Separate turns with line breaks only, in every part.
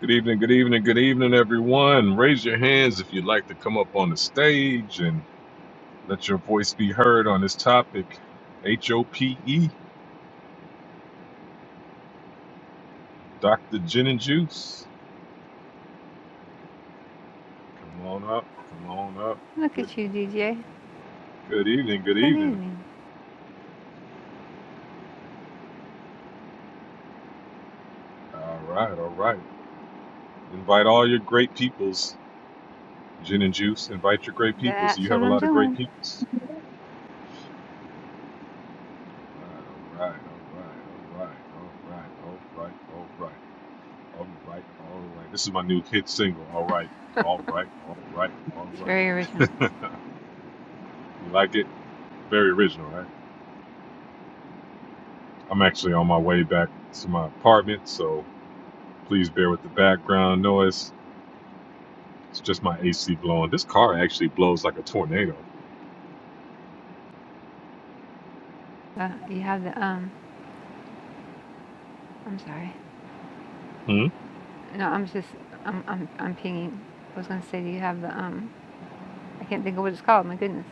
Good evening, good evening, good evening, everyone. Raise your hands if you'd like to come up on the stage and let your voice be heard on this topic. H O P E, Dr. Gin and Juice. Come on up, come on up.
Look
Good,
at you, DJ.
good evening, good
Good
evening.
evening.
All right, all right. Invite all your great peoples, Gin and Juice. Invite your great peoples.
That's
You
what
have a
I'm
lot of great
doing.
peoples. All right, all right, all right, all right, all right, all right, all right. All right, all right. This is my new hit single. All right, all right, all right, all
It's very original.
right. you like it? Very original, right? I'm actually on my way back to my apartment, so please bear with the background noise. It's just my AC blowing. This car actually blows like a tornado.
But you have the um. I'm sorry.
Hmm.
No, I'm just I'm I'm I'm pinging. I was gonna say, do you have the um? I can't think of what it's called. My goodness.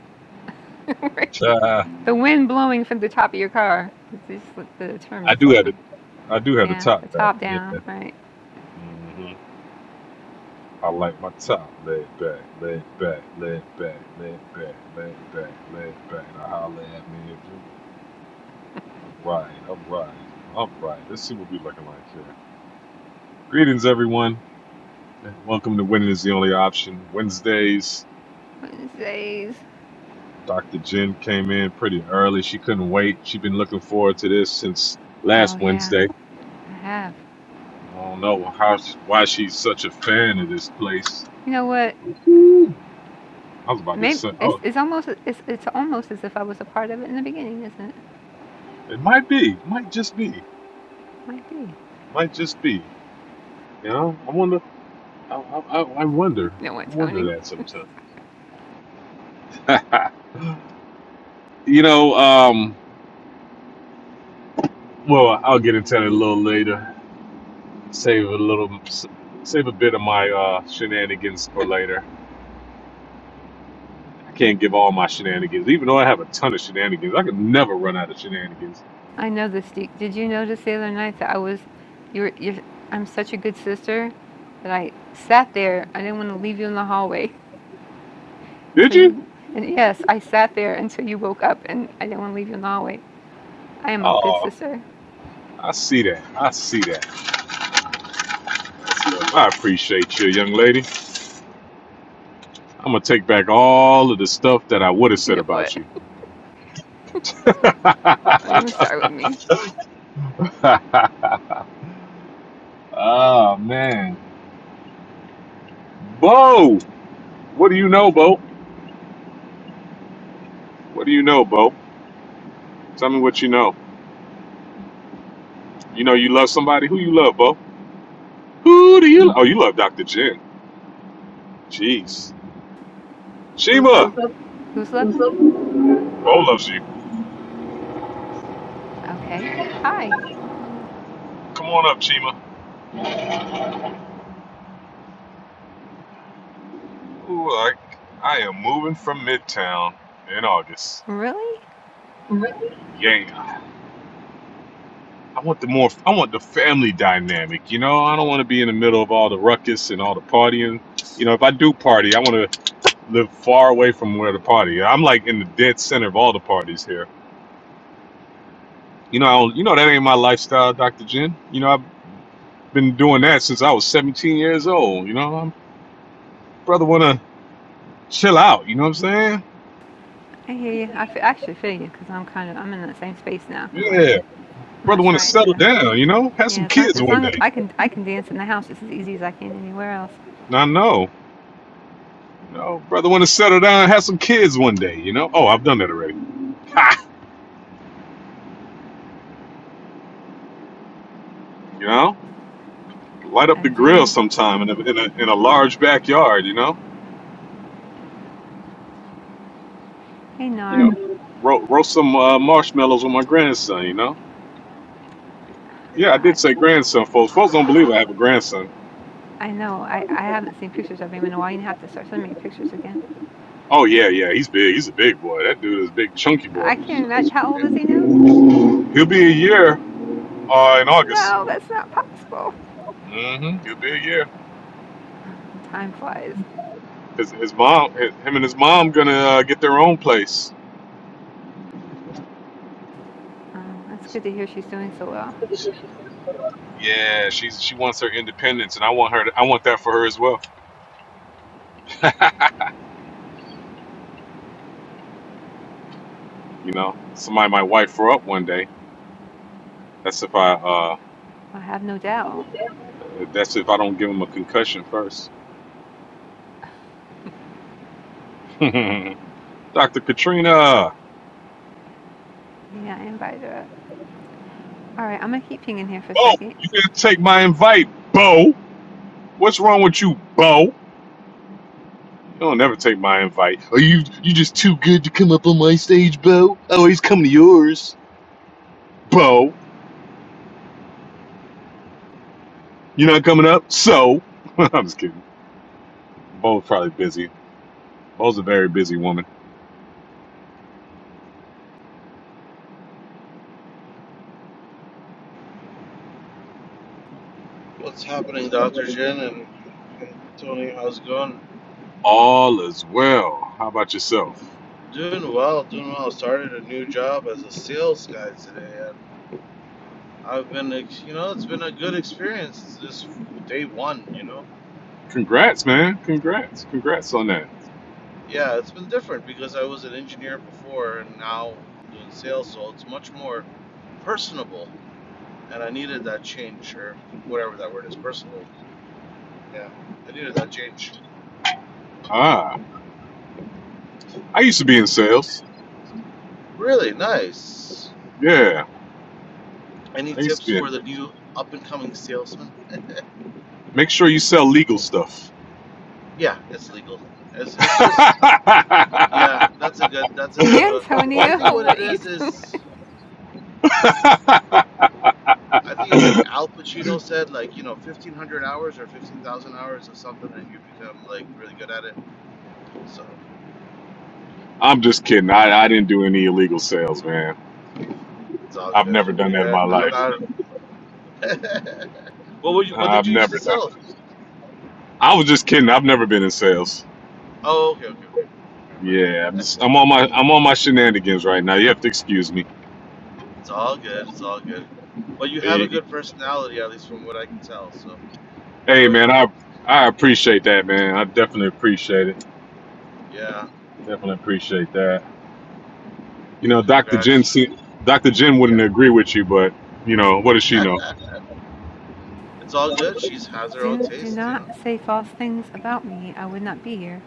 the
Uh,
wind blowing from the top of your car. It's just what the term
I
just
do
left
have the
me.
I do have the
Yeah, the
top back.
top
Yeah.
down, right?
hmm I like my top laid back, laid back, laid back, laid back, laid back, laid back. Now holla at me if you Right, all right, all right. Let's see what we're looking like here. Greetings, everyone. Welcome to Winning is the Only Option Wednesdays.
Wednesdays.
Dr. Jen came in pretty early. She couldn't wait. She's been looking forward to this since
Oh
last
yeah,
Wednesday.
I have.
I don't know how, why she's such a fan of this place.
You know what?
Woo-hoo. I was about to
Maybe
say,
it's,
oh,
it's almost it's it's almost as if I was a part of it in the beginning, isn't it?
it might be, might just be,
Might be.
might just be. You know, I wonder. I, I, I I wonder.
You know
I
what, Tony?
wonder that sometimes. you know. um Well, I'll get into it a little later. Save a little, save a bit of my uh, shenanigans for later. I can't give all my shenanigans, even though I have a ton of shenanigans. I could never run out of shenanigans.
I know this. Did did you notice the other night that I was, you're, you're, I'm such a good sister that I sat there. I didn't want to leave you in the hallway
Did
until
you?
you, and yes, I sat there until you woke up and I didn't want to leave you in the hallway. I am a good
Oh,
sister.
I see that. I see that. Look, I appreciate you, young lady. I'm gonna take back all of the stuff that I would have
You
said
know
about
what?
you.
Don't even start with me.
oh man, Bo, what do you know, Bo? What do you know, Bo? Tell me what you know. You know you love somebody. Who you love, Bo? Who do you love? Oh, you love Dr. Jen. Jeez.
Who's love,
Chima!
who's loving me?
Oh, loves you.
Okay. Hi.
Come on up, Chima. Ooh, I, I am moving from Midtown in August.
Really?
Yeah. I want the more, I want the family dynamic. You know, I don't want to be in the middle of all the ruckus and all the partying. You know, if I do party, I want to live far away from where the party. I'm like in the dead center of all the parties here. You know, I don't, you know that ain't my lifestyle, Dr. Jen. You know, I've been doing that since I was 17 years old. You know, I'm brother want to chill out. You know what I'm saying?
I hear you. I fe- actually feel you because I'm kind of, I'm in that same space now. I'm like,
Yeah,
I'm
brother
not
want to
trying
settle
to,
down. You know, have
yeah,
some
as long,
kids
as
one
long as
day.
I can, I can dance in the house just as easy as I can anywhere else.
I know. You know, brother want to settle down, and have some kids one day. You know? Oh, I've done that already. Ha! You know, light up
I
the grill
do.
sometime in a in a, in a large backyard. You know?
Hey,
You
Nar.
know, ro- roast some uh, marshmallows with my grandson. You know? Yeah, I
I
did say grandson, folks. Folks don't believe I have a grandson.
I know. I I haven't seen pictures of him in a while. You have to start sending me pictures again.
Oh yeah, yeah, he's big. He's a big boy. That dude is a big, chunky boy.
I can't
So,
imagine. How old is he now?
He'll be a year uh, in August.
No, that's not possible.
mm hmm He'll be a year.
Oh, time flies.
His, his mom, his, him and his mom, gonna uh, get their own place.
Oh, it's good to hear she's doing so well.
Yeah, she's she wants her independence, and I want her. To, I want that for her as well. You know, somebody might wipe her up one day. That's if I. Uh,
I have no doubt.
that's if I don't give him a concussion first. Dr. Katrina,
Yeah, I invited her up. All right, I'm gonna keep pinging here for a
Bo,
second.
you didn't take my invite, Bo. What's wrong with you, Bo? You don't never take my invite. Are you you just too good to come up on my stage, Bo? I always come to yours, Bo. You're not coming up, so I'm just kidding. Both probably busy. Bo's a very busy woman.
what's happening, Dr. Jin and hey, Tony? How's it going?
All is well. How about yourself?
Doing well, doing well. Started a new job as a sales guy today, and I've been, ex- you know, it's been a good experience this day one, you know?
Congrats, man. Congrats. Congrats on that.
Yeah, it's been different because I was an engineer before, and now I'm doing sales, so it's much more personable, and I needed that change, or whatever that word is, personable. Yeah, I needed that change.
Ah, I used to be in sales.
Really nice.
Yeah,
Any
I used to
tips
be. In.
for the new up and coming salesman?
Make sure you sell legal stuff.
Yeah, it's legal. It's it's just yeah, that's a good that's a good one. I
Antonio,
think what
what
it
are you?
is
Do
is I think it's like Al Pacino said, like you know, fifteen hundred hours or fifteen thousand hours of something, and you become like really good at it. So
I'm just kidding. I, I didn't do any illegal sales, man.
it's all
I've never
good.
done that in
Yeah,
my
I'm
life.
not. what would you? What did
I've
you used to
never done.
sell?
I was just kidding. I've never been in sales.
Oh, okay, okay, okay. Never mind
Yeah, I'm,
then.
just, I'm on my I'm on my shenanigans right now. You have to excuse me.
It's all good. It's all good. But you have a
You,
good personality, at least from what I can tell. So
Hey man,
joyful.
I I appreciate that, man. I definitely appreciate it.
Yeah.
Definitely appreciate that. You know, Dr. Jen,
Congrats.
se- Dr. Jen wouldn't
Yeah.
agree with you, but you know, what does she know?
It's all good. She has her own
do do
taste, you
not
know.
say false things about me. I would not be here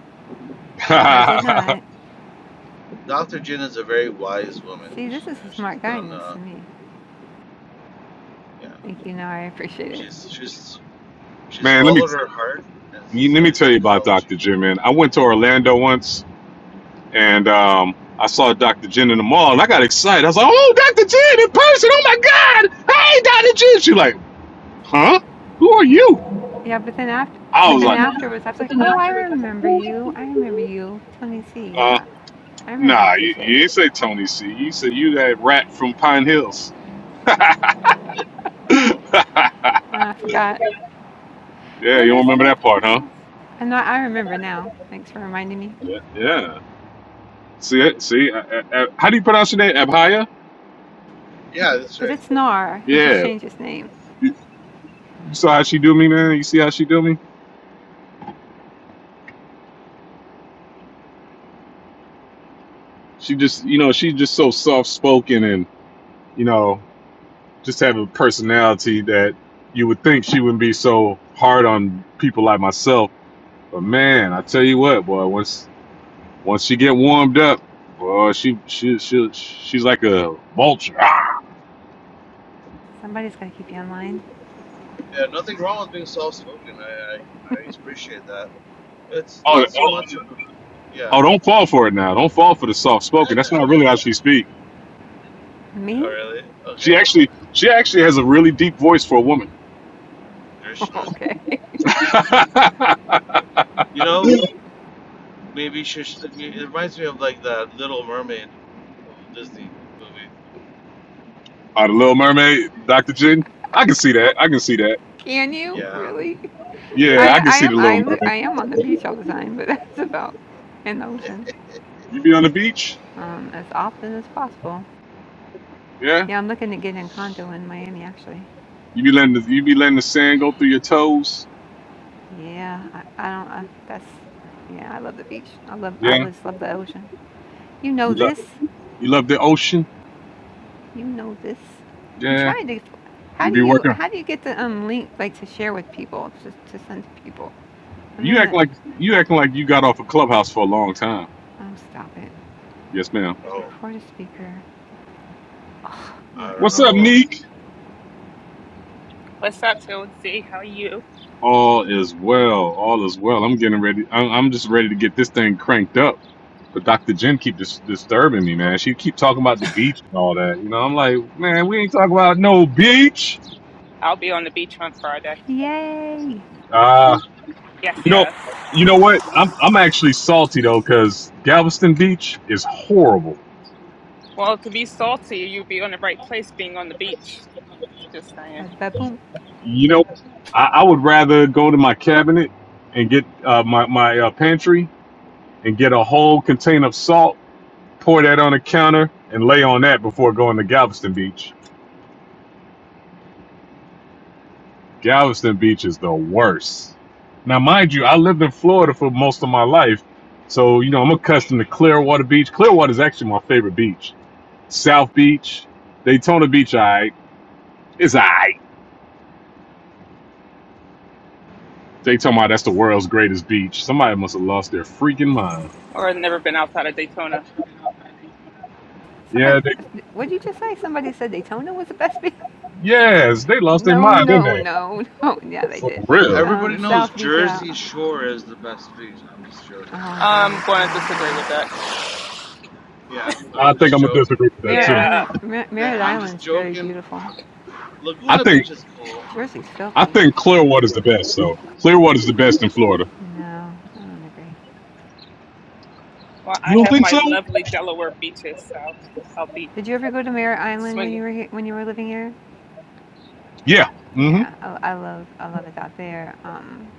if I did not.
Dr. Jin is a very wise woman.
See,
She,
this
you know,
is a
she's
smart guy
done.
next
Uh,
to me.
yeah,
Thank you, Nar. I appreciate it.
she's she's she's
man, let me
followed her heart and
you- let me
studied
tell you about
psychology.
Dr.
you
Jen,
know.
man. I went to Orlando once, and um, I saw Dr. Jen in the mall, and I got excited. I was like, "Oh, Dr. Jen in person! Oh my God! Hey, Dr. Jen!" She like, "Huh? Who are you?"
Yeah, but then after,
I
but
was
then
like,
afterwards, I was like, "Oh, I remember you. I remember you, Tony C.
"Uh,
Yeah, I remember you,
nah, you, you
DJ.
ain't say Tony C. You said you that rat from Pine Hills." yeah,
Uh, I forgot
you don't
Rivers in
remember
the
that part, huh?
house. I know. I remember now. Thanks for reminding me.
Yeah. yeah. See it? See? A- a- a- How do you pronounce your name? Abhaya?
Yeah, that's
But
right.
it's Nar. He just
Yeah.
changed his name.
You saw how she do me, man? You see how she do me? She just, you know, she's just so soft spoken and, you know, just have a personality that you would think she wouldn't be so hard on people like myself. But man, I tell you what, boy, once once she get warmed up, boy, she she she she's like a vulture. Ah!
Somebody's gonna keep you online.
Yeah, nothing wrong with being soft-spoken. I, I I appreciate that. It's
Oh,
not so
oh,
much. of- Yeah.
Oh, don't fall for it now. Don't fall for the soft spoken. That's not really how she speak.
Oh
Me?
really?
She
Okay.
actually she actually has a really deep voice for a woman.
Krishna.
okay.
oh,
You know, maybe she. sh- It reminds me of like that Little Mermaid, of Disney movie.
the Little Mermaid, Dr. Jin. I can see that. I can see that.
Can you
Yeah.
really? I
Yeah, I
a-
can
I
see the
am I
Little
li-
Mermaid.
I am on the beach all the time, but that's about in the ocean.
You be on the beach,
Um, as often as possible.
yeah.
Yeah, I'm looking at getting a condo in Miami actually.
You be letting the, you be letting the sand go through your toes.
Yeah, I, I don't. I, that's yeah. I love the beach. I love. I
Yeah.
just love the ocean. You know
You love
this.
you love the ocean.
You know this. I'm
Yeah.
trying to. How
You
do
be
you?
working.
How do you get the um link like to share with people to to send to people? I'm
You
in the.
acting like you acting like you got off a clubhouse for a long time.
Oh, stop it.
Yes, ma'am.
Oh,
Report a speaker.
I
Okay,
don't
What's
never
up,
know.
mind.
Neek?
What's up, Josie? How are you?
All is well. All is well. I'm getting ready. I'm, I'm just ready to get this thing cranked up. But Dr. Jen keep dis- disturbing me, man. She keep talking about the beach and all that. You know, I'm like, man, we ain't talking about no beach.
I'll be on the beach on Friday.
Yay!
Uh,
Yes,
you know,
yes.
you know what? I'm I'm actually salty though, cause Galveston Beach is horrible.
Well, to be salty, you'd be on the right place being on the beach. Just saying.
Bada bada boom.
You know, I, I would rather go to my cabinet and get uh, my my uh, pantry and get a whole container of salt, pour that on the counter, and lay on that before going to Galveston Beach. Galveston Beach is the worst. Now, mind you, I lived in Florida for most of my life, so you know I'm accustomed to Clearwater Beach. Clearwater is actually my favorite beach. South Beach, Daytona Beach, I it's I. They talking about that's the world's greatest beach. Somebody must have lost their freaking mind.
Or I've never been outside of Daytona.
Somebody.
Yeah, they,
What did you just say? Somebody said Daytona was the best beach.
yes, they lost their
No,
mind, didn't
no,
they?
no, no. Yeah, they
For
did.
real.
Everybody
Um,
knows
South Beach. Yeah.
Jersey Shore is the best beach. I'm just joking.
Oh
I'm
dear.
going to
No,
disagree
honey.
with that.
Yeah,
I
I'm
think
just
I'm gonna
joking.
disagree with that
Merritt
too.
Yeah.
Island, Mer-
They,
Merritt
I'm just
Island's very
joking.
beautiful.
I
Laguna
think
Beach is cool.
Jersey's
I
filthy.
think Clearwater's the best. So Clearwater's the best in Florida.
No, I don't agree.
Well,
You
I
don't
have
think
my
so?
lovely Delaware beaches, so I'll be
Did you ever go to Merritt Island when you
swinging.
were here, when you were living here?
Yeah. hmm
Yeah, I, I love I love it out there. Um,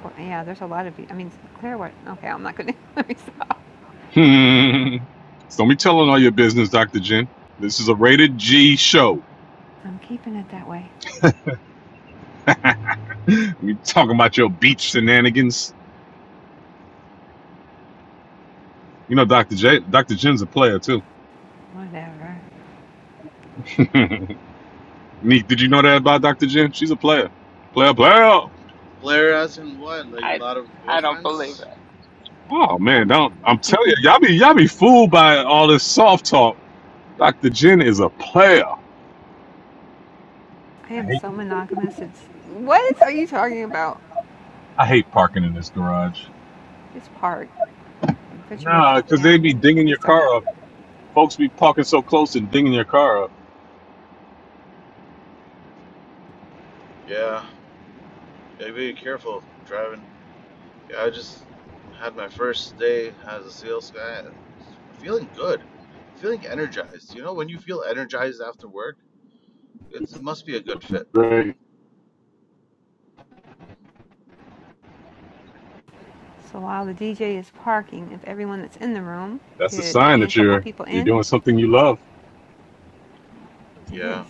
for, yeah, there's a lot of. Be- I mean, Clearwater. Okay, I'm not gonna let me stop.
Hmm. So Don't be telling all your business, Dr. Jen. This is a rated G show.
I'm keeping it that way.
We talking about your beach shenanigans. You know, Dr. J, Dr. Jen's a player too.
Whatever.
Neat. Did you know that about Dr. Jen? She's a player. Player, player.
Blair, as in what? Like a
I,
lot of
I don't believe
boyfriends?
it.
Oh man, don't. I'm telling you, y'all be y'all be fooled by all this soft talk. Dr. Jen is a player.
I
I
am
hate,
so monogamous. It's what is- are you talking about?
I hate parking in this garage.
Just park, put your
Nah,
rooftop
cause they be
down, and
dinging
get
your
started.
car up. Folks be parking so close and dinging your car up.
Yeah, gotta be careful driving. Yeah, I just had my first day as a sales guy. I'm feeling good. I'm feeling energized. You know, when you feel energized after work, it's, it must be a good fit.
Great.
So while the DJ is parking, if everyone that's in the room
That's a
could
sign
ping a
that
couple
you're
people
you're
in,
doing something you love.
It is.
Yeah.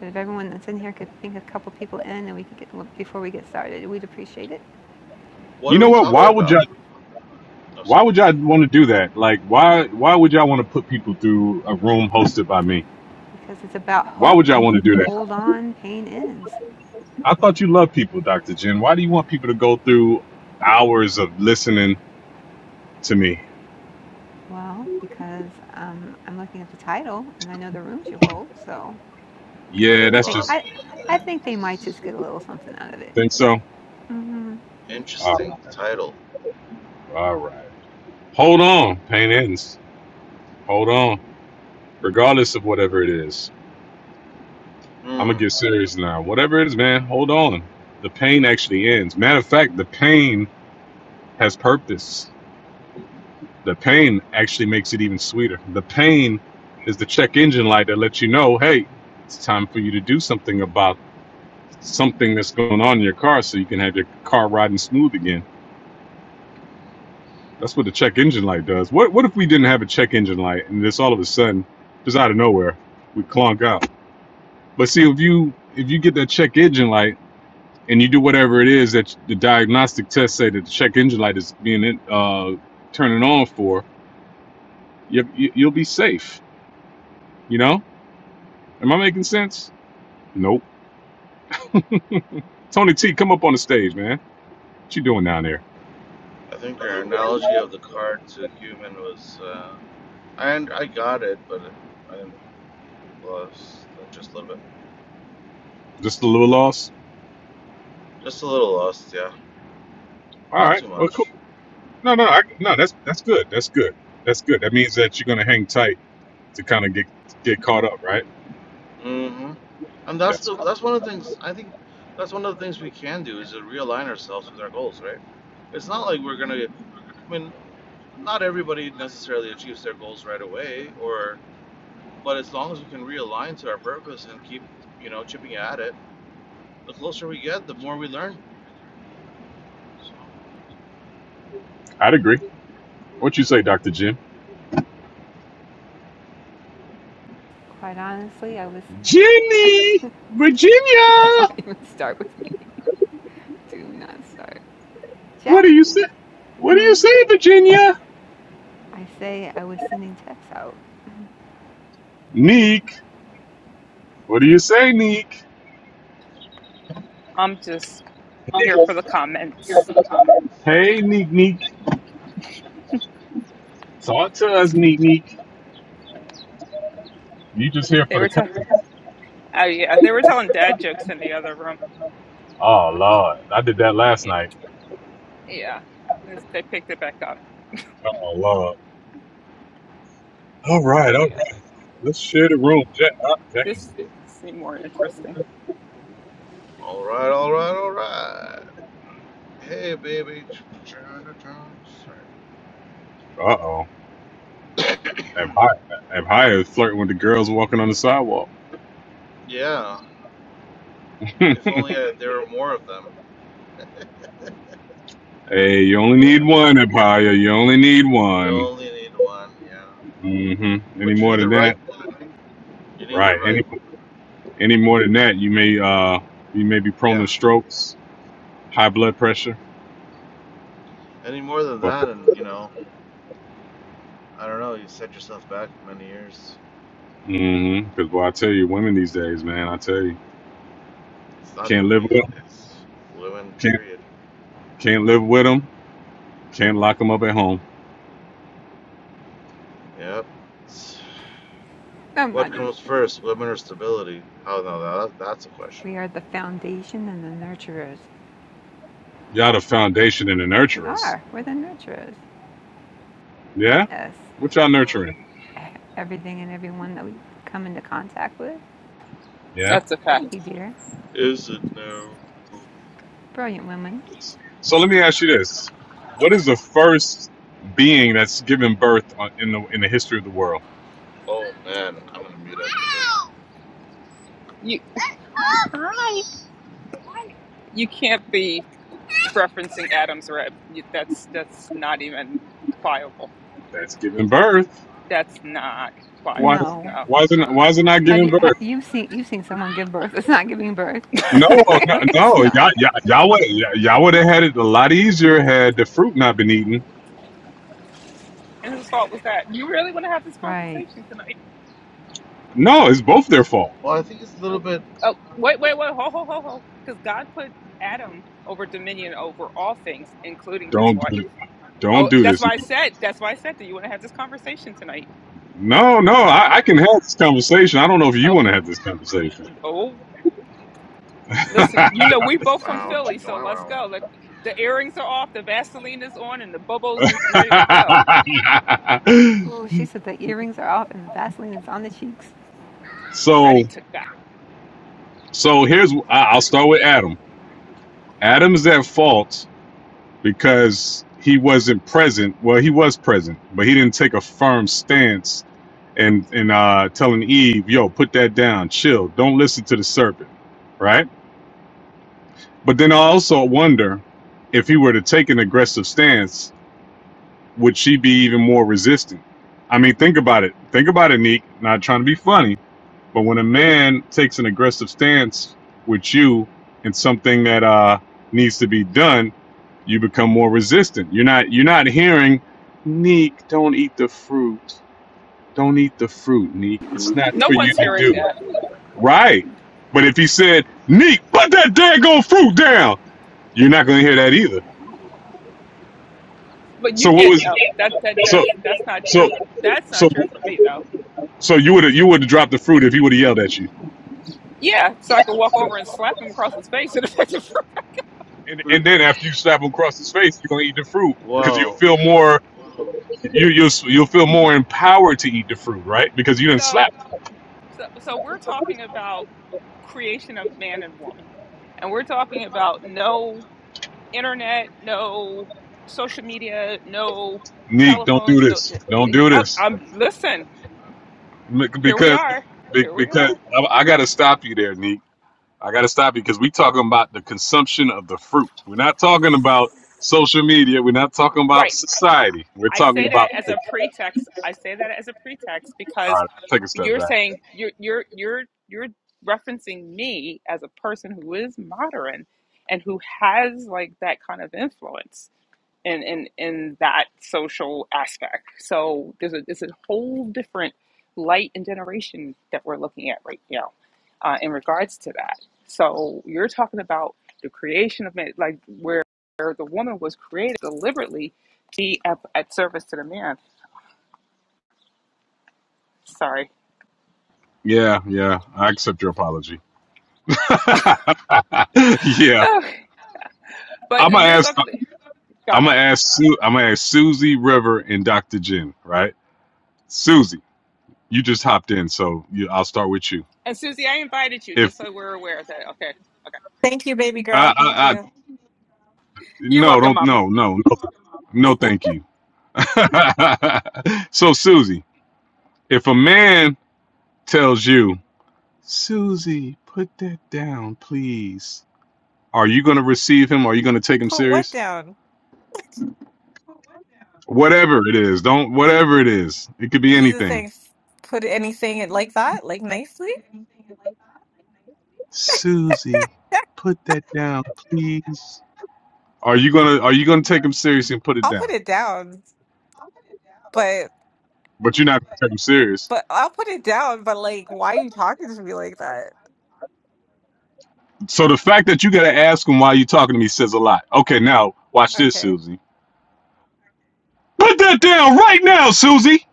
But if everyone that's in here could ping a couple people in and we could get, well, before we get started, we'd appreciate it
What
You
are
know
we
what?
talking
Why would
about?
y'all
Oh,
why
sorry.
would y'all want to do that? Like why why would y'all want to put people through a room hosted by me?
because it's about
Why would
hope.
y'all want to do that?
Hold on, pain ends.
I thought you loved people, Dr. Jen. Why do you want people to go through hours of listening to me?
Well, because um, I'm looking at the title and I know the rooms you hold, so
Yeah,
I
Hold
that's
think
on,
just
I, I think they might
man.
just get a little something out of it.
think so.
hmm
All right.
Interesting title.
All right. Hold on, Pain Ends. Hold on. Regardless of whatever it is. I'm gonna
Hmm.
get serious now. Whatever it is, man, hold on. The pain actually ends. Matter of fact, the pain has purpose. The pain actually makes it even sweeter. The pain is the check engine light that lets you know, hey, it's time for you to do something about something that's going on in your car so you can have your car riding smooth again. That's what the check engine light does. What what if we didn't have a check engine light and it's all of a sudden, just out of nowhere, we clunk out. But see if you if you get that check engine light and you do whatever it is that the diagnostic tests say that the check engine light is being uh, turning on for, you, you, you'll be safe You know? Am I making sense? Nope. Tony T, come up on the stage, man. What you doing down there?
I think your analogy of the car to human was. Uh, I I got it, but it, I didn't lost uh, just a little bit.
Just a little lost?
Just a little lost, yeah.
All
Not
right.
too
Well,
much.
cool. No, no, I, no. That's that's good. That's good. That's good. That means that you're gonna hang tight to kind of get get caught up, right?
hmm And that's
That's.
the that's one of the things I think. That's one of the things we can do is to realign ourselves with our goals, right? It's not like we're gonna. I mean, not everybody necessarily achieves their goals right away, or but as long as we can realign to our purpose and keep you know chipping at it, the closer we get, the more we learn. So,
I'd agree. What you say, Doctor Jim?
Quite honestly, I was.
Jimmy, Virginia.
Don't even start with me. Do not start,
What do you say?
Jackie.
What do you
Mm.
say, Virginia?
I say I was sending texts out.
Neek. What do you say, Neek?
I'm just here for the comments.
Hey, Neek, Neek. Talk to us, Neek, Neek. You just here
They
for the
were telling,
company.
oh yeah, they were telling dad jokes in the other room.
Oh Lord, I did that last
Yeah,
night.
yeah. This- They picked it back up.
Oh Lord. All
Oh
right, all
my god.
right. Let's share the room. Jack, uh, Jack is
This
dead.
seemed more interesting.
all right, all right, all right. Hey, baby.
Uh oh. Abhaya is flirting with the girls walking on the sidewalk.
yeah. If only uh there were more of them.
hey, you only need
Yeah.
one, Abhaya. You only need
You
one.
only need one. Yeah.
Mm-hmm. Any
But you
more
need the
than
right
that,
one. You need the
right? Any
right one.
any more than that, you may uh you may be prone
Yeah.
to strokes, high blood pressure.
Any more than that, and you know, I don't know. You set yourself back many years.
Mm-hmm. Because boy, I tell you, women these days, man, I tell you,
It's not
can't
even
live
these
with them.
days. Women.
Can't
Period.
can't live with them. Can't lock them up at home.
Yep.
I'm
What
not even.
comes first, women or stability? How now? That, that's a question.
We are the foundation and the nurturers.
Y'all the foundation and the
We
nurturers.
are. We're the nurturers.
Yeah?
Yes.
What y'all
Mm.
nurturing?
Everything and everyone that we come into contact with.
Yeah?
That's a
Thank
fact.
you, dear.
Is it now?
Brilliant women.
So let me ask you this. What is the first being that's given birth on, in the in the history of the world?
Oh man, I'm gonna mute up for this.
You you can't be referencing Adam's rib. That's that's not even pliable.
That's given birth.
That's not
Why
pliable.
No.
No.
why is it not, why is it not
Have
giving
you ha,
birth?
you've seen you've seen someone give birth? It's not giving birth.
No, no,
it's
no. Y'all,
not.
y'all, y'all would y'all would have had it a lot easier had the fruit not been eaten.
And whose fault was that? You really want to have this
Right.
conversation tonight?
No, it's both their fault.
Well, I think it's a little bit
Oh, wait, wait, wait, ho, ho, ho, ho. Because God put Adam over dominion over all things, including his
Don't
wife.
do it. Don't
Oh,
do
that's
this.
why I said. That's why I said. Do you want to have this conversation tonight?
No, no. I, I can have this conversation. I don't know if you want
Okay.
to have this conversation.
Oh Listen, you know we both from
wow,
Philly,
chicken
so let's
wow
go. Let the earrings are off, the Vaseline is on, and the bubbles is ready to go,
Oh, she said the earrings are off and the Vaseline is on the cheeks.
so
ready to go.
so here's I- I'll start with Adam. Adam is at fault because he wasn't present. Well, he was present, but he didn't take a firm stance and and uh, telling Eve, "Yo, put that down, chill, don't listen to the serpent," right? But then I also wonder if he were to take an aggressive stance, would she be even more resistant? I mean, think about it. Think about it, Neek. Not trying to be funny But when a man takes an aggressive stance with you in something that uh, needs to be done, you become more resistant. You're not you're not hearing, Neek, don't eat the fruit. Don't eat the fruit, Neek. It's not
No
for you
one's
to
hearing
do.
that,
Right. But if he said, Neek, put that daggone fruit down, you're not gonna hear that either.
but you
So what
can't.
was
know that that
so
that's that's not
so
true. That's
so
not true for me though.
so you would have you would have dropped the fruit if he would have yelled at you.
Yeah, so I could walk over and slap him across his face. in a fit of fury.
and,
wow.
and then after you slap him across his face, you're gonna eat the fruit because you'll
Well,
feel more you you'll you'll feel more empowered to eat the fruit, right? Because you didn't
so,
slap.
so so we're talking about creation of man and woman, and we're talking about no internet, no social media, no
Neek, don't do
telephones, no.
this. Don't do
I,
this
I'm listen. here we
because
are.
be-
Here we
because
are.
I, I got to stop you there, Neek. I got to stop you because we talking about the consumption of the fruit. We're not talking about social media. We're not talking about
Right.
society. We're
I
talking
say
about.
that as a pretext. I say that as a pretext
all
because
right, take a step
you're
back.
saying you're you're you're you're referencing me as a person who is modern and who has like that kind of influence. and and in that social aspect. So there's a there's a whole different light and generation that we're looking at right now uh, in regards to that. So you're talking about the creation of man, like where where the woman was created deliberately to be at, at service to the man. Sorry,
Yeah, yeah, I accept your apology. yeah,
oh,
I'm
but
gonna
you're
ask.
talking. Go
I'm gonna
ahead.
ask. Su- I'm gonna ask Susie River and Dr. Jen. Right, Susie, you just hopped in, so you, I'll start with you.
And Susie, I invited you
If
just so we're aware of that. Okay. Okay.
Thank you, baby
I,
girl. Thank
I, I,
you.
You're
no,
welcome,
don't,
Mama.
no, no, no, no, thank you. so, Susie, if a man tells you, Susie, put that down, please, are you going to receive him? Are you going to take him
Put what
serious?
down?
Whatever it is, don't, whatever it is, it could be
Jesus
anything.
saying, put anything in- like that, like nicely.
Are you gonna Are you gonna take him seriously and put it
I'll
down?
put it down, but
But you're not gonna take him serious.
but I'll put it down. But like, why are you talking to me like that?
So the fact that you gotta ask him why you talking to me says a lot. Okay, now watch this,
Okay,
Susie. Put that down right now, Susie.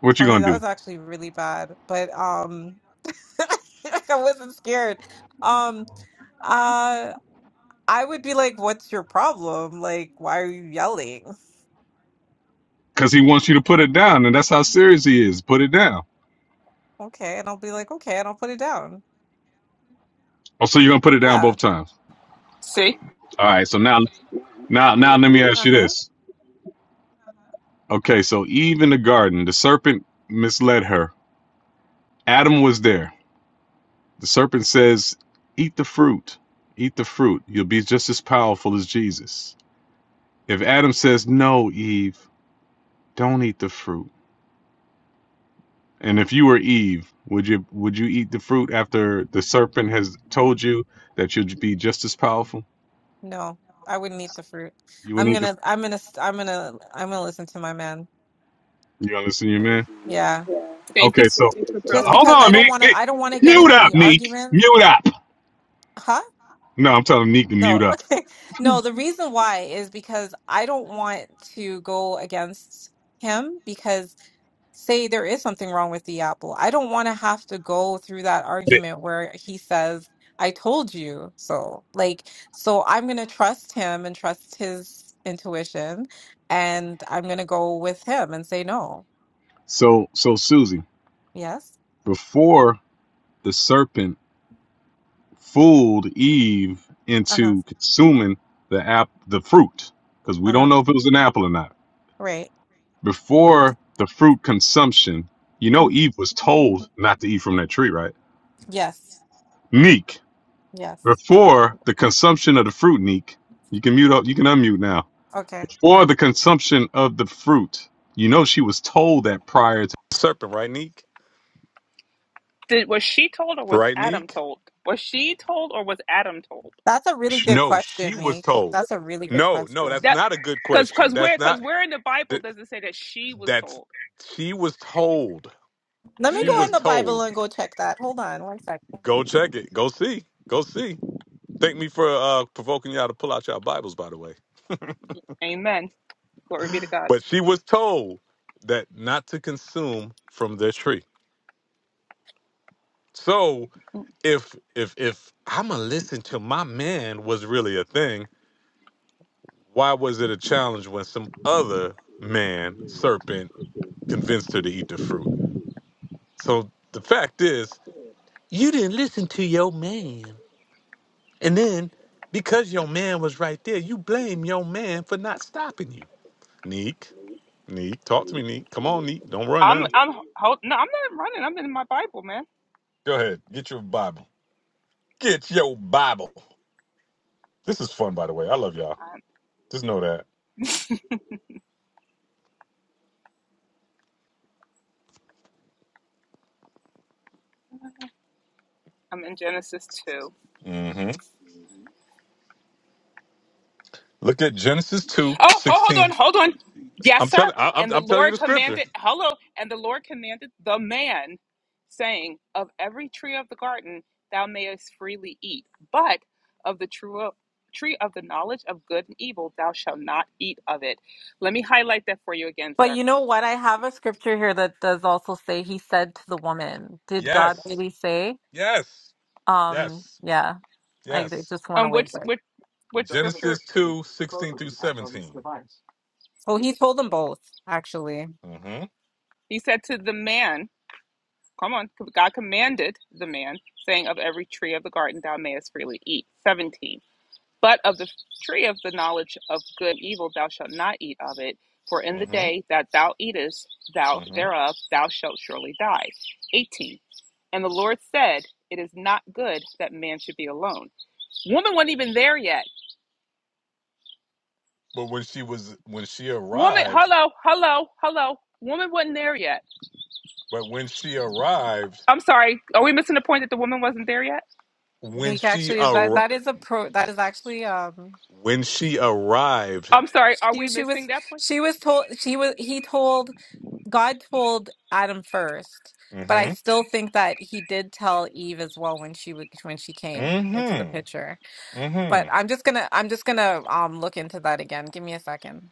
What you
Tony,
gonna
that
do?
was actually really bad. But um, I wasn't scared. Um, uh, I would be like, what's your problem? Like, why are you yelling?
Cause he wants you to put it down, and that's how serious he is. Put it down.
Okay, and I'll be like, okay, and I'll put it down.
Oh, so you're gonna put it down
Yeah.
both times.
See?
All right. So now, now, now, let me ask
Uh
you
huh.
this. Okay. So Eve in the garden, the serpent misled her. Adam was there. The serpent says, "Eat the fruit. Eat the fruit. You'll be just as powerful as Jesus." If Adam says no, Eve, don't eat the fruit. And if you were Eve, would you would you eat the fruit after the serpent has told you that you'd be just as powerful?
No, I wouldn't eat the fruit.
You
I'm
wouldn't eat the.
gonna, I'm gonna, I'm gonna, I'm gonna listen to my man.
You gonna listen to your man?
Yeah,
Thank you,
Okay, so
Susie, for
just
coming.
hold
because
on,
I don't
Meek.
want to,
Meek,
I don't want to get
Mute
into
up,
any
Meek.
arguments.
Mute up.
Huh?
No, I'm telling Meek to
No,
mute up.
okay. No, the reason why is because I don't want to go against him because. say there is something wrong with the apple. I don't want to have to go through that argument where he says, I told you so. Like, so I'm going to trust him and trust his intuition, and I'm going to go with him and say no.
So so Susie,
Yes.
before the serpent fooled Eve
Uh huh.
into consuming the app the fruit because we
Uh
don't
huh.
know if it was an apple or not.
Right.
Before the fruit consumption, you know
Mm.
Eve was told not to eat from that tree, right?
Yes.
Neek.
Yes.
Before the consumption of the fruit, Neek, you can mute up you can unmute now.
Okay.
Before the consumption of the fruit, you know she was told that prior to the serpent, right, Neek?
Did, was she told or was
Right,
Adam
Neek?
told? Was she told or was Adam told?
That's a really good question, Neek. That's a really good question.
That because because where because where in the Bible does it say that she was told?
Let me go in
Mm,
the Bible and go check that. Hold on one second.
amen. Glory be to God. I'm I'm hold, no I'm not running. I'm in my Bible, man. I'm, I'm in Genesis two. Oh, ho- hold on, hold on. Yes, sir. And the Lord commanded, hello, and the Lord commanded the man, saying, Of every tree of the garden thou mayest freely eat, but of the true, tree of the knowledge of good and evil thou shalt not eat of it. Let me highlight that for you again,
But
sir.
you know what? I have a scripture here that does also say he said to the woman, Did God really say? Um, yeah. I d- just went
Um,
away
which,
for it.
which, which scripture?
So he told them both, actually.
He said to the man, Come on, God commanded the man, saying, Of every tree of the garden thou mayest freely eat. 17. But of the tree of the knowledge of good and evil thou shalt not eat of it, for in the day that thou eatest thou thereof thou shalt surely die. 18. And the Lord said, It is not good that man should be alone. Woman wasn't even there yet. Woman, hello, hello, hello. Woman wasn't there yet. I'm sorry. Are we missing the point that the woman wasn't there yet?
Nick actually that that is a pro that is actually um
I'm sorry. Are
she
we
she
missing
was
that point? Mm.
she was told she was he told God told Adam first, but I still think that he did tell Eve as well when she would when she came into the picture. But I'm just gonna I'm just gonna um look into that again. Give me a second.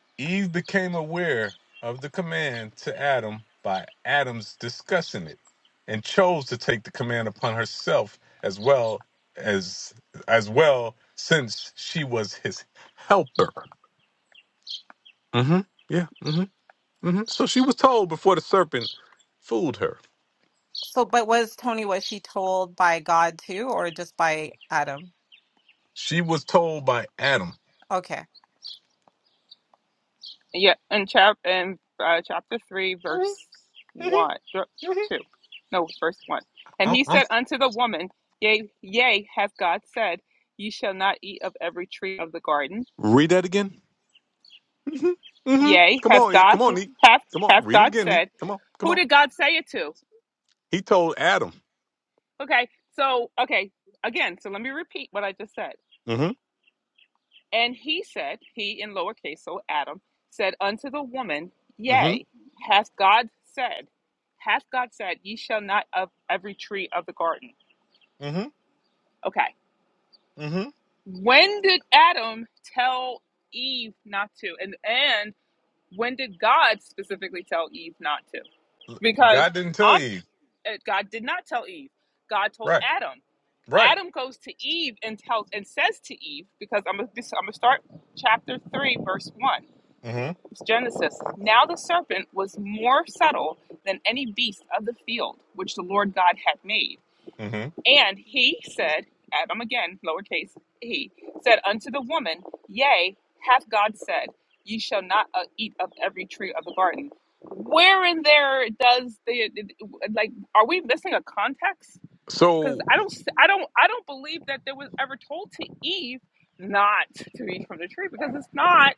So, but was Tony, was she told by God too, or just by Adam? Okay.
Yeah, in chap in uh, chapter three, verse one, th- two, no, verse one. And he said unto the woman, Yea, yea, hath God said, Ye shall not eat of every tree of the garden. Yea, hath God hath hath God said. Who did God say it to? Okay, so okay again. So let me repeat what I just said. And he said, he in lowercase, so Adam, said unto the woman, Yea, hath God said, hath God said, ye shall not of every tree of the garden. Okay. When did Adam tell Eve not to? And and when did God specifically tell Eve not to? Because I'm uh, God did not tell Eve. God told Adam. Adam goes to Eve and tells and says to Eve, because I'm gonna I'm gonna start chapter three, verse one. Genesis. Now the serpent was more subtle than any beast of the field which the Lord God had made. And he said, Adam again, lowercase he, said unto the woman, Yea, hath God said, Ye shall not uh, eat of every tree of the garden. Where in there does the like? Are we missing a context? Because I don't, I don't, I don't believe that there was ever told to Eve not to eat from the tree because it's not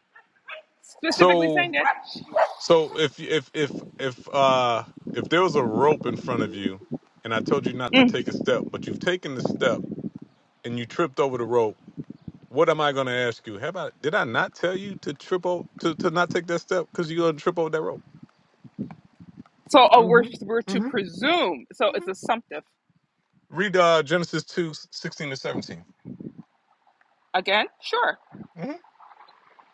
specifically saying that. So oh, we're we're to presume. So it's assumptive. Again, sure.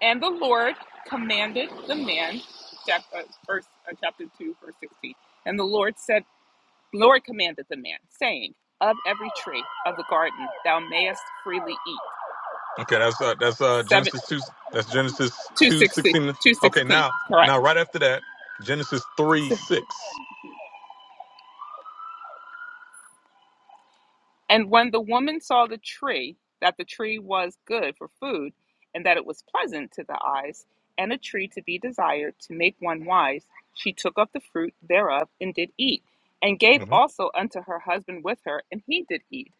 And the Lord commanded the man, chapter, uh, verse uh, chapter two, verse sixteen. And the Lord said, Lord commanded the man, saying, Of every tree of the garden thou mayest freely eat. Seven two sixteen two sixteen. Correct. And when the woman saw the tree, that the tree was good for food, and that it was pleasant to the eyes, and a tree to be desired to make one wise, she took of the fruit thereof and did eat, and gave also unto her husband with her, and he did eat.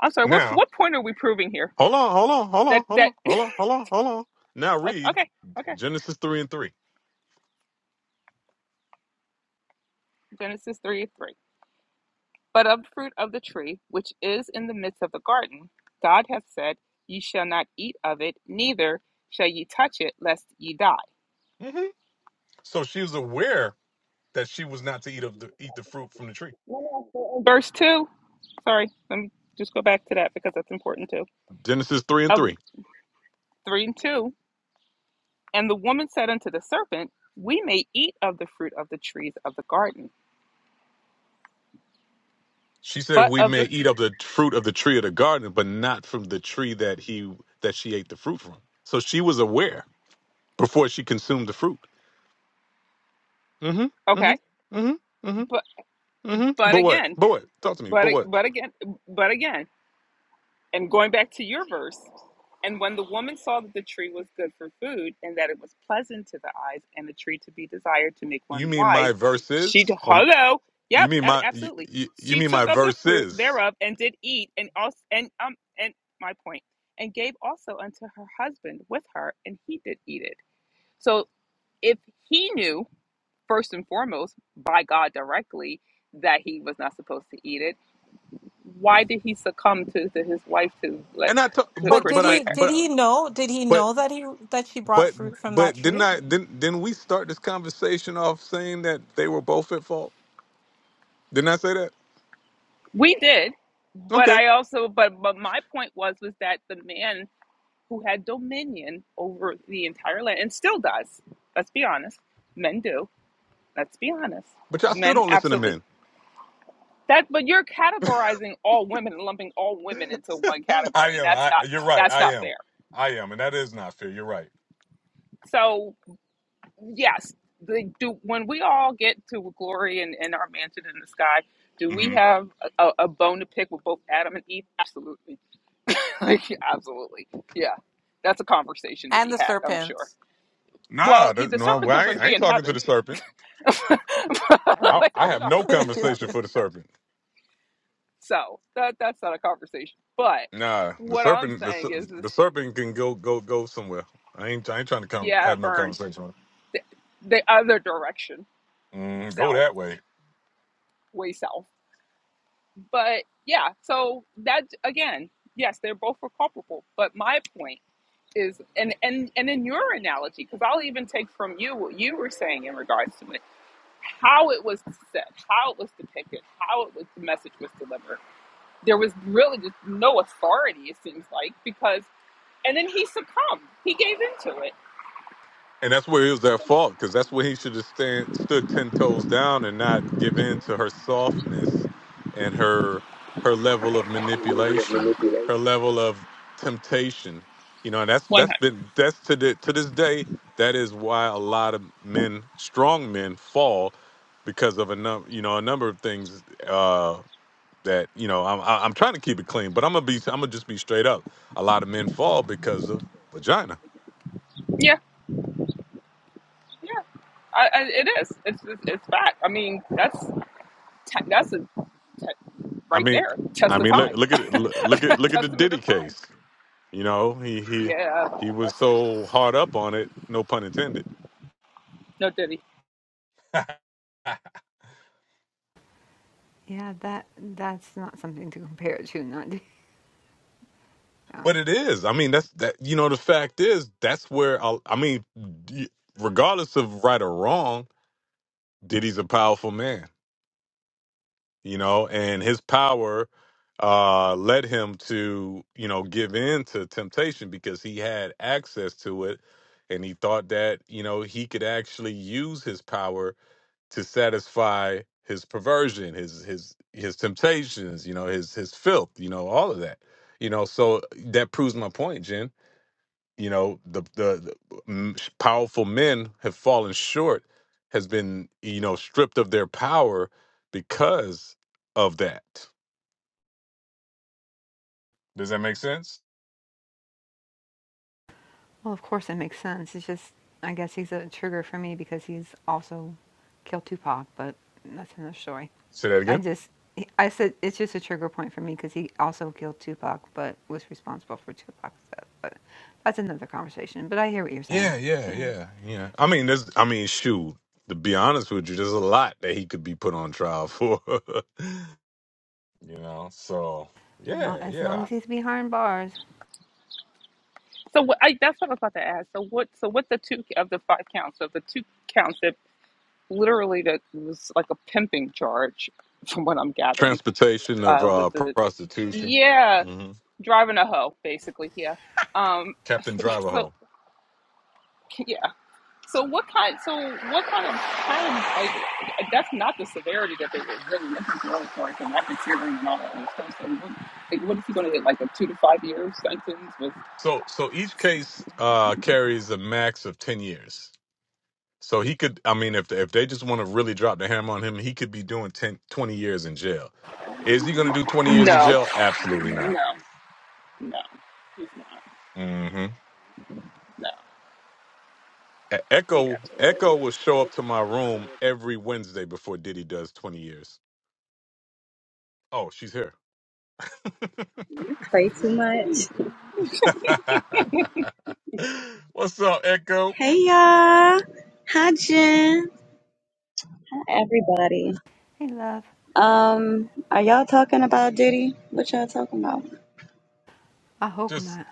I'm sorry, what what point are we proving here? That that okay, okay, okay. Genesis three three. But of the fruit of the tree which is in the midst of the garden, God hath said, Ye shall not eat of it, neither shall ye touch it, lest ye die. Verse 2. Sorry, let me just go back to that because that's important too. Of 3 and 2. And the woman said unto the serpent, We may eat of the fruit of the trees of the garden, but of the. Okay, but but again, but but again, but again. And going back to your verse, And when the woman saw that the tree was good for food, and that it was pleasant to the eyes, and a tree to be desired to make one wise, she t- hello, yep, ab- absolutely. She took of the fruit thereof and did eat, and also and um and my point, and gave also unto her husband with her, and he did eat it. So if he knew first and foremost by God directly that he was not supposed to eat it, why did he succumb to, to his wife to let to
But did
persuade
he
her?
did he know? Did he know that he that she brought fruit from that tree?
We did, but I also but but my point was was that the man who had dominion over the entire land and still does. Let's be honest, men do. Let's be honest, men absolutely. That but you're categorizing all women and lumping all women into one
I
category, and
am.
that's
I,
not
you're right.
that's
I
not
am.
fair.
I am, and that is not fair. You're right.
So yes, the, do when we all get to glory and in our mansion in the sky, do we have a a bone to pick with both Adam and Eve? Absolutely Absolutely. Yeah. That's a conversation to
And
be
the
had, I'm sure.
serpents.
Well, yeah, the serpent's not going to be in heaven. They're
I don't
not going to be in
know.
heaven. So that that's not a conversation. But what I'm saying is, is yeah, burn the, the other direction, south, way south. But yeah, so that again, yes, they're both were culpable. But my point is, and and and in your analogy, because I'll even take from you what you were saying in regards to it how it was said, how it was depicted, how it was the message was delivered. There was really just no authority, it seems like, because and then he succumbed. He gave into it. manipulation. One hundred. Yeah, yeah. I, I, it is. It's, it's it's fact. I mean, that's te- that's a te- right there. Test of time. Testament of time. Yeah. That's, no diddy.
Yeah, that that's not something to compare it to, not to, yeah.
to satisfy his perversion, his his you know. So my point, Jen, you know the the, the m- powerful men have fallen short, has been you know stripped of their power because of that. Does it?
Well, of course it makes sense. It's just I guess he's a trigger for me because he's also killed Tupac, but that's another story. I just, I said it's just a trigger point for me because he also killed Tupac, but was responsible for Tupac's death. But that's another conversation. But I hear what you're saying. Yeah, as long as, long as he's behind bars.
So what, I, that's what I was about to ask. So what? So what the two of the five counts? So the two counts. that. literally that was like a pimping charge from what I'm gathering uh with the yeah driving a hoe basically yeah um so yeah so what kind so what kind of kind of like that's not the severity that they were really looking for and that and all that other stuff so what, like what is he going to get like a two to five year sentence with no no no he's not no he absolutely
You play too much. Hey y'all. Hi Jen. Hi everybody.
Hey, love.
Um, are y'all talking about Diddy? What y'all talking about?
I hope not.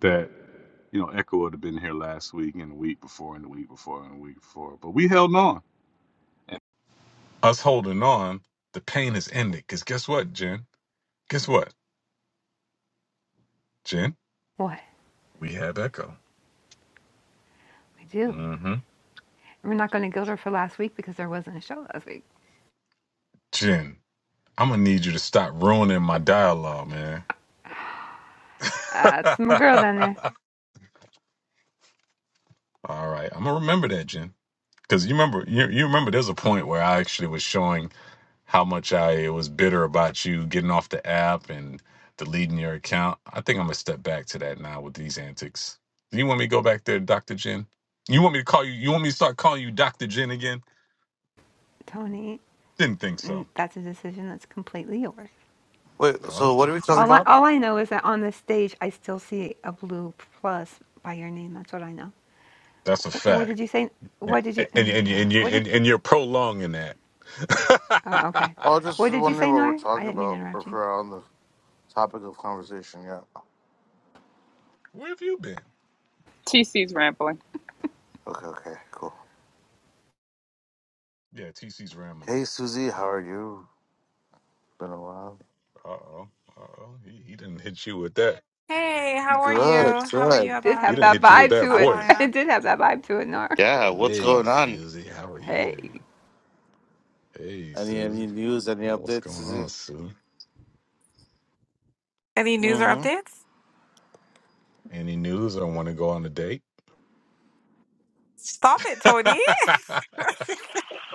That you know, Echo would have been here last week and the week before and the week before and the week before, but we held on.
What? I do. We're not going to guilt her for last week because there wasn't a show last week. That's my girl down there, Tony. mm, That's a decision that's completely yours.
Wait, so what are we talking
All I,
about?
all I know is that on this stage, I still see a blue plus by your name. That's what I know. What did you say? What did you? Uh, yeah. What did? Oh, okay.
I was just
What did you
wondering
say,
what we're
Nar? I
talking
didn't mean to
about or
interrupt
if
you.
we're on the topic of conversation. Yeah.
TC's rambling
Okay, okay, cool. Hey, Susie, how are you? Been a while.
Hey, how are
Good,
you? How are
good.
you,
Did have
Abaya?
that
How,
vibe to it.
Abaya?
It did have that vibe to it, Nar.
Yeah, what's going on?
Hey.
Any any news, any updates, Susie?
Any news or
Mm
updates? Stop it, Tony.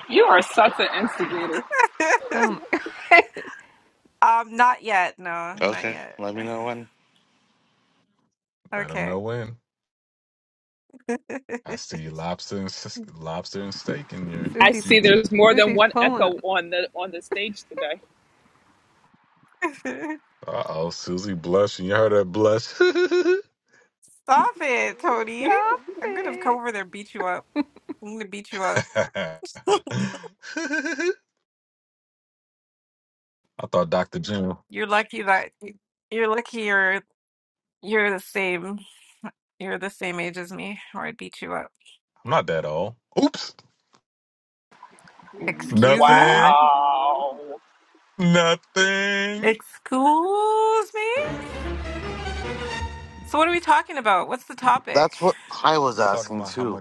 you are such an instigator
Um.
um, not yet. No,
hmm.
not
Okay,
yet.
let me know when.
Okay.
I
Susie. p-
see there's more than
Susie's
one
pulling.
echo on the on the stage today.
Stop it, Tony.
Stop
I'm gonna come
it.
over there and beat you up. I'm gonna beat you up. You're lucky that you're lucky you're you're the same you're the same age as me, or I'd beat you up. Excuse me?
Wow.
Excuse me? So what are we talking about? What's the topic?
That's what I was asking too.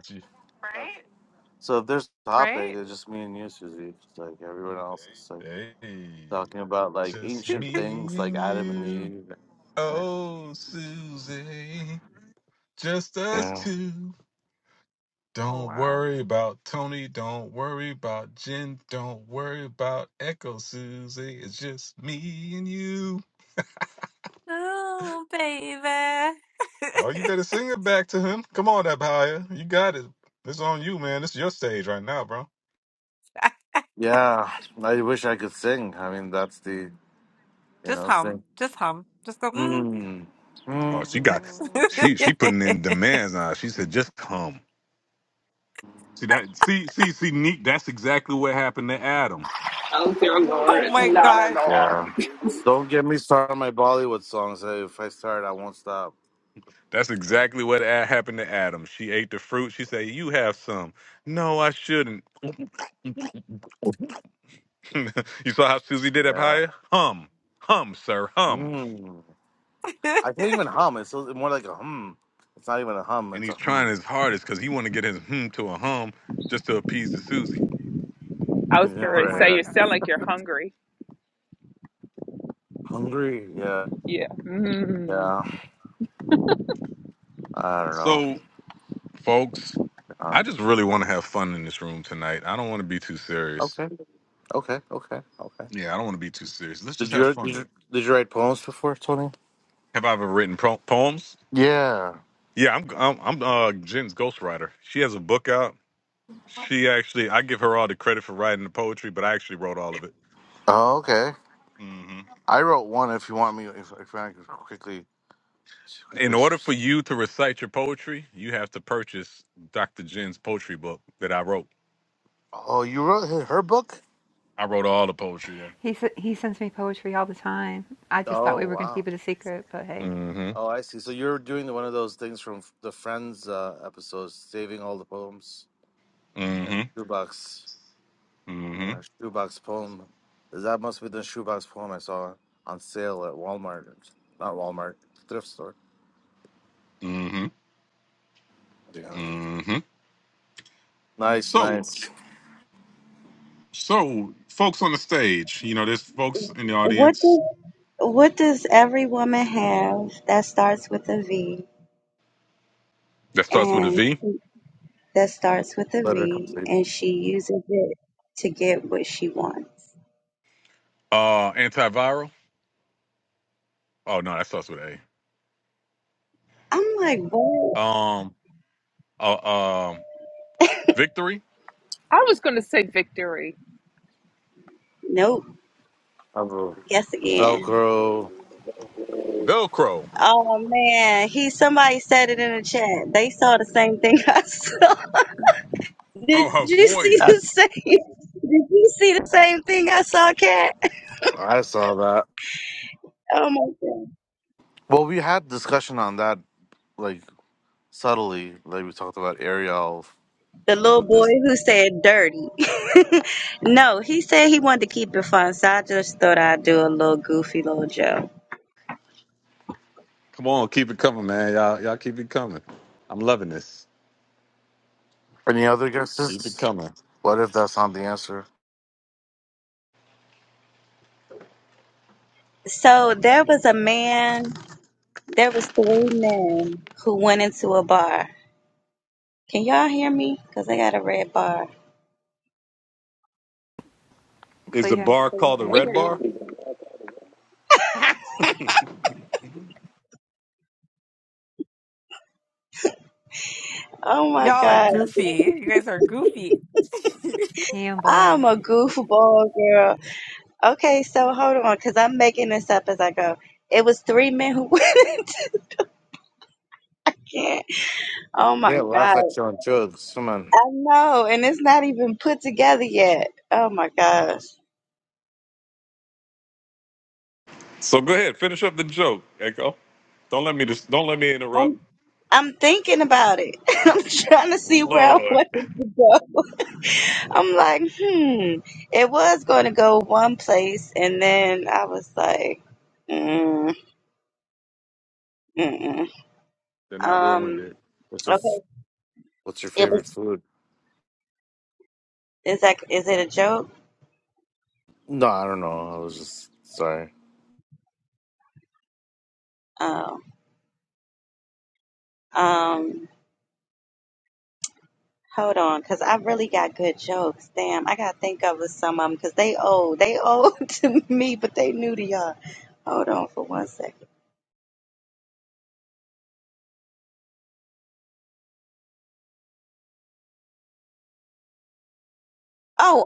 So if there's a topic,
Right?
it's just me and you, Susie. It's like everyone else is like talking about like ancient things like Adam and Eve. Yeah.
Oh wow. Oh baby.
Yeah. I wish I could sing. I mean that's the you
Just
know, sing.
hum. Just hum. Just go mm.
Mm. Mm.
Oh dear
Oh
Lord.
my
Not at
gosh.
all.
Yeah. Don't get me started on my Bollywood songs. Uh, If I start I won't stop. So, yeah. Mm. I can't even hum. It's so- more like a hum. It's not even a hum, it's a hum.
I
You
was
know,
Oh
going to
my
say
right? uh,
you
gosh.
sound like you're hungry.
Hungry. Yeah.
Yeah. Mm.
Yeah. I don't know. Um, okay, okay, okay, okay. Did you, did you did you write poems before, Tony? Yeah. Oh, okay. I wrote one. If you want me, if, if I could quickly, quickly. s-
You have to per- book wrote.
Oh, you wrote her, her book?
I wrote. Yeah.
He s- he sends me poetry all the time. I just thought we
Oh
were gonna
wow.
keep it a secret, but hey,
Mm-hmm.
Oh, I see. So you're doing the- one of those things from the Friends uh, episodes, saving all the poems in a shoebox,
Mm-hmm.
uh, shoebox poem. That must be the shoebox poem I saw on sale at Walmart. Not Walmart, thrift store. Yeah. Nice, nice.
What does what does every woman have that starts with a V and that starts with a
Letter
V
complete.
and she uses it to get what she wants?
Uh, antiviral. Oh no, that starts with A.
I'm like, what?
Um. Uh, um. Victory.
I was going to say victory.
Nope.
I have a
Guess again.
Velcro.
Velcro.
Oh man, he somebody said it in the chat. They saw the same thing I saw.
Oh,
Did
her
you see
Uh,
the
voice.
same? Did you see the same thing I saw, Cat?
I saw that.
Oh my god!
Well, we had discussion on that, like subtly. Like we talked about Ariel
The
from
little
the
boy
Disney.
who
movie.
said "dirty." no, he said he wanted to keep it fun, so I just thought I'd do a little goofy little joke.
Come on, keep it coming, man. Y'all, y'all keep it coming. I'm loving this.
Any other guesses? What if that's not the answer?
So there was a man. There was three men who went into a bar. Can y'all hear me? Cause I got a red bar.
clear, clear
we
as a
hear
bell.
you.
Oh my
Y'all are
god!
goofy. You guys are goofy.
Campbell.
I'm a goofball girl. Okay, so hold on, because I'm making this up as I go. It was three men who went into camp. Oh my
Yeah, laugh
God.
at your own jokes. Come on.
I know, and it's not even put together yet. Oh my gosh.
So go ahead, finish up the joke, Echo. Don't let me just don't let me interrupt.
I'm I'm thinking about it. I'm trying to see where I
Lord.
want it to go. I'm like, hmm. It was going to go one place, and then I was like, mm, mm-mm.
Then I ruined
um,
it.
What's your
okay.
What's your
It was.
favorite food?
Is that? Is it a joke?
No, I don't know. I was just sorry.
Oh, um. Hold on, because I really got good jokes. Damn, I gotta think of some of them because they old. They old to me, but they new to y'all. Hold on for one second. Oh,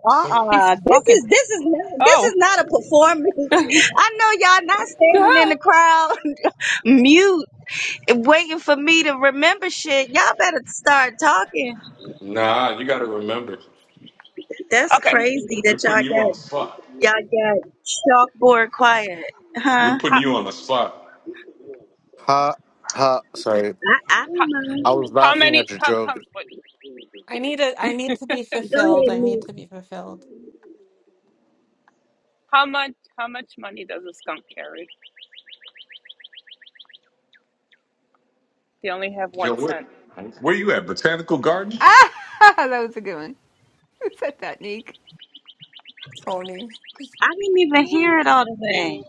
He's
uh-uh. This
fucking.
is this is not, this is
Oh.
not a performance. I know y'all not standing in the crowd, mute, waiting for me to remember shit. Y'all better start talking.
Nah, you got to remember,
That's
Ah. okay.
crazy that
we're
y'all
putting you on the spot.
got y'all got chalkboard quiet,
We're
huh?
putting
How,
you on the spot.
Ha ha. Sorry.
I, I
how,
don't know.
I was
how
laughing at
many?
your
How how,
joke.
wait,
I need a I need to be
Go
fulfilled.
ahead,
I
me.
need to be fulfilled.
how much? How much money does a skunk carry? They only have
Yo,
one
where,
cent.
where you at? Botanical Gardens?
Ah, that was a good one. Who said that, Neek?
Phony.
I didn't even hear it all the way.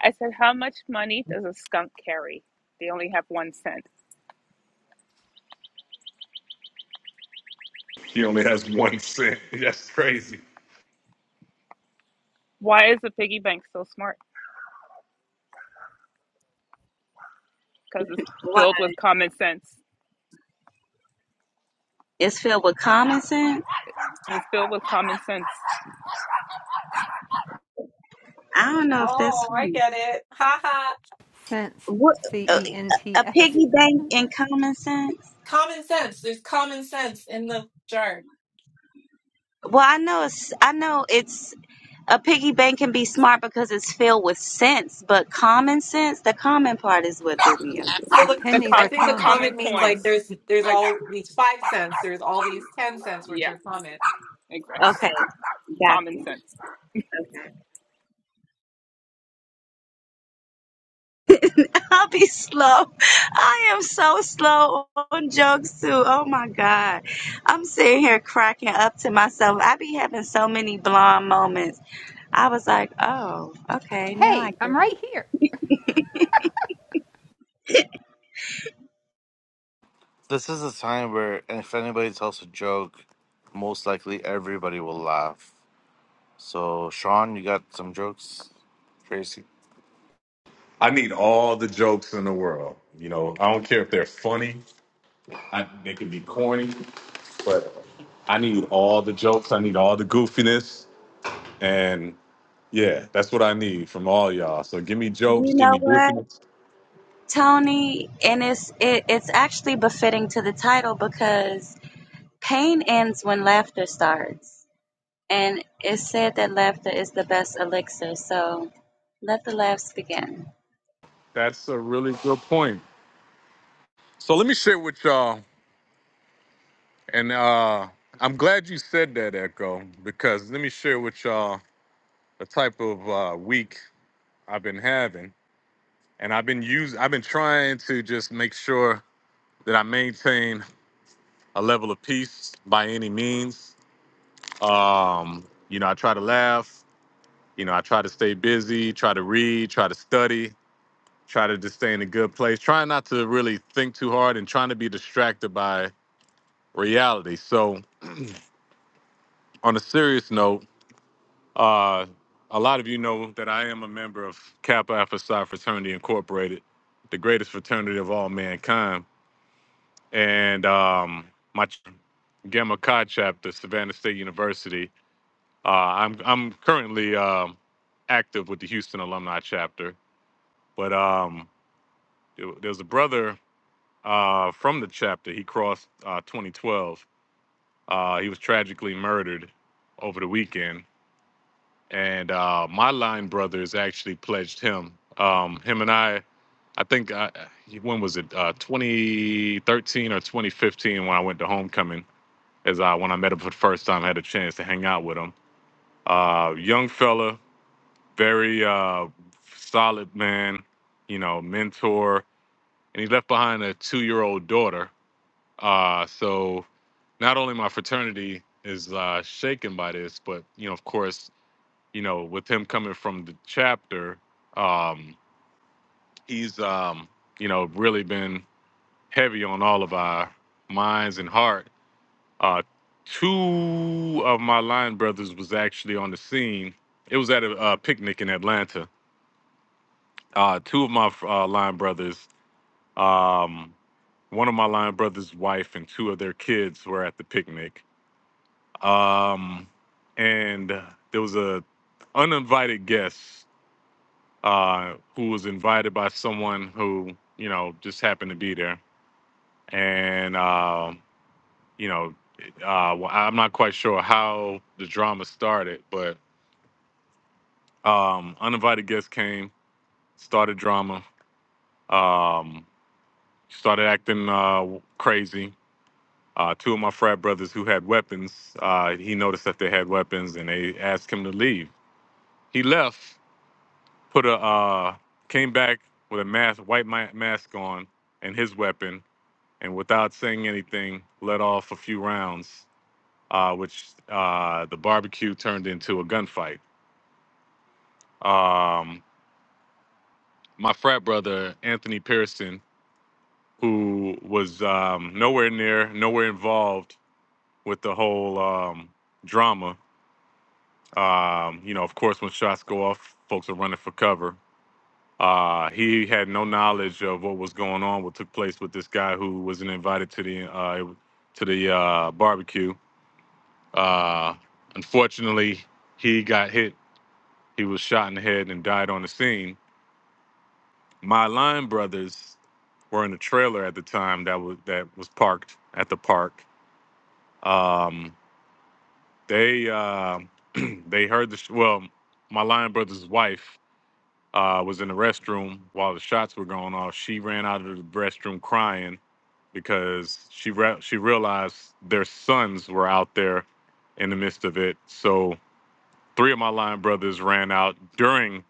I said, How much money does a skunk carry? They only have one cent.
He only has one cent. That's crazy.
Why is the piggy bank so smart? Because it's
Why?
filled with common sense.
It's filled with common sense.
It's filled with common sense.
I don't know if that's
Oh, I get it. Ha ha.
Sense.
what
C
a,
E N T
a
S.
piggy bank and common sense.
Common sense. There's common sense in the jar.
Well, I know it's I know it's a piggy bank can be smart because it's filled with sense, but common sense, the common part is what threw me off.
So the
The
pennies
I
com-
are
think the
common.
common
common means like
coins.
there's there's
Like,
all these five cents, there's all these ten cents which
yeah,
are common.
exactly.
Okay, got
Common
you.
sense.
Okay. I'll be slow. I am so slow on jokes too. Oh my god. I'm sitting here cracking up to myself. I be having so many blonde moments I was like, oh, okay, now I
Hey,
get
I'm
it.
right here.
This is a time where if anybody tells a joke, most likely everybody will laugh. So, Sean, you got some jokes? Tracy,
I need all the jokes in the world. You know, I only but no goofiness. and Yeah, that's what I need from all y'all. So give me jokes,
You
give
know
me
what,
goofiness.
Tony? And it's it, it's actually befitting to the title because pain ends when laughter starts. And it's said that laughter is the best elixir, so let the laughs begin.
That's a really good point. So let me share with y'all, and uh, I'm glad you said that, Echo, because let me share with y'all the type of uh, week I've been having, and I've been using, I've been trying to just make sure that I maintain a level of peace by any means. Um, you know, I try to laugh. You know, I try to stay busy, try to read, try to study, try to just stay in a good place, trying not to really think too hard and trying to be distracted by reality. So, on a serious note, uh, a lot of you know that I am a member of Kappa Alpha Psi Fraternity Incorporated, the greatest fraternity of all mankind. And um, my ch- Gamma Chi chapter, Savannah State University, uh, I'm, I'm currently um, active with the Houston Alumni chapter. But um, there there was a brother uh, from the chapter. He crossed uh, 2012. Uh, he was tragically murdered over the weekend, and uh, my line brothers actually pledged him. Um, him and I, I think I, when was it? Uh, 2013 or 2015 when I went to homecoming. As I when I met him for the first time, I had a chance to hang out with him. Uh, young fella, very uh, solid man, you know, mentor, and he left behind a two-year-old daughter Uh, so not only my fraternity is uh, shaken by this, but you know, of course, you know, with him coming from the chapter, um, he's um, you know really been heavy on all of our minds and heart. Uh, two of my line brothers was actually on the scene. It was at a, uh picnic in Atlanta. Uh, two of my uh, line brothers um, one of my line brothers' wife and two of their kids were at the picnic. um, and there was a uninvited guest uh, who was invited by someone who you know just happened to be there, and uh, you know, uh, well, I'm not quite sure how the drama started, but um, uninvited guest came, started drama, um, started acting uh, crazy. Uh, two of my frat brothers who had weapons, uh, he noticed that they had weapons, and they asked him to leave. He left, put a uh, came back with a mask, white ma- mask on, and his weapon, and without saying anything, let off a few rounds, uh, which uh, the barbecue turned into a gunfight. Um, my frat brother Anthony Pearson, who was um, nowhere near, nowhere involved with the whole um, drama. Um, you know, of course, when shots go off, folks are running for cover. Uh, he had no knowledge of what was going on, what took place with this guy who wasn't invited to the uh, to the uh, barbecue. Uh, unfortunately, he got hit. He was shot in the head and died on the scene. My line brothers were in a trailer at the time that was that was parked at the park. Um, they uh, they heard the sh- well. My lion brother's wife uh, was in the restroom while the shots were going off. She ran out of the restroom crying because she re- she realized their sons were out there in the midst of it. So three of my line brothers ran out during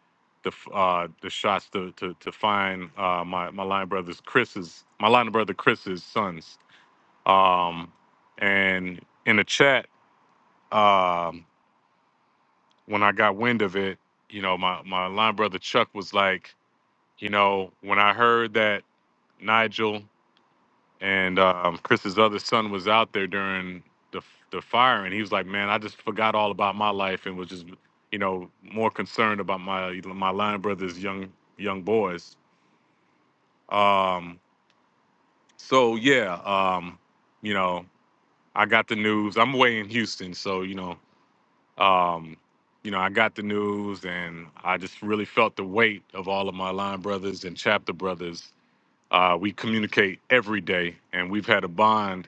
the uh, the shots to to, to find uh, my my line brothers Chris's my line brother Chris's sons. Um, and in the chat, um, when I got wind of it, you know, my my line brother Chuck was like You know, when I heard that Nigel and um, Chris's other son was out there during the the fire, and he was like, "Man, I just forgot all about my life and was just, you know, more concerned about my my line brothers, young young boys." Um, so yeah, um, you know, I got the news. I'm away in Houston, so you know, um, you know, I got the news, and I just really felt the weight of all of my line brothers and chapter brothers Uh, we communicate every day, and we've had a bond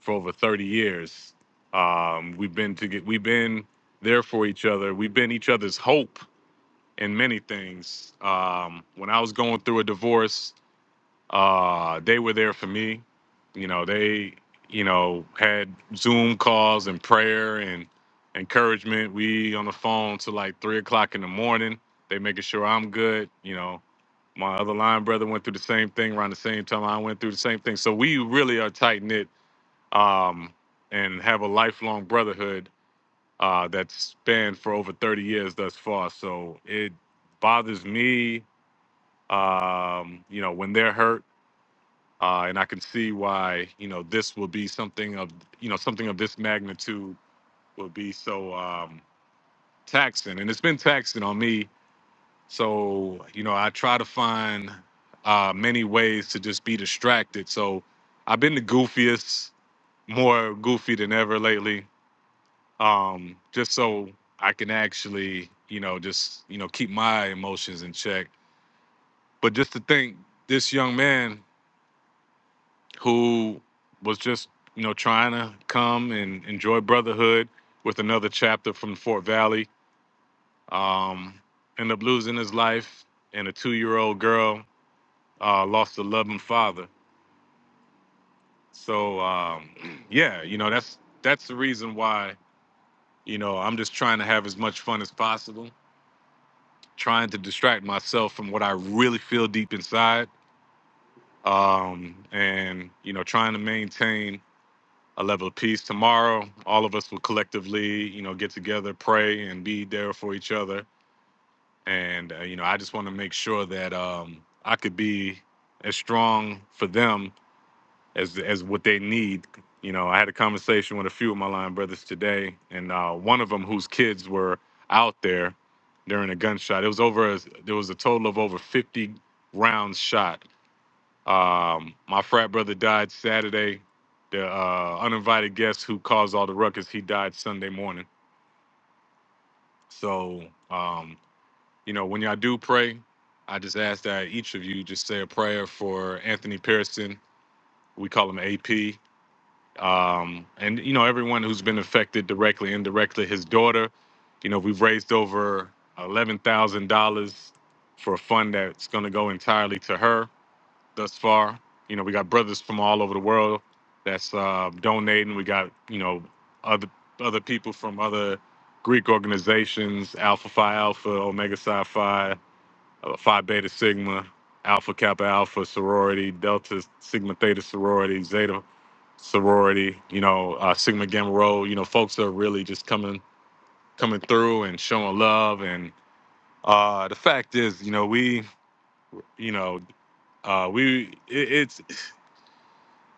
for over 30 years. Um, we've been to get, we've been there for each other. We've been each other's hope in many things. Um, when I was going through a divorce, uh, they were there for me. You know, they, you know, had Zoom calls and prayer and encouragement. We on the phone till like three o'clock in the morning. They making sure I'm good. You know, my other line brother went through the same thing around the same time I went through the same thing. So we really are tight knit um, and have a lifelong brotherhood uh, that's spanned for over 30 years thus far. So it bothers me, um, you know, when they're hurt uh, and I can see why you know this will be something of you know something of this magnitude will be so um, taxing, and it's been taxing on me. So you know I try to find uh, many ways to just be distracted. So I've been the goofiest, more goofy than ever lately, um, just so I can actually you know just you know keep my emotions in check. But just to think, this young man. who was just you know trying to come and enjoy brotherhood with another chapter from Fort Valley. Um, ended up losing his life, and a two-year-old girl uh, lost a loving father. So um, yeah, you know that's that's the reason why you know I'm just trying to have as much fun as possible, trying to distract myself from what I really feel deep inside, um, and you know trying to maintain a level of peace tomorrow. All of us will collectively, you know, get together, pray, and be there for each other. And uh, you know, I just want to make sure that um, I could be as strong for them as as what they need. You know, I had a conversation with a few of my line brothers today, and uh, one of them whose kids were out there during a gunshot. It was over. A, there was a total of over 50 rounds shot um, my frat brother died Saturday. The uh, uninvited guest who caused all the ruckus, he died Sunday morning. So, um, you know, when y'all do pray, I just ask that each of you just say a prayer for Anthony Pearson. We call him AP. Um, and, you know, everyone who's been affected directly, indirectly, his daughter. You know, we've raised over $11,000 for a fund that's going to go entirely to her thus far. You know, we got brothers from all over the world that's uh, donating. We got you know other other people from other Greek organizations: Alpha Phi Alpha, Omega Psi Phi, uh, Phi Beta Sigma, Alpha Kappa Alpha sorority, Delta Sigma Theta sorority, Zeta sorority. You know, uh, Sigma Gamma Rho. You know, folks are really just coming coming through and showing love. And uh, the fact is, you know, we you know uh, we it, it's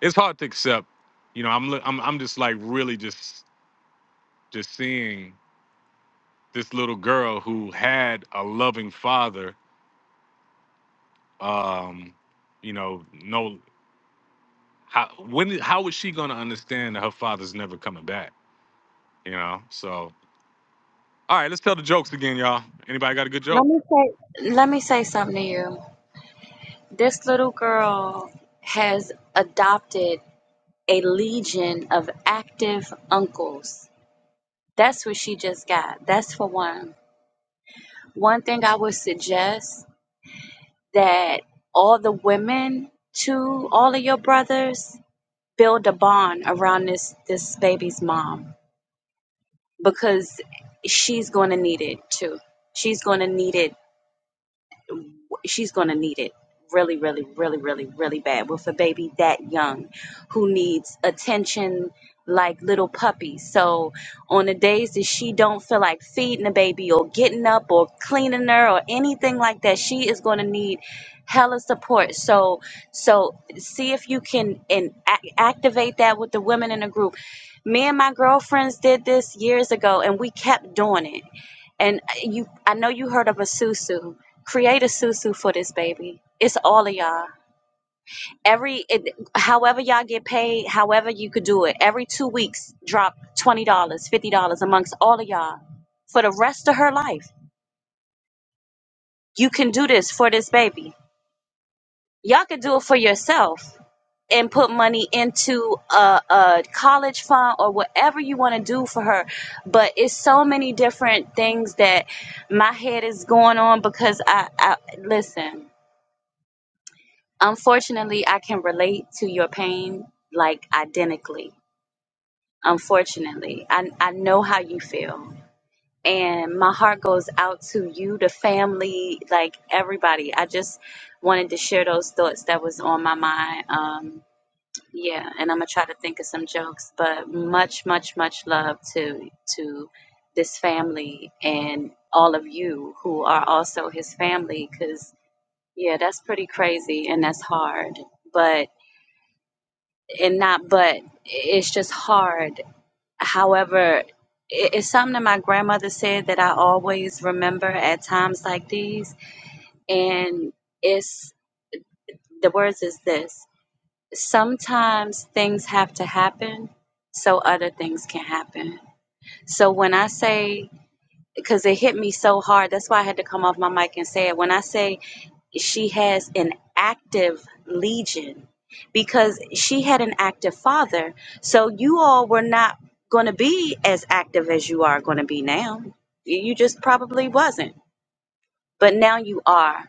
it's hard to accept. You know, I'm li- I'm I'm just like really just just seeing this little girl who had a loving father. Um, you know, no, how when how is she gonna understand that her father's never coming back? You know, so all right, let's tell the jokes again, y'all. Anybody got a good
Let
joke?
me say let me say something to you. This little girl has adopted a legion of active uncles. That's what she just got. That's for one. One thing I would suggest that all the women to all of your brothers build a bond around this this baby's mom because she's going to need it too. She's going to need it she's going to need it really, really, really, really, really bad with a baby that young who needs attention like little puppies. So on the days that she don't feel like feeding the baby or getting up or cleaning her or anything like that, she is going to need hella support. So so see if you can and a- activate that with the women in the group. Me and my girlfriends did this years ago and we kept doing it and uh, you, I know you heard of a susu. Create a susu for this baby. It's all of y'all. Every, it, however y'all get paid, however you could do it. Every two weeks, drop twenty dollars, fifty dollars amongst all of y'all for the rest of her life. You can do this for this baby. Y'all can do it for yourself. and put money into a, a college fund or whatever you want to do for her. But it's so many different things that my head is going on because I, I listen. Unfortunately, I can relate to your pain like identically. Unfortunately, I I know how you feel. And my heart goes out to you, the family, like everybody. I just wanted to share those thoughts that was on my mind. Um, Yeah, and I'm gonna try to think of some jokes, but much, much, much love to to this family and all of you who are also his family, because yeah, that's pretty crazy and that's hard. But and not but it's just hard. However, i- it's something that my grandmother said that I always remember at times like these, and it's the words is this. sometimes things have to happen so other things can happen. So when I say, because it hit me so hard, that's why I had to come off my mic and say it. When I say she has an active legion, because she had an active father. So you all were not going to be as active as you are going to be now. You just probably wasn't but now you are.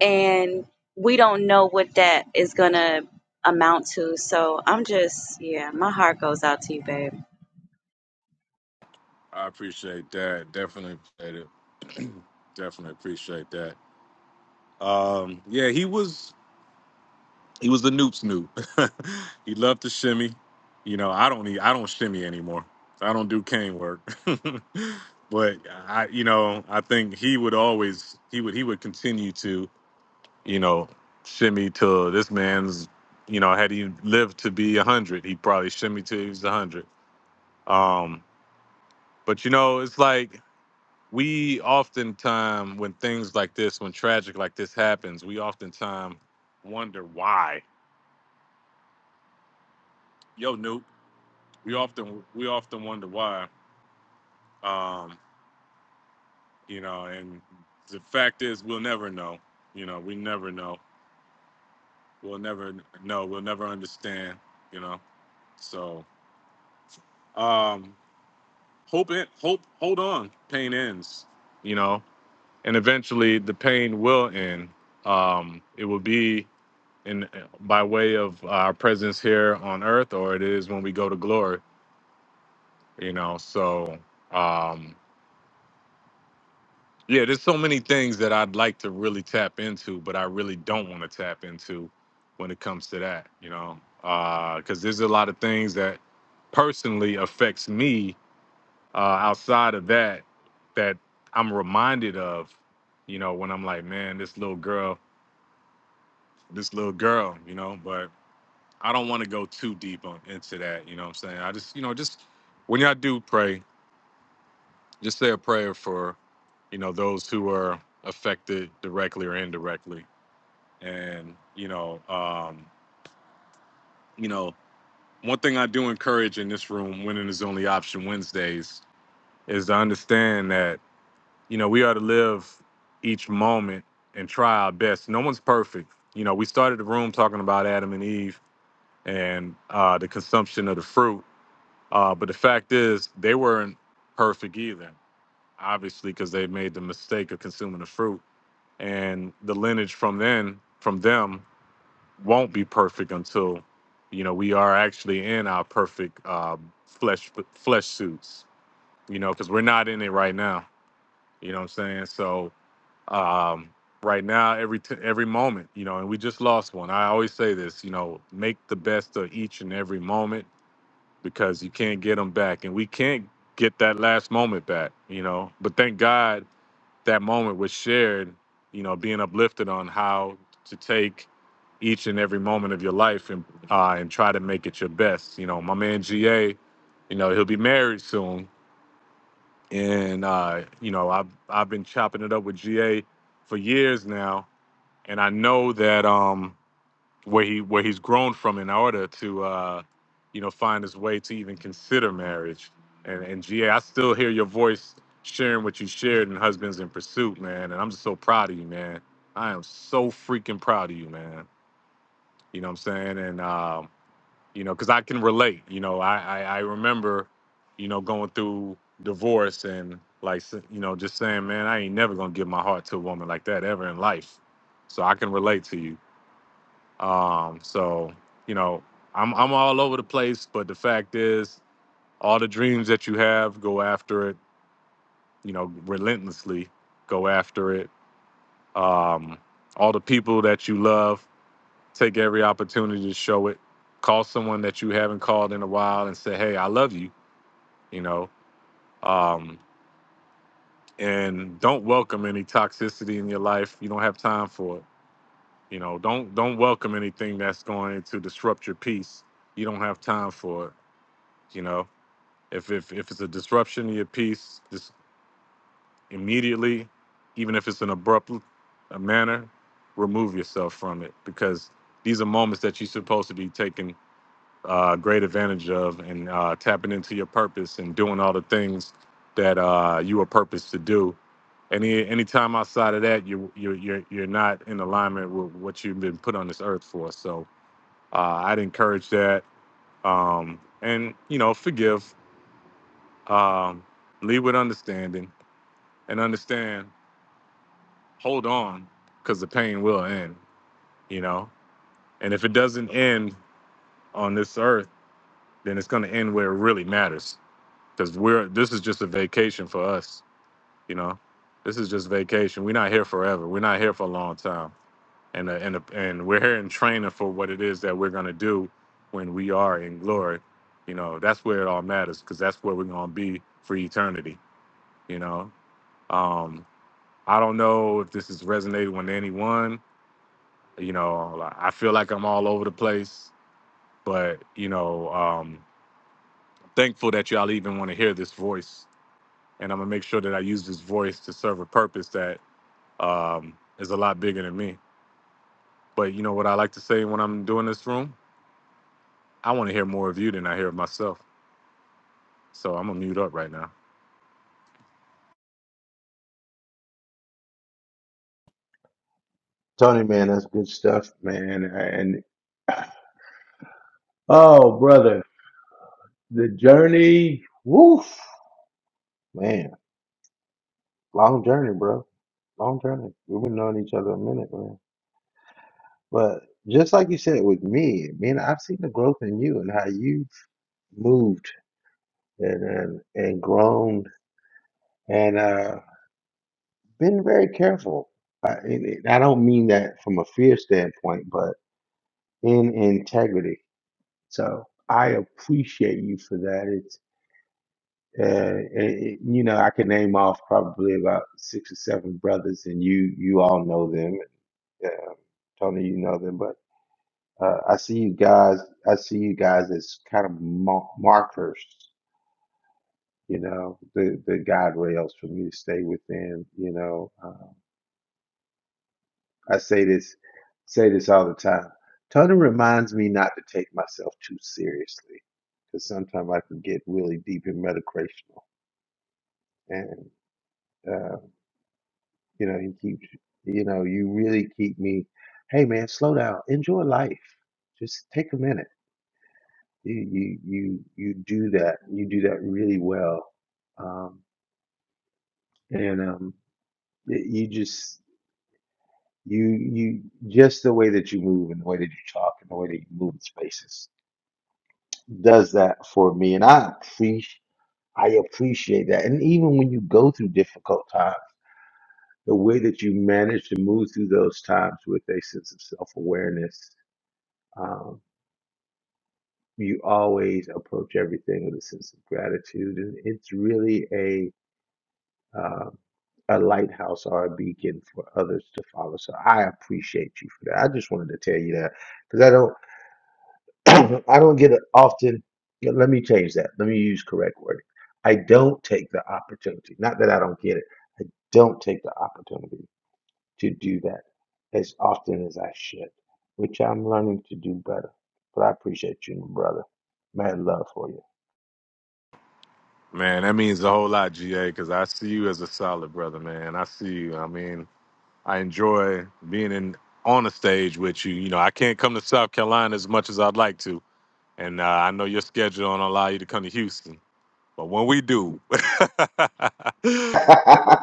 And we don't know what that is going to amount to. So I'm just, yeah, my heart goes out to you, babe.
I appreciate that. Definitely appreciate it. Definitely appreciate that. Um, yeah, he was. He was the Noob Snoop. he loved to shimmy. You know, I don't need I don't shimmy anymore. I don't do cane work. but I you know, I think he would always he would he would continue to, you know, shimmy till this man's you know, had he lived to be a hundred, he probably shimmy till he was a hundred. Um, but you know, it's like we oftentimes when things like this, when tragic like this happens, we oftentimes wonder why. Yo, Noob. we often we often wonder why um you know and the fact is we'll never know you know we never know we'll never know we'll never understand you know so um hope it hope hold on pain ends you know and eventually the pain will end um it will be in by way of our presence here on earth or it is when we go to glory you know so um Yeah, there's so many things that I'd like to really tap into, but I really don't want to tap into when it comes to that, you know, because there's a lot of things that personally affects me uh, outside of that that I'm reminded of, you know, when I'm like, man, this little girl, this little girl, you know, but I don't want to go too deep on, into that, you know what I'm saying? I just, you know, just when y'all do pray, just say a prayer for, you know, those who are affected directly or indirectly And you know, um, you know, one thing I do encourage in this room, winning is the only option Wednesdays, is to understand that you know we are to live each moment and try our best. No one's perfect. You know, we started the room talking about Adam and Eve and uh, the consumption of the fruit, uh, but the fact is they weren't perfect either, obviously, because they made the mistake of consuming the fruit and the lineage from then from them won't be perfect until you know we are actually in our perfect uh, flesh flesh suits you know because we're not in it right now you know what i'm saying so um right now every t- every moment you know and we just lost one i always say this you know make the best of each and every moment because you can't get them back and we can't get that last moment back you know but thank god that moment was shared, you know, being uplifted on how to take each and every moment of your life and uh, and try to make it your best. You know, my man GA, you know, he'll be married soon, and uh, you know, I've I've been chopping it up with GA for years now, and I know that um where he where he's grown from in order to uh you know find his way to even consider marriage and and ga i still hear your voice sharing what you shared in husbands in pursuit man and i'm just so proud of you man i am so freaking proud of you man you know what i'm saying and um you know because i can relate you know I, I i remember you know going through divorce and like s- you know just saying man i ain't never gonna give my heart to a woman like that ever in life so i can relate to you um, so you know, I'm I'm all over the place, but the fact is, all the dreams that you have, go after it. You know, relentlessly go after it. Um, all the people that you love, take every opportunity to show it. Call someone that you haven't called in a while and say, "Hey, I love you." You know, um, and don't welcome any toxicity in your life. You don't have time for it. You know, don't don't welcome anything that's going to disrupt your peace. You don't have time for it you know If if if it's a disruption to your peace, just immediately, even if it's an abrupt uh manner, remove yourself from it because these are moments that you're supposed to be taking uh, great advantage of and uh, tapping into your purpose and doing all the things that uh, you were purposed to do. Any any time outside of that, you you you're you're not in alignment with what you've been put on this earth for. So uh, I'd encourage that, um, and you know, forgive um, lead with understanding and understand, hold on, because the pain will end, you know? And if it doesn't end on this earth, then it's going to end where it really matters because we're, this is just a vacation for us, you know? This is just vacation. We're not here forever. We're not here for a long time. And, uh, and, uh, and we're here in training for what it is that we're going to do when we are in glory. You know, that's where it all matters because that's where we're going to be for eternity, you know? Um, I don't know if this is resonating with anyone. You know, like, I feel like I'm all over the place, but you know, um, thankful that y'all even want to hear this voice, and I'm gonna make sure that I use this voice to serve a purpose that um, is a lot bigger than me. But you know what I like to say when I'm doing this room? I want to hear more of you than I hear of myself. So I'm gonna mute up right now.
Tony, man, that's good stuff, man. And oh, brother, the journey, woof, man, long journey, bro, long journey. We've been knowing each other a minute, man. But just like you said with me, man, I've seen the growth in you and how you've moved and and, and grown and uh, been very careful. I, and it- I don't mean that from a fear standpoint, but in integrity. So I appreciate you for that. Uh, eh, you know, I could name off probably about six or seven brothers, and you you all know them. Uh, Tony, you know them, but uh, I see you guys. I see you guys as kind of mar- markers. You know, the the guide rails for me to stay within. You know, um, I say this say this all the time. Tony reminds me not to take myself too seriously because sometimes I can get really deep and metacrational, and uh, You know, you keep, you know, you really keep me. Hey, man, slow down. Enjoy life. Just take a minute. You you you you do that. You do that really well. Um, and um, y- you just you you just the way that you move and the way that you talk and the way that you move in spaces does that for me. And I appreciate I appreciate that. And even when you go through difficult times the way that you manage to move through those times with a sense of self awareness you always approach everything with a sense of gratitude, and it's really a um, a lighthouse or a beacon for others to follow. So I appreciate you for that. I just wanted to tell you that because I don't I don't get it often. yeah, Let me change that. Let me use correct wording. I don't take the opportunity. Not that I don't get it. I don't take the opportunity to do that as often as I should, which I'm learning to do better. But I appreciate you, my brother. Mad love for you.
Man, that means a whole lot, GA, because I see you as a solid brother, man. I see you. I mean, I enjoy being in on the stage with you. You know, I can't come to South Carolina as much as I'd like to, and uh, I know your schedule don't allow you to come to Houston. But when we do,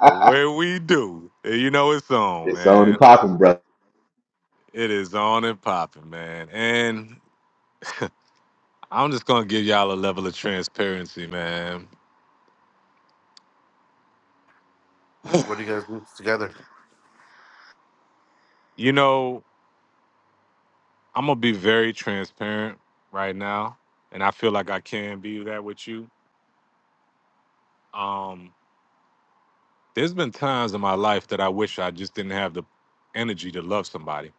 when we do, eh, you know it's on,
it's on and
man.
popping, brother.
It is on and popping, man. And I'm just gonna give y'all a level of transparency, man.
what do you guys do together?
you know, I'm gonna be very transparent right now, and I feel like I can be that with you. Um, There's been times in my life that I wish I just didn't have the energy to love somebody.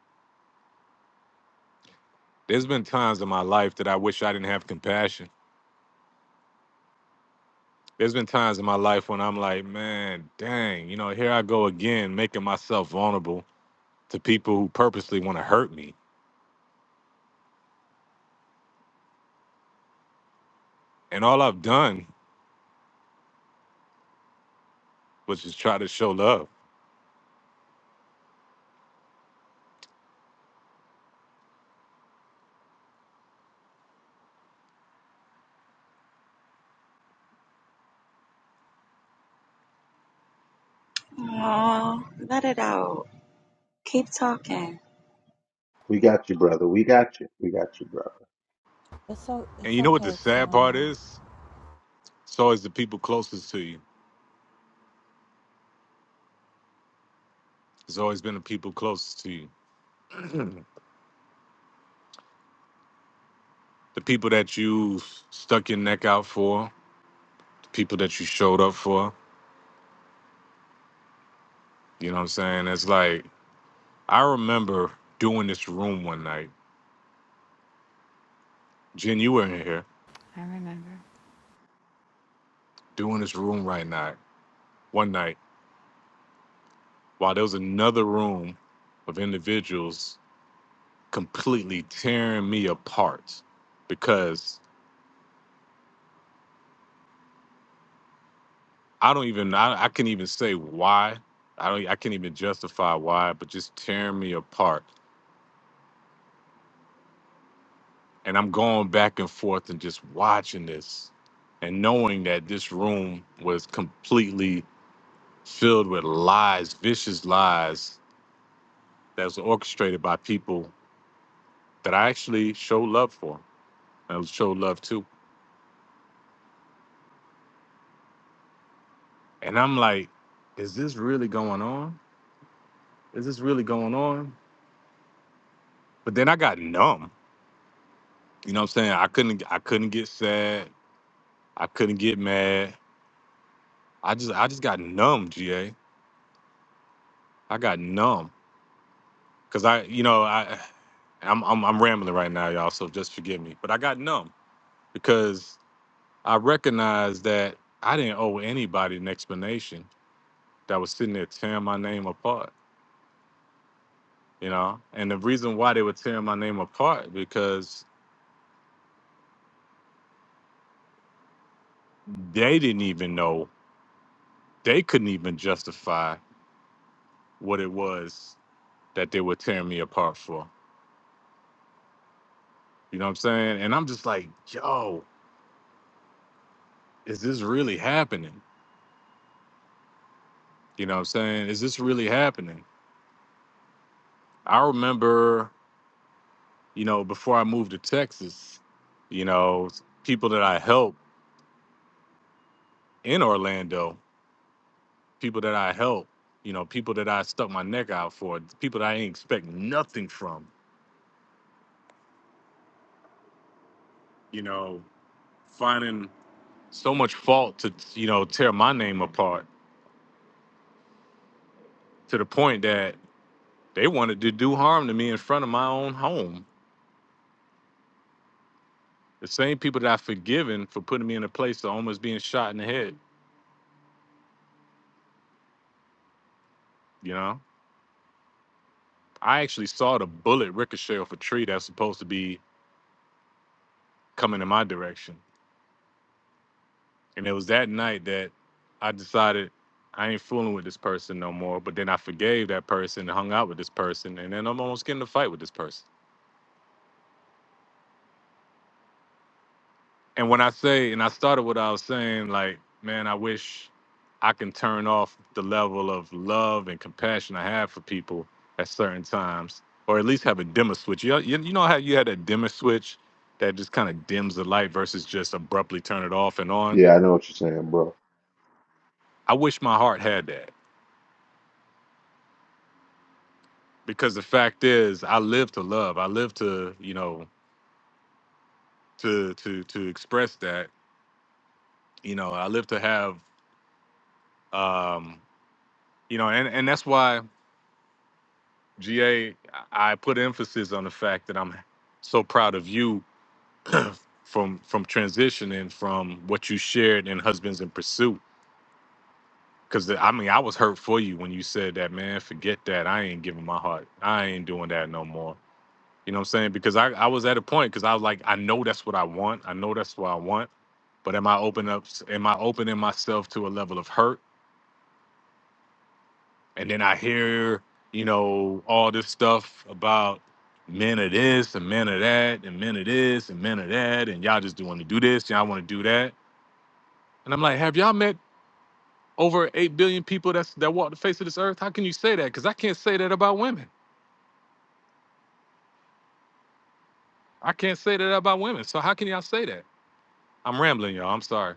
There's been times in my life that I wish I didn't have compassion. There's been times in my life when I'm like, man, dang, you know, here I go again, making myself vulnerable to people who purposely want to hurt me. And all I've done was just try to show love.
Aw, let it out. Keep talking.
We got you, brother. We got you. We got you, brother.
It's o-
And
it's
you know what the
okay,
sad part
Tony.
is? It's always the people closest to you. It's always been the people closest to you. the people that you stuck your neck out for, the people that you showed up for, You know what I'm saying? It's like I remember doing this room one night. Jen, you were in here
I remember.
doing this room right night one night while there was another room of individuals completely tearing me apart because I don't even I, I can't even say why. I don't I can't even justify why, but just tearing me apart. And I'm going back and forth and just watching this and knowing that this room was completely filled with lies, vicious lies that was orchestrated by people that I actually show love for and show love to. And I'm like, is this really going on? Is this really going on? But then I got numb. You know what I'm saying? I couldn't I couldn't get sad. I couldn't get mad. I just I just got numb, G. A. I got numb. Cause I, you know, I I'm I'm, I'm rambling right now, y'all, so just forgive me. But I got numb because I recognized that I didn't owe anybody an explanation that was sitting there tearing my name apart, you know? And the reason why they were tearing my name apart because they didn't even know, they couldn't even justify what it was that they were tearing me apart for. You know what I'm saying? And I'm just like, yo, is this really happening? You know what I'm saying? Is this really happening? I remember, you know, before I moved to Texas, you know, people that I helped in Orlando. people that I helped, you know, people that I stuck my neck out for, people that I didn't expect nothing from, you know, finding so much fault to, you know, tear my name apart to the point that they wanted to do harm to me in front of my own home. The same people that I've forgiven for putting me in a place of almost being shot in the head, you know? I actually saw the bullet ricochet off a tree that's supposed to be coming in my direction. And it was that night that I decided I ain't fooling with this person no more. But then I forgave that person, hung out with this person, and then I'm almost getting in a fight with this person. And when I say, and I started what I was saying, like, man, I wish I can turn off the level of love and compassion I have for people at certain times, or at least have a dimmer switch. You know, you, you know how you had that dimmer switch that just kind of dims the light versus just abruptly turn it off and on?
Yeah, I know what you're saying, bro.
I wish my heart had that. because the fact is i live to love i live to you know to to to express that you know i live to have um you know and and that's why ga i put emphasis on the fact that i'm so proud of you from from transitioning from what you shared in husbands in pursuit because i mean i was hurt for you when you said that man forget that i ain't giving my heart i ain't doing that no more You know what I'm saying? Because I, I was at a point because I was like, I know that's what I want. I know that's what I want. But am I open up am I opening myself to a level of hurt? And then I hear, you know, all this stuff about men of this and men of that and men of this and men of that and y'all just do want to do this, y'all want to do that. And I'm like, have y'all met over eight billion people that's that walk the face of this earth? How can you say that? Because I can't say that about women. I can't say that about women. So how can y'all say that? I'm rambling, y'all. I'm sorry.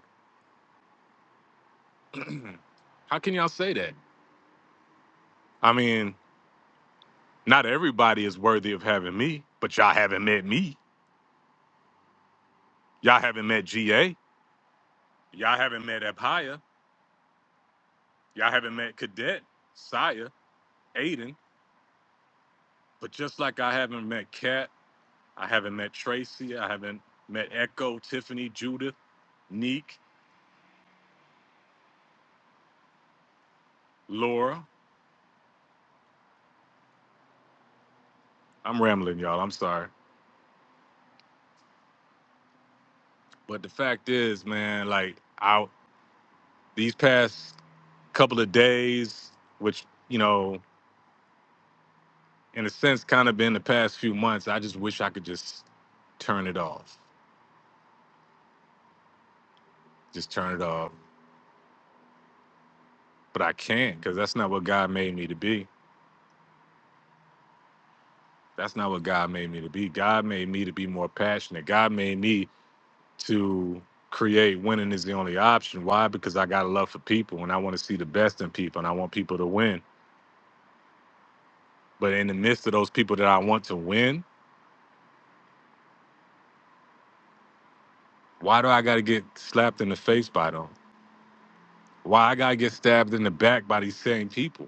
how can y'all say that? I mean, not everybody is worthy of having me, but y'all haven't met me. Y'all haven't met GA. Y'all haven't met Apaya. Y'all haven't met Cadet, Saya, Aiden. But just like I haven't met Kat, I haven't met Tracy, I haven't met Echo, Tiffany, Judith, Neek, Laura. I'm rambling, y'all. I'm sorry. But the fact is, man, like, I these past couple of days, which, you know, in a sense, kind of been the past few months. I just wish I could just turn it off, just turn it off. But I can't because that's not what God made me to be. That's not what God made me to be. God made me to be more passionate. God made me to create winning is the only option. Why? Because I got a love for people and I want to see the best in people and I want people to win. But in the midst of those people that I want to win, why do I got to get slapped in the face by them? Why I got to get stabbed in the back by these same people?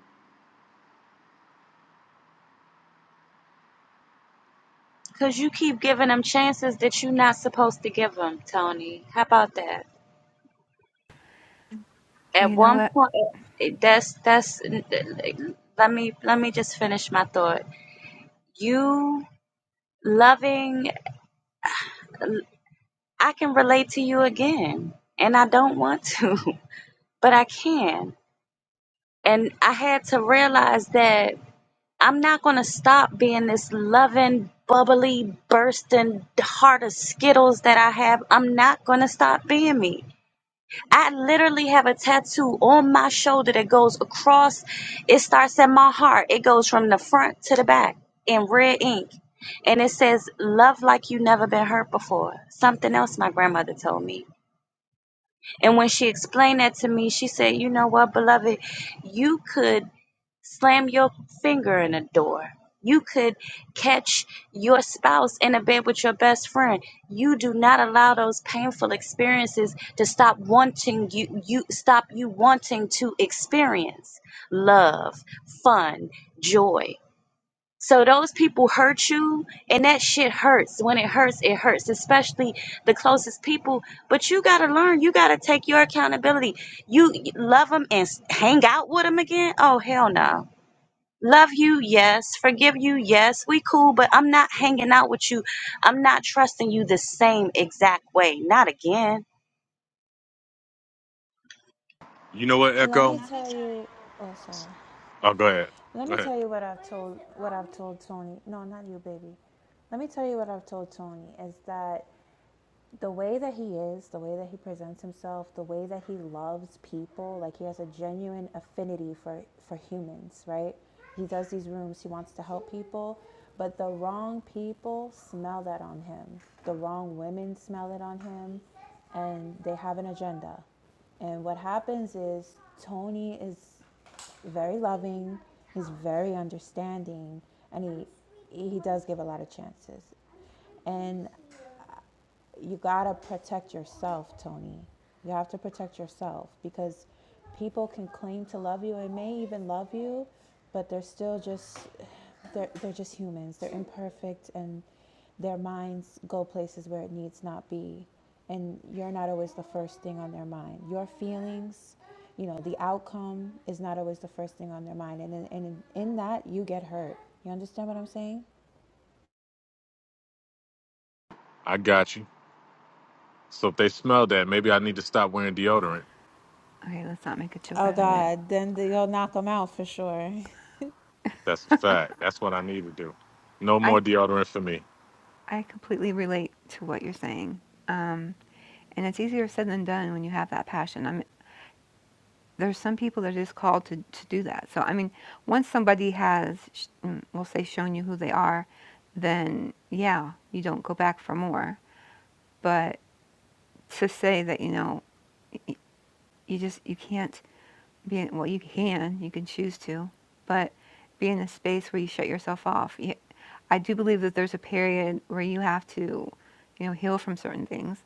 Because you keep giving them chances that you're not supposed to give them, Tony. How about that?
Well,
At
you know
one
what?
point, it- that's, that's, let me, let me just finish my thought. You loving, I can relate to you again. And I don't want to, but I can And I had to realize that I'm not going to stop being this loving, bubbly, bursting heart of Skittles that I have. I'm not going to stop being me. I literally have a tattoo on my shoulder that goes across, it starts at my heart. It goes from the front to the back in red ink. And it says, Love like you never been hurt before. Something else my grandmother told me. And when she explained that to me, she said, You know what, beloved? You could slam your finger in a door. You could catch your spouse in a bed with your best friend. You do not allow those painful experiences to stop wanting you you stop you wanting to experience love, fun, joy. So those people hurt you and that shit hurts. When it hurts, it hurts, especially the closest people, but you got to learn, you got to take your accountability. You you love them and s- hang out with them again? Oh hell no love you yes forgive you yes we cool but i'm not hanging out with you i'm not trusting you the same exact way not again
You know what,
Let
Echo?
me tell you. Oh, sorry.
Oh, go ahead.
Let
Go
me
ahead.
tell you what I've told what I've told Tony. No, not you, baby. Let me tell you what I've told Tony is that the way that he is, the way that he presents himself, the way that he loves people, like he has a genuine affinity for for humans, right? He does these rooms, he wants to help people, but the wrong people smell that on him. The wrong women smell it on him, and they have an agenda. And what happens is Tony is very loving, he's very understanding, and he he does give a lot of chances. And you gotta protect yourself, Tony. You have to protect yourself because people can claim to love you and may even love you, but they're still just they're they're just humans. They're imperfect and their minds go places where it needs not be. And you're not always the first thing on their mind. Your feelings, you know, the outcome is not always the first thing on their mind. And in, and in, in that, you get hurt. You understand what I'm saying?
I got you. So if they smell that, maybe I need to stop wearing deodorant.
Okay, let's not make a joke
Oh
out of it.
God, then they'll knock them out for sure.
That's a fact. That's what I need to do. No
I
more deodorant for me.
I completely relate to what you're saying. Um, and it's easier said than done when you have that passion. I mean, there's some people that are just called to, to do that. So, I mean, once somebody has, sh- mm, we'll say, shown you who they are, then yeah, you don't go back for more. But to say that, you know, you just, you can't being well you can you can choose to but be in a space where you shut yourself off you, i do believe that there's a period where you have to you know heal from certain things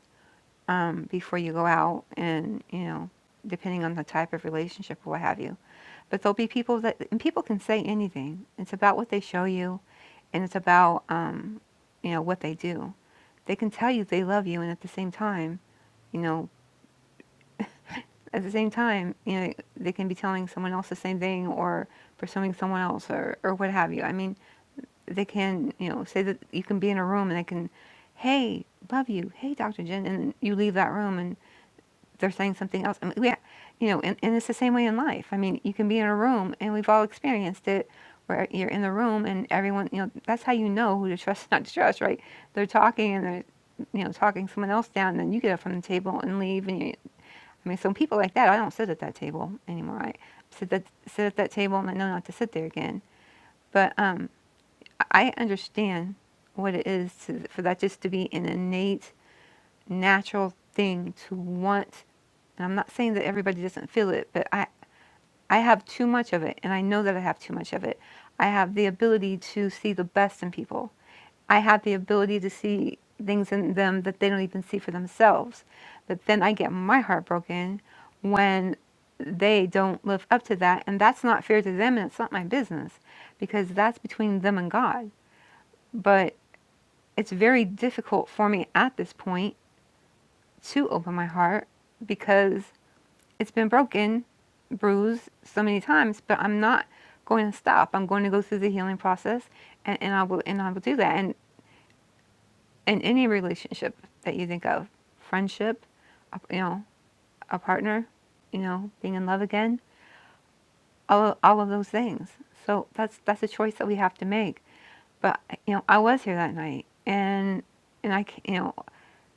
um, before you go out and you know depending on the type of relationship or what have you but there'll be people that and people can say anything it's about what they show you and it's about um, you know what they do they can tell you they love you and at the same time you know at the same time, you know, they can be telling someone else the same thing or pursuing someone else or, or what have you. I mean, they can, you know, say that you can be in a room and they can, hey, love you, hey, Dr. Jen, and you leave that room and they're saying something else. I mean, yeah, you know, and, and it's the same way in life. I mean, you can be in a room and we've all experienced it where you're in the room and everyone, you know, that's how you know who to trust, not to trust, right? They're talking and they're, you know, talking someone else down, and then you get up from the table and leave, and you I mean, so people like that, I don't sit at that table anymore. I sit that sit at that table and I know not to sit there again. But um, I understand what it is to, for that just to be an innate, natural thing to want. And I'm not saying that everybody doesn't feel it, but I, I have too much of it, and I know that I have too much of it. I have the ability to see the best in people. I have the ability to see things in them that they don't even see for themselves. But then I get my heart broken when they don't live up to that. And that's not fair to them and it's not my business because that's between them and God. But it's very difficult for me at this point to open my heart because it's been broken, bruised so many times, but I'm not going to stop. I'm going to go through the healing process and, and I will and I will do that. And in any relationship that you think of friendship you know a partner you know being in love again all, all of those things so that's that's a choice that we have to make but you know i was here that night and and i you know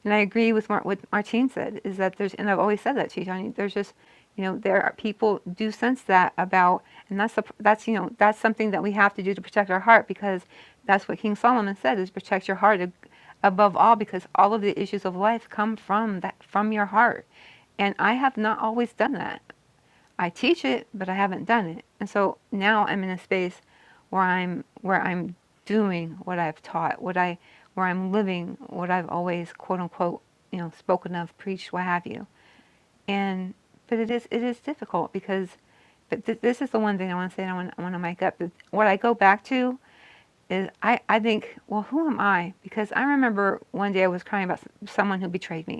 and I agree with Mar- what Martine said is that there's, and I've always said that to you, Tony. There's just, you know, there are people do sense that about, and that's the, that's you know that's something that we have to do to protect our heart because that's what King Solomon said is protect your heart ab- above all because all of the issues of life come from that from your heart. And I have not always done that. I teach it, but I haven't done it. And so now I'm in a space where I'm where I'm doing what I've taught, what I where I'm living what I've always quote unquote, you know, spoken of, preached, what have you. And but it is it is difficult because but th- this is the one thing I want to say and I want, I want to make up. that What I go back to is I, I think, well, who am I? Because I remember one day I was crying about someone who betrayed me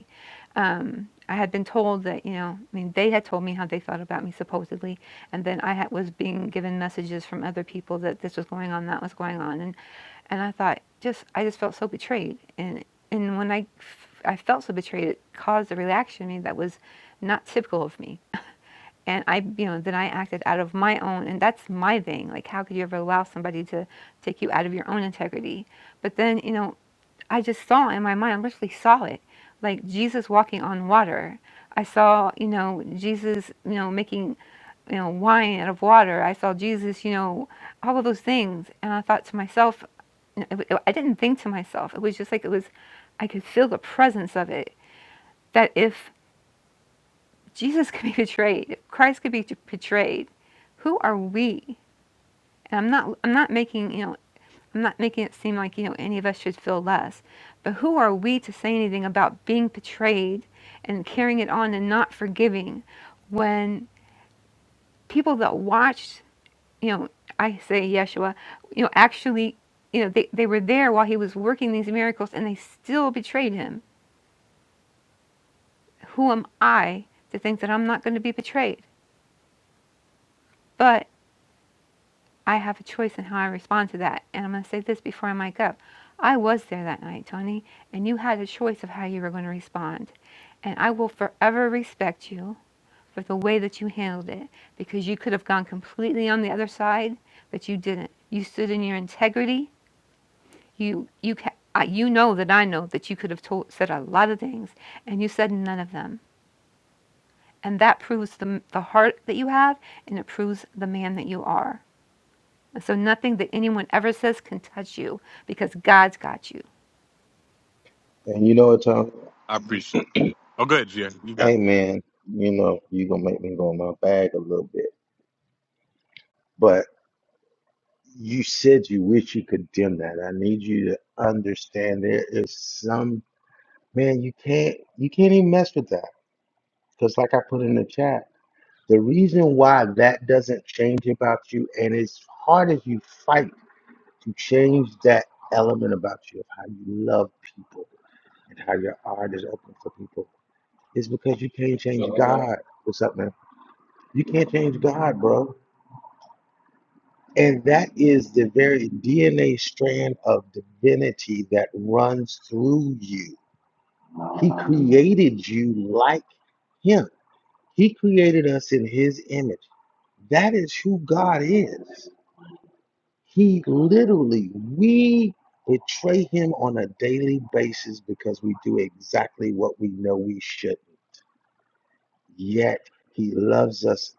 um, I had been told that, you know, I mean, they had told me how they thought about me supposedly, and then I had, was being given messages from other people that this was going on, that was going on, and and I thought, just I just felt so betrayed, and and when I f- I felt so betrayed, it caused a reaction in me that was not typical of me, and I, you know, then I acted out of my own, and that's my thing. Like, how could you ever allow somebody to take you out of your own integrity? But then, you know, I just saw in my mind, I literally saw it, like Jesus walking on water. I saw, you know, Jesus, you know, making, you know, wine out of water. I saw Jesus, you know, all of those things. And I thought to myself, you know, it, it, I didn't think to myself. It was just like it was, I could feel the presence of it. That if Jesus could be betrayed, if Christ could be t- betrayed, who are we? And I'm not, I'm not making, you know, I'm not making it seem like you know any of us should feel less, but who are we to say anything about being betrayed and carrying it on and not forgiving when people that watched, you know, I say Yeshua, you know, actually, you know, they, they were there while he was working these miracles and they still betrayed him. Who am I to think that I'm not going to be betrayed? But I have a choice in how I respond to that. And I'm going to say this before I mic up. I was there that night, Tony, and you had a choice of how you were going to respond. And I will forever respect you for the way that you handled it because you could have gone completely on the other side, but you didn't. You stood in your integrity. You you ca- I, you know that I know that you could have told, said a lot of things and you said none of them. And that proves the, the heart that you have and it proves the man that you are. And so nothing that anyone ever says can touch you because God's got you.
And you know what, Tom?
I appreciate. Oh, good, GA. You got
Hey, man, you know, you going to make me go in my bag a little bit. But you said you wish you could dim that. I need you to understand there is some, man, you can't, you can't even mess with that. Because, like I put in the chat, the reason why that doesn't change about you, and as hard as you fight to change that element about you of how you love people and how your heart is open for people is because you can't change God. What's up, man? You can't change God, bro. And that is the very DNA strand of divinity that runs through you. He created you like Him, He created us in His image. That is who God is. He literally, we betray him on a daily basis because we do exactly what we know we shouldn't. Yet he loves us.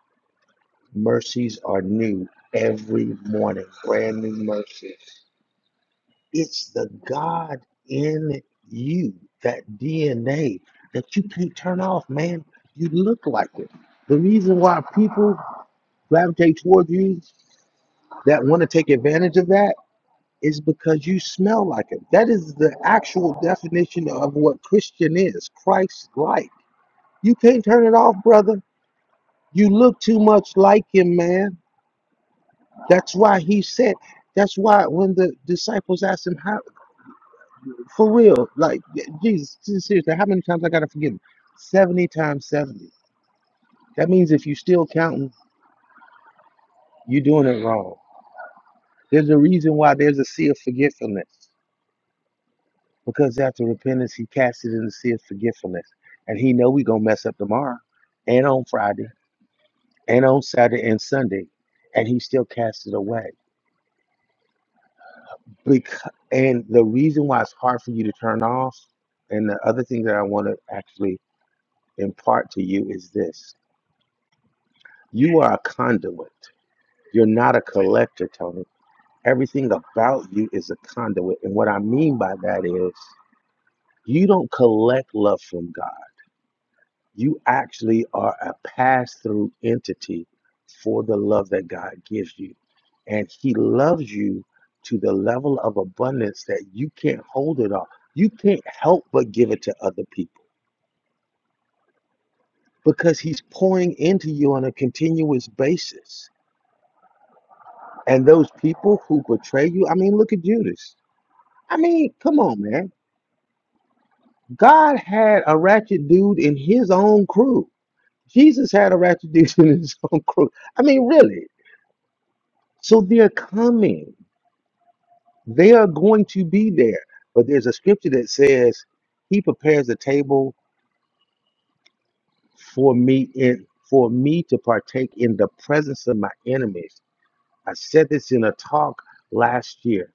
Mercies are new every morning, brand new mercies. It's the God in you, that DNA that you can't turn off, man. You look like it. The reason why people gravitate toward you that want to take advantage of that is because you smell like him. That is the actual definition of what Christian is Christ like. You can't turn it off, brother. You look too much like him, man. That's why he said, that's why when the disciples asked him, how, for real, like, Jesus, seriously, how many times I got to forgive him? 70 times 70. That means if you still counting, you're doing it wrong. There's a reason why there's a sea of forgetfulness. Because after repentance, he cast it in the sea of forgetfulness. And he know we gonna mess up tomorrow and on Friday and on Saturday and Sunday. And he still cast it away. Because, and the reason why it's hard for you to turn off, and the other thing that I want to actually impart to you is this. You are a conduit. You're not a collector, Tony. Everything about you is a conduit. And what I mean by that is you don't collect love from God. You actually are a pass through entity for the love that God gives you. And He loves you to the level of abundance that you can't hold it all. You can't help but give it to other people because He's pouring into you on a continuous basis. And those people who betray you, I mean, look at Judas. I mean, come on, man. God had a ratchet dude in His own crew. Jesus had a ratchet dude in His own crew. I mean, really. So they're coming. They are going to be there. But there's a scripture that says, He prepares a table for me in for me to partake in the presence of my enemies. I said this in a talk last year.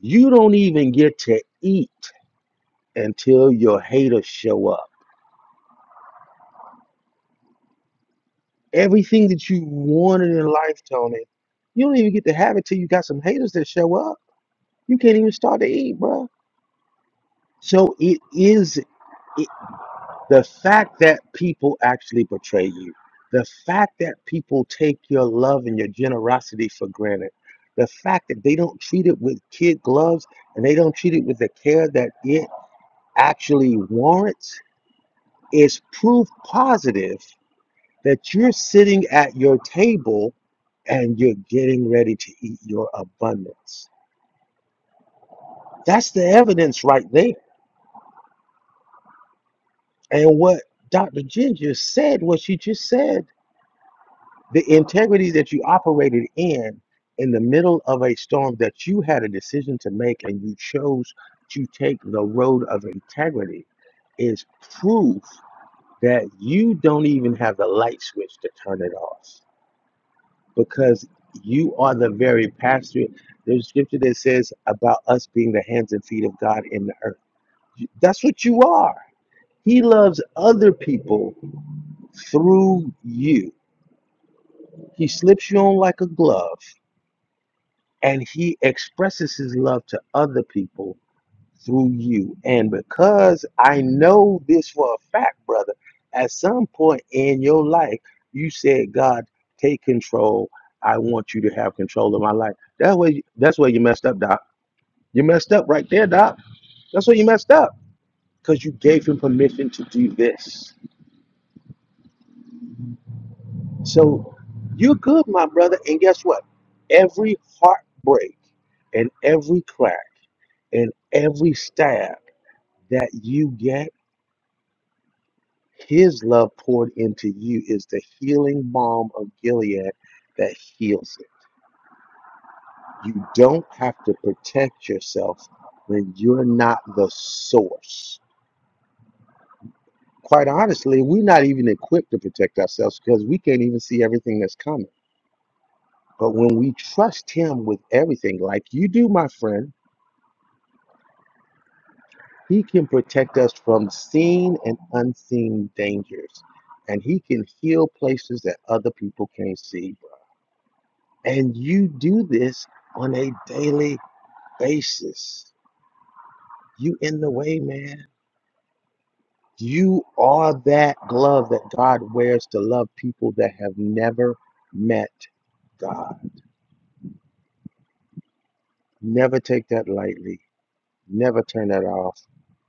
You don't even get to eat until your haters show up. Everything that you wanted in life, Tony, you don't even get to have it till you got some haters that show up. You can't even start to eat, bro. So it is. the fact that people actually betray you, the fact that people take your love and your generosity for granted, the fact that they don't treat it with kid gloves and they don't treat it with the care that it actually warrants is proof positive that you're sitting at your table and you're getting ready to eat your abundance. That's the evidence right there. And what Dr. Ginger said, what she just said The integrity that you operated in in the middle of a storm that you had a decision to make and you chose to take the road of integrity is proof that you don't even have the light switch to turn it off because you are the very pastor. There's scripture that says about us being the hands and feet of God in the earth. That's what you are. He loves other people through you. He slips you on like a glove and he expresses his love to other people through you. And because I know this for a fact, brother, at some point in your life, you said, God, take control. I want you to have control of my life. That way, that's where you messed up, Doc. You messed up right there, Doc. That's where you messed up because you gave him permission to do this. So you're good, my brother. And guess what? Every heartbreak and every crack and every stab that you get his love poured into you is the healing balm of Gilead that heals it. You don't have to protect yourself when you're not the source. Quite honestly, we're not even equipped to protect ourselves because we can't even see everything that's coming. But when we trust him with everything, like you do, my friend, he can protect us from seen and unseen dangers. And he can heal places that other people can't see bro. And you do this on a daily basis. You in the way, man. You are that glove that God wears to love people that have never met God. Never take that lightly. Never turn that off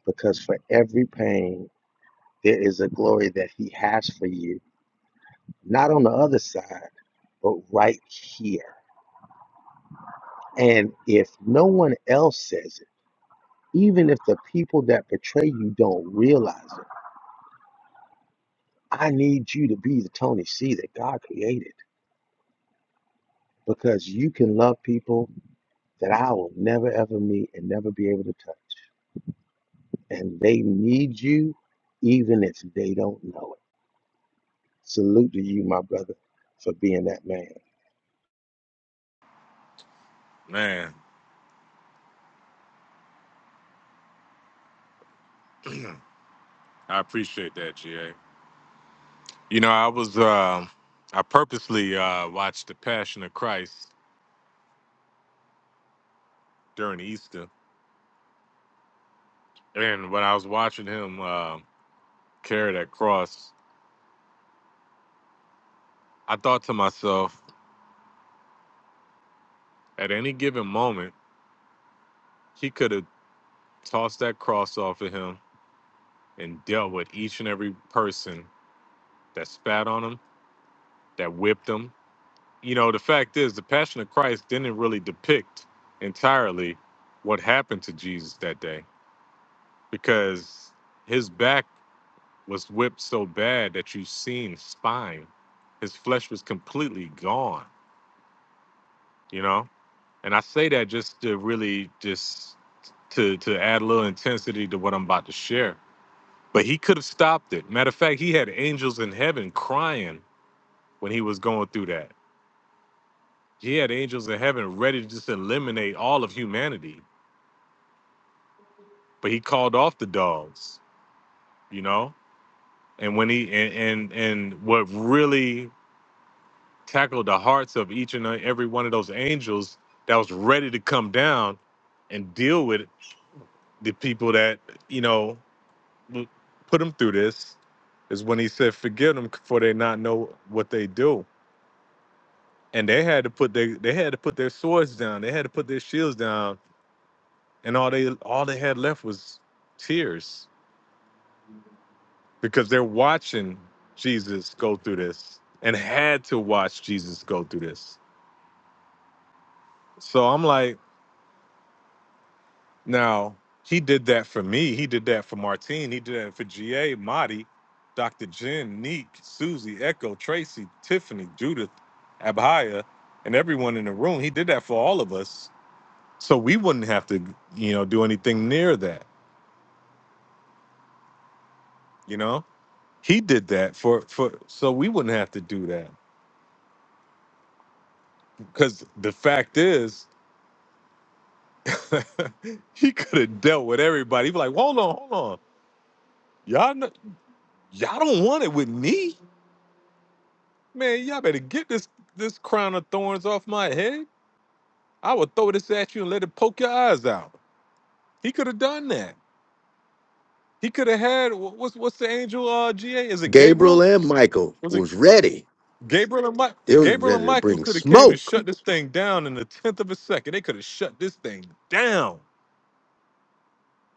because for every pain, there is a glory that He has for you, not on the other side, but right here. And if no one else says it, even if the people that betray you don't realize it, I need you to be the Tony C that God created because you can love people that I will never ever meet and never be able to touch. And they need you even if they don't know it. Salute to you, my brother, for being that man.
man. I appreciate that, GA. You know, I was um I purposely uh, watched The Passion of Christ during Easter, and when I was watching him uh, carry that cross, I thought to myself, at any given moment, he could have tossed that cross off of him and dealt with each and every person that spat on him, that whipped him. You know, the fact is, the Passion of Christ didn't really depict entirely what happened to Jesus that day because his back was whipped so bad that you've seen spine. His flesh was completely gone, you know? And I say that just to really just to to add a little intensity to what I'm about to share. But he could have stopped it. Matter of fact, he had angels in heaven crying when he was going through that. He had angels in heaven ready to just eliminate all of humanity, but he called off the dogs, you know? And when he and and, and what really tackled the hearts of each and every one of those angels that was ready to come down and deal with the people that, you know, put them through this is when he said, "Forgive them for they not know what they do." And they had to put their they had to put their swords down. They had to put their shields down and all they all they had left was tears because they're watching Jesus go through this and had to watch Jesus go through this. So I'm like, now he did that for me. He did that for Martine. He did that for GA, Marty, Dr. Jen, Neek, Susie, Echo, Tracy, Tiffany, Judith, Abhaya, and everyone in the room. He did that for all of us. So we wouldn't have to, you know, do anything near that, you know? He did that for for so we wouldn't have to do that Because the fact is, he could have dealt with everybody. He'd be like, hold on, hold on. Y'all know, y'all don't want it with me. Man, y'all better get this this crown of thorns off my head. I would throw this at you and let it poke your eyes out. He could have done that. He could have had wha- what's what's the angel uh GA? Is it
Gabriel
Gabriel?
and Michael
Was it
was ready.
Gabriel and Mike?
They was
Gabriel
ready
and
to
Michael
bring
could have came and
smoke.
shut this thing down in the tenth of a second. They could have shut this thing down.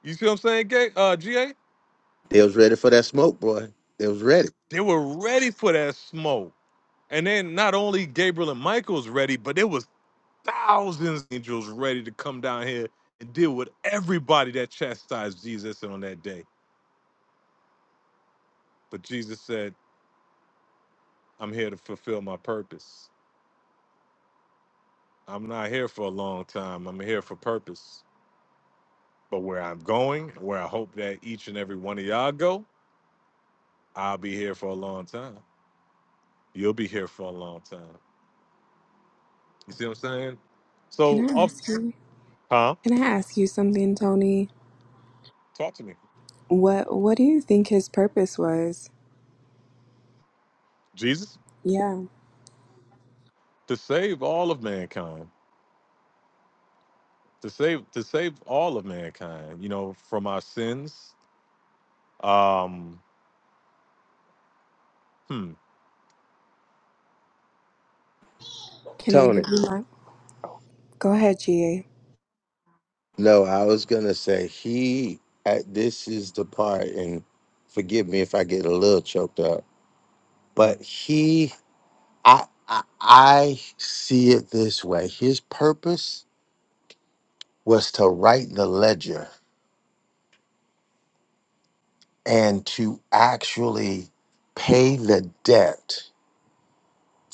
You see what I'm saying, Ga- uh, GA?
They was ready for that smoke, boy. They was ready.
They were ready for that smoke. And then not only Gabriel and Michael's ready, but there was thousands of angels ready to come down here and deal with everybody that chastised Jesus on that day. But Jesus said, I'm here to fulfill my purpose. I'm not here for a long time. I'm here for purpose. But where I'm going, where I hope that each and every one of y'all go, I'll be here for a long time. You'll be here for a long time. You see what I'm saying?
Can
So,
I
off,
ask you?
huh?
Can I ask you something, Tony?
Talk to me.
What What do you think his purpose was?
Jesus?
Yeah.
to save all of mankind to save to save all of mankind you know from our sins um hmm
Can I give
Tony.
you my? Go ahead, GA.
No, I was gonna say he. I, this is the part, and forgive me if I get a little choked up, but he I, I I see it this way. His purpose was to write the ledger and to actually pay the debt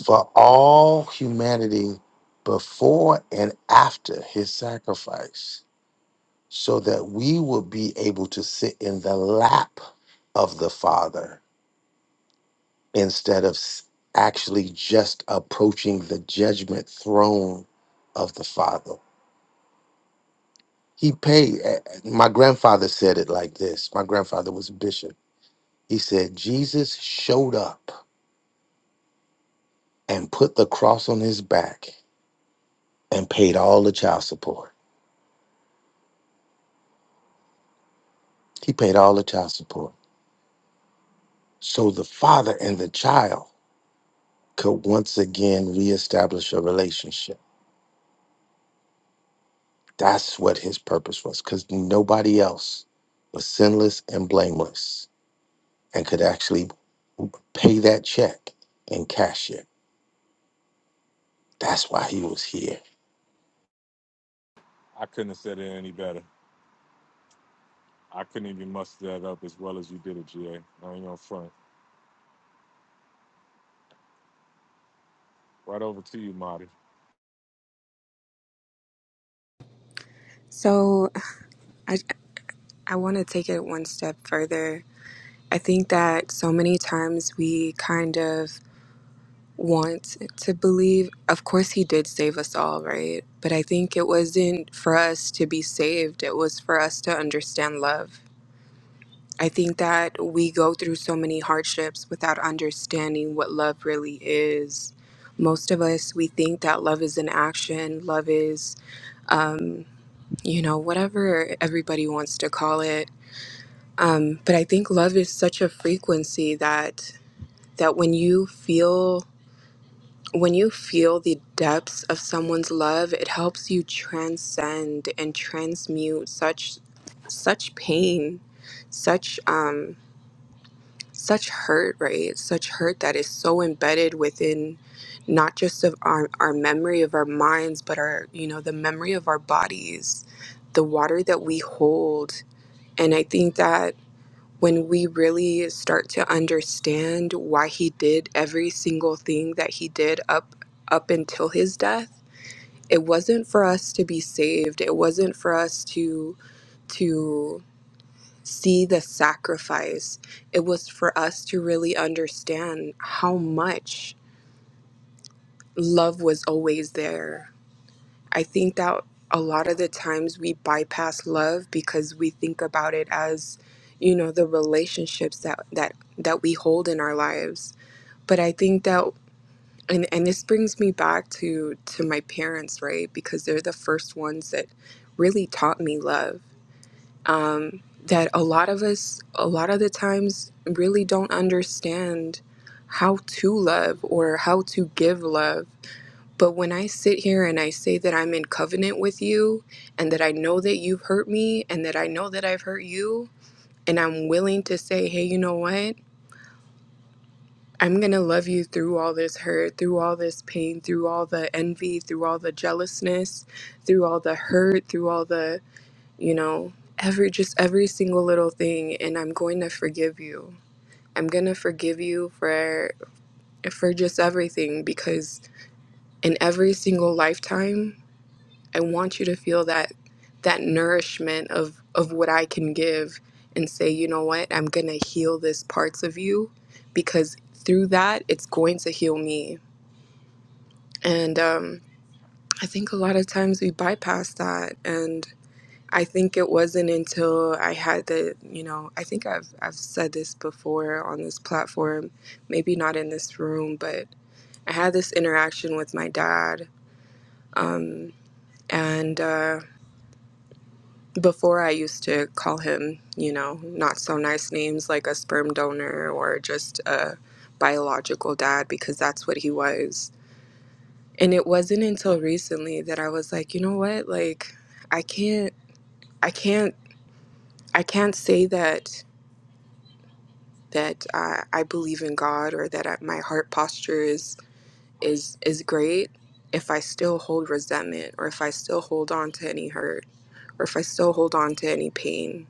for all humanity before and after his sacrifice so that we will be able to sit in the lap of the father instead of s- actually just approaching the judgment throne of the father He paid. eh, eh, My grandfather said it like this. My grandfather was a bishop. He said, Jesus showed up and put the cross on his back and paid all the child support. He paid all the child support. So the father and the child could once again reestablish a relationship. That's what his purpose was because nobody else was sinless and blameless and could actually pay that check and cash it. That's why he was here.
i couldn't have said it any better i couldn't even muster that up as well as you did it ga i ain't on front right over to you marty
So, I I want to take it one step further. I think that so many times we kind of want to believe. Of course, he did save us all, right? But I think it wasn't for us to be saved. It was for us to understand love I think that we go through so many hardships without understanding what love really is. Most of us, we think that love is an action, love is, you know, whatever everybody wants to call it. Um, but I think love is such a frequency that that when you feel when you feel the depths of someone's love, it helps you transcend and transmute such such pain, such um, such hurt, right? Such hurt that is so embedded within not just of our, our memory of our minds, but our, you know, the memory of our bodies, the water that we hold. And I think that when we really start to understand why he did every single thing that he did up up until his death, it wasn't for us to be saved. It wasn't for us to to see the sacrifice. It was for us to really understand how much love was always there. I think that a lot of the times we bypass love because we think about it as, you know, the relationships that that that we hold in our lives. But I think that and, and this brings me back to to my parents, right? Because they're the first ones that really taught me love um, that a lot of us, a lot of the times, really don't understand how to love or how to give love. But when I sit here and I say that I'm in covenant with you and that I know that you've hurt me and that I know that I've hurt you, and I'm willing to say, hey, you know what? I'm going to love you through all this hurt, through all this pain, through all the envy, through all the jealousness, through all the hurt, through all the you know every just every single little thing and i'm going to forgive you i'm going to forgive you for for just everything because in every single lifetime i want you to feel that that nourishment of of what i can give and say you know what i'm going to heal this parts of you because through that it's going to heal me and um I think a lot of times we bypass that and. I think it wasn't until I had the, you know, I think I've I've said this before on this platform, maybe not in this room, but I had this interaction with my dad, um, and uh, before I used to call him, you know, not so nice names like a sperm donor or just a biological dad because that's what he was. And it wasn't until recently that I was like, you know what, like I can't, I can't, I can't say that that uh, I believe in God or that I, my heart posture is is is great if I still hold resentment or if I still hold on to any hurt or if I still hold on to any pain.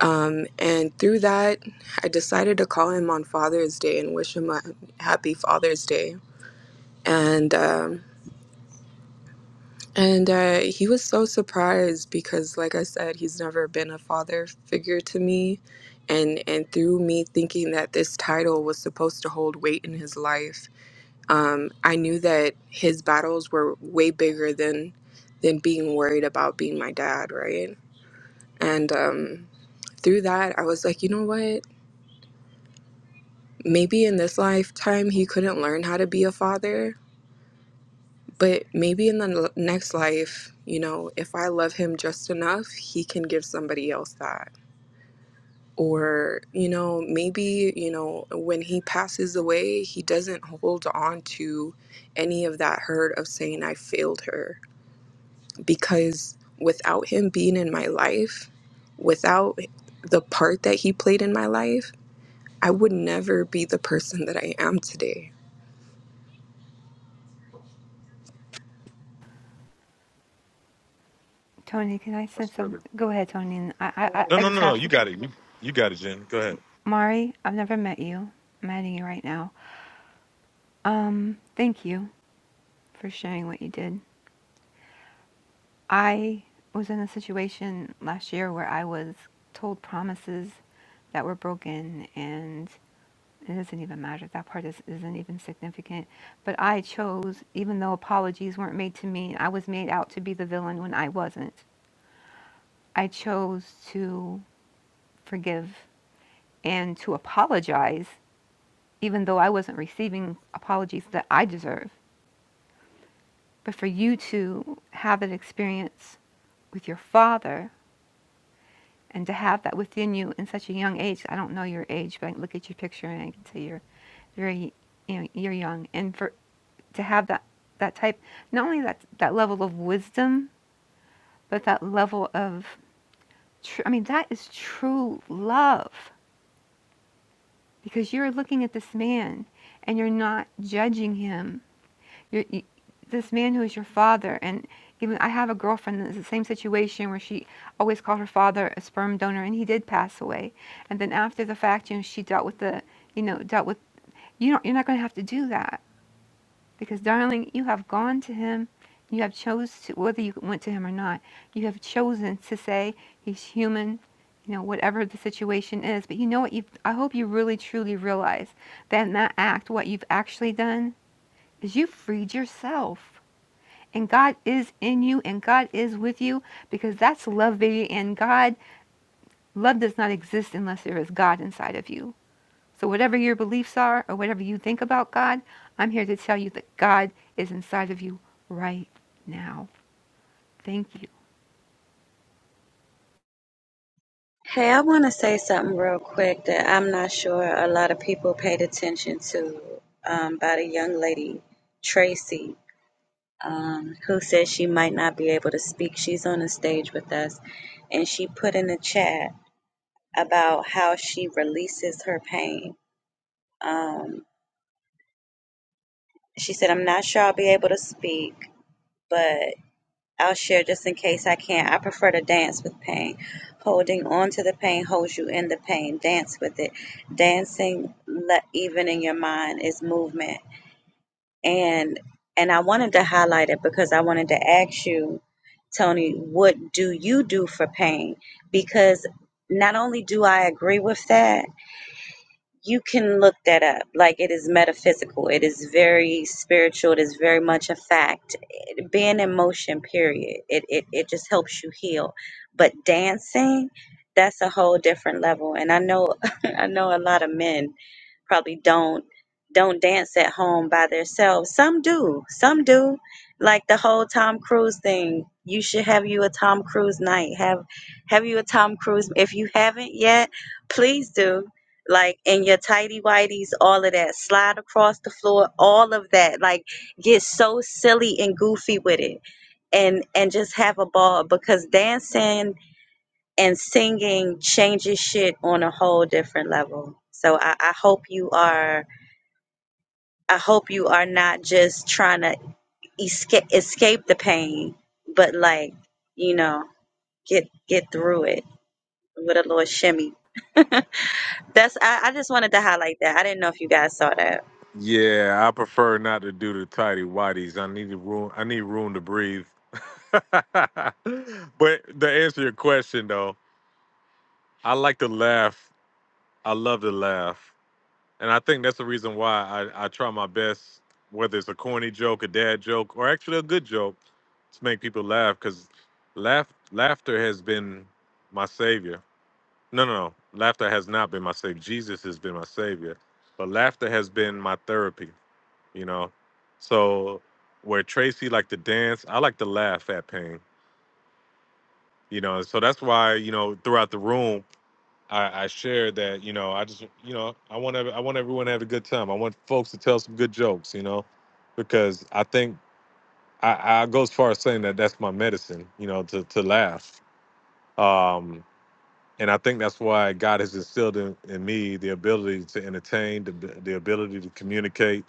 Um, and through that, I decided to call him on Father's Day and wish him a happy Father's Day. And um, and uh, he was so surprised because, like I said, he's never been a father figure to me. And, and through me thinking that this title was supposed to hold weight in his life, Um, I knew that his battles were way bigger than than being worried about being my dad, right? And um, through that, I was like, you know what? Maybe in this lifetime he couldn't learn how to be a father, but maybe in the l- next life, you know, if I love him just enough, he can give somebody else that. Or, you know, maybe, you know, when he passes away, he doesn't hold on to any of that hurt of saying I failed her because without him being in my life, without the part that he played in my life, I would never be the person that I am today.
Tony, can I send some? Go ahead, Tony. I, I
No,
I
no,
just
no, no.
have
You
to.
got it. You, you got it, Jen. Go ahead.
Mari, I've never met you. I'm adding you right now. Um, thank you for sharing what you did. I was in a situation last year where I was told promises that were broken, and it doesn't even matter. That part is, isn't even significant. But I chose, even though apologies weren't made to me, I was made out to be the villain when I wasn't. I chose to forgive and to apologize, even though I wasn't receiving apologies that I deserve. But for you to have an experience with your father and to have that within you in such a young age, I don't know your age, but I can look at your picture and I can tell you're very, you know, you're young. And for to have that, that type, not only that, that level of wisdom, but that level of, tr- I mean, that is true love because you're looking at this man and you're not judging him you you, this man who is your father, and even I have a girlfriend that's the same situation where she always called her father a sperm donor, and he did pass away. And then after the fact, you know, she dealt with the, you know, dealt with you. Don't, you're not going to have to do that because, darling, you have gone to him. You have chose to whether you went to him or not. You have chosen to say he's human. You know, whatever the situation is, but you know what you I hope you really truly realize that in that act, what you've actually done is you freed yourself and God is in you and God is with you because that's love, baby. And God, love does not exist unless there is God inside of you. So, whatever your beliefs are or whatever you think about God, I'm here to tell you that God is inside of you right now. Thank you.
Hey, I want to say something real quick that I'm not sure a lot of people paid attention to um, about a young lady, Tracy, um, who said she might not be able to speak. She's on the stage with us, and she put in the chat about how she releases her pain. Um, she said, I'm not sure I'll be able to speak, but. I'll share just in case I can. I prefer to dance with pain. Holding on to the pain holds you in the pain. Dance with it. Dancing, le- even in your mind, is movement. And and I wanted to highlight it because I wanted to ask you, Tony, what do you do for pain? Because not only do I agree with that, you can look that up. Like it is metaphysical. It is very spiritual. It is very much a fact being in motion period it, it it just helps you heal but dancing that's a whole different level and i know i know a lot of men probably don't don't dance at home by themselves. Some do, some do. Like the whole Tom Cruise thing. You should have you a Tom Cruise night. Have have you a Tom Cruise? If you haven't yet, please do. Like in your tidy whities, all of that. Slide across the floor, all of that. Like get so silly and goofy with it, and and just have a ball because dancing and singing changes shit on a whole different level. So I, I hope you are I hope you are not just trying to escape escape the pain, but like you know, get get through it with a little shimmy. That's I, I just wanted to highlight that. I didn't know if you guys saw that.
yeah i prefer not to do the tidy whities i need to room i need room to breathe but to answer your question though i like to laugh i love to laugh And I think that's the reason why I, I try my best, whether it's a corny joke, a dad joke, or actually a good joke, to make people laugh. Because laugh, laughter has been my savior. No, no, no. Laughter has not been my savior. Jesus has been my savior. But laughter has been my therapy, you know? So where Tracy liked to dance, I like to laugh at pain, you know? So that's why, you know, throughout the room, I, I shared that you know I just you know I want every, I want everyone to have a good time. I want folks to tell some good jokes, you know, because I think I, I go as far as saying that that's my medicine, you know, to to laugh. Um, and I think that's why God has instilled in, in me the ability to entertain, the, the ability to communicate,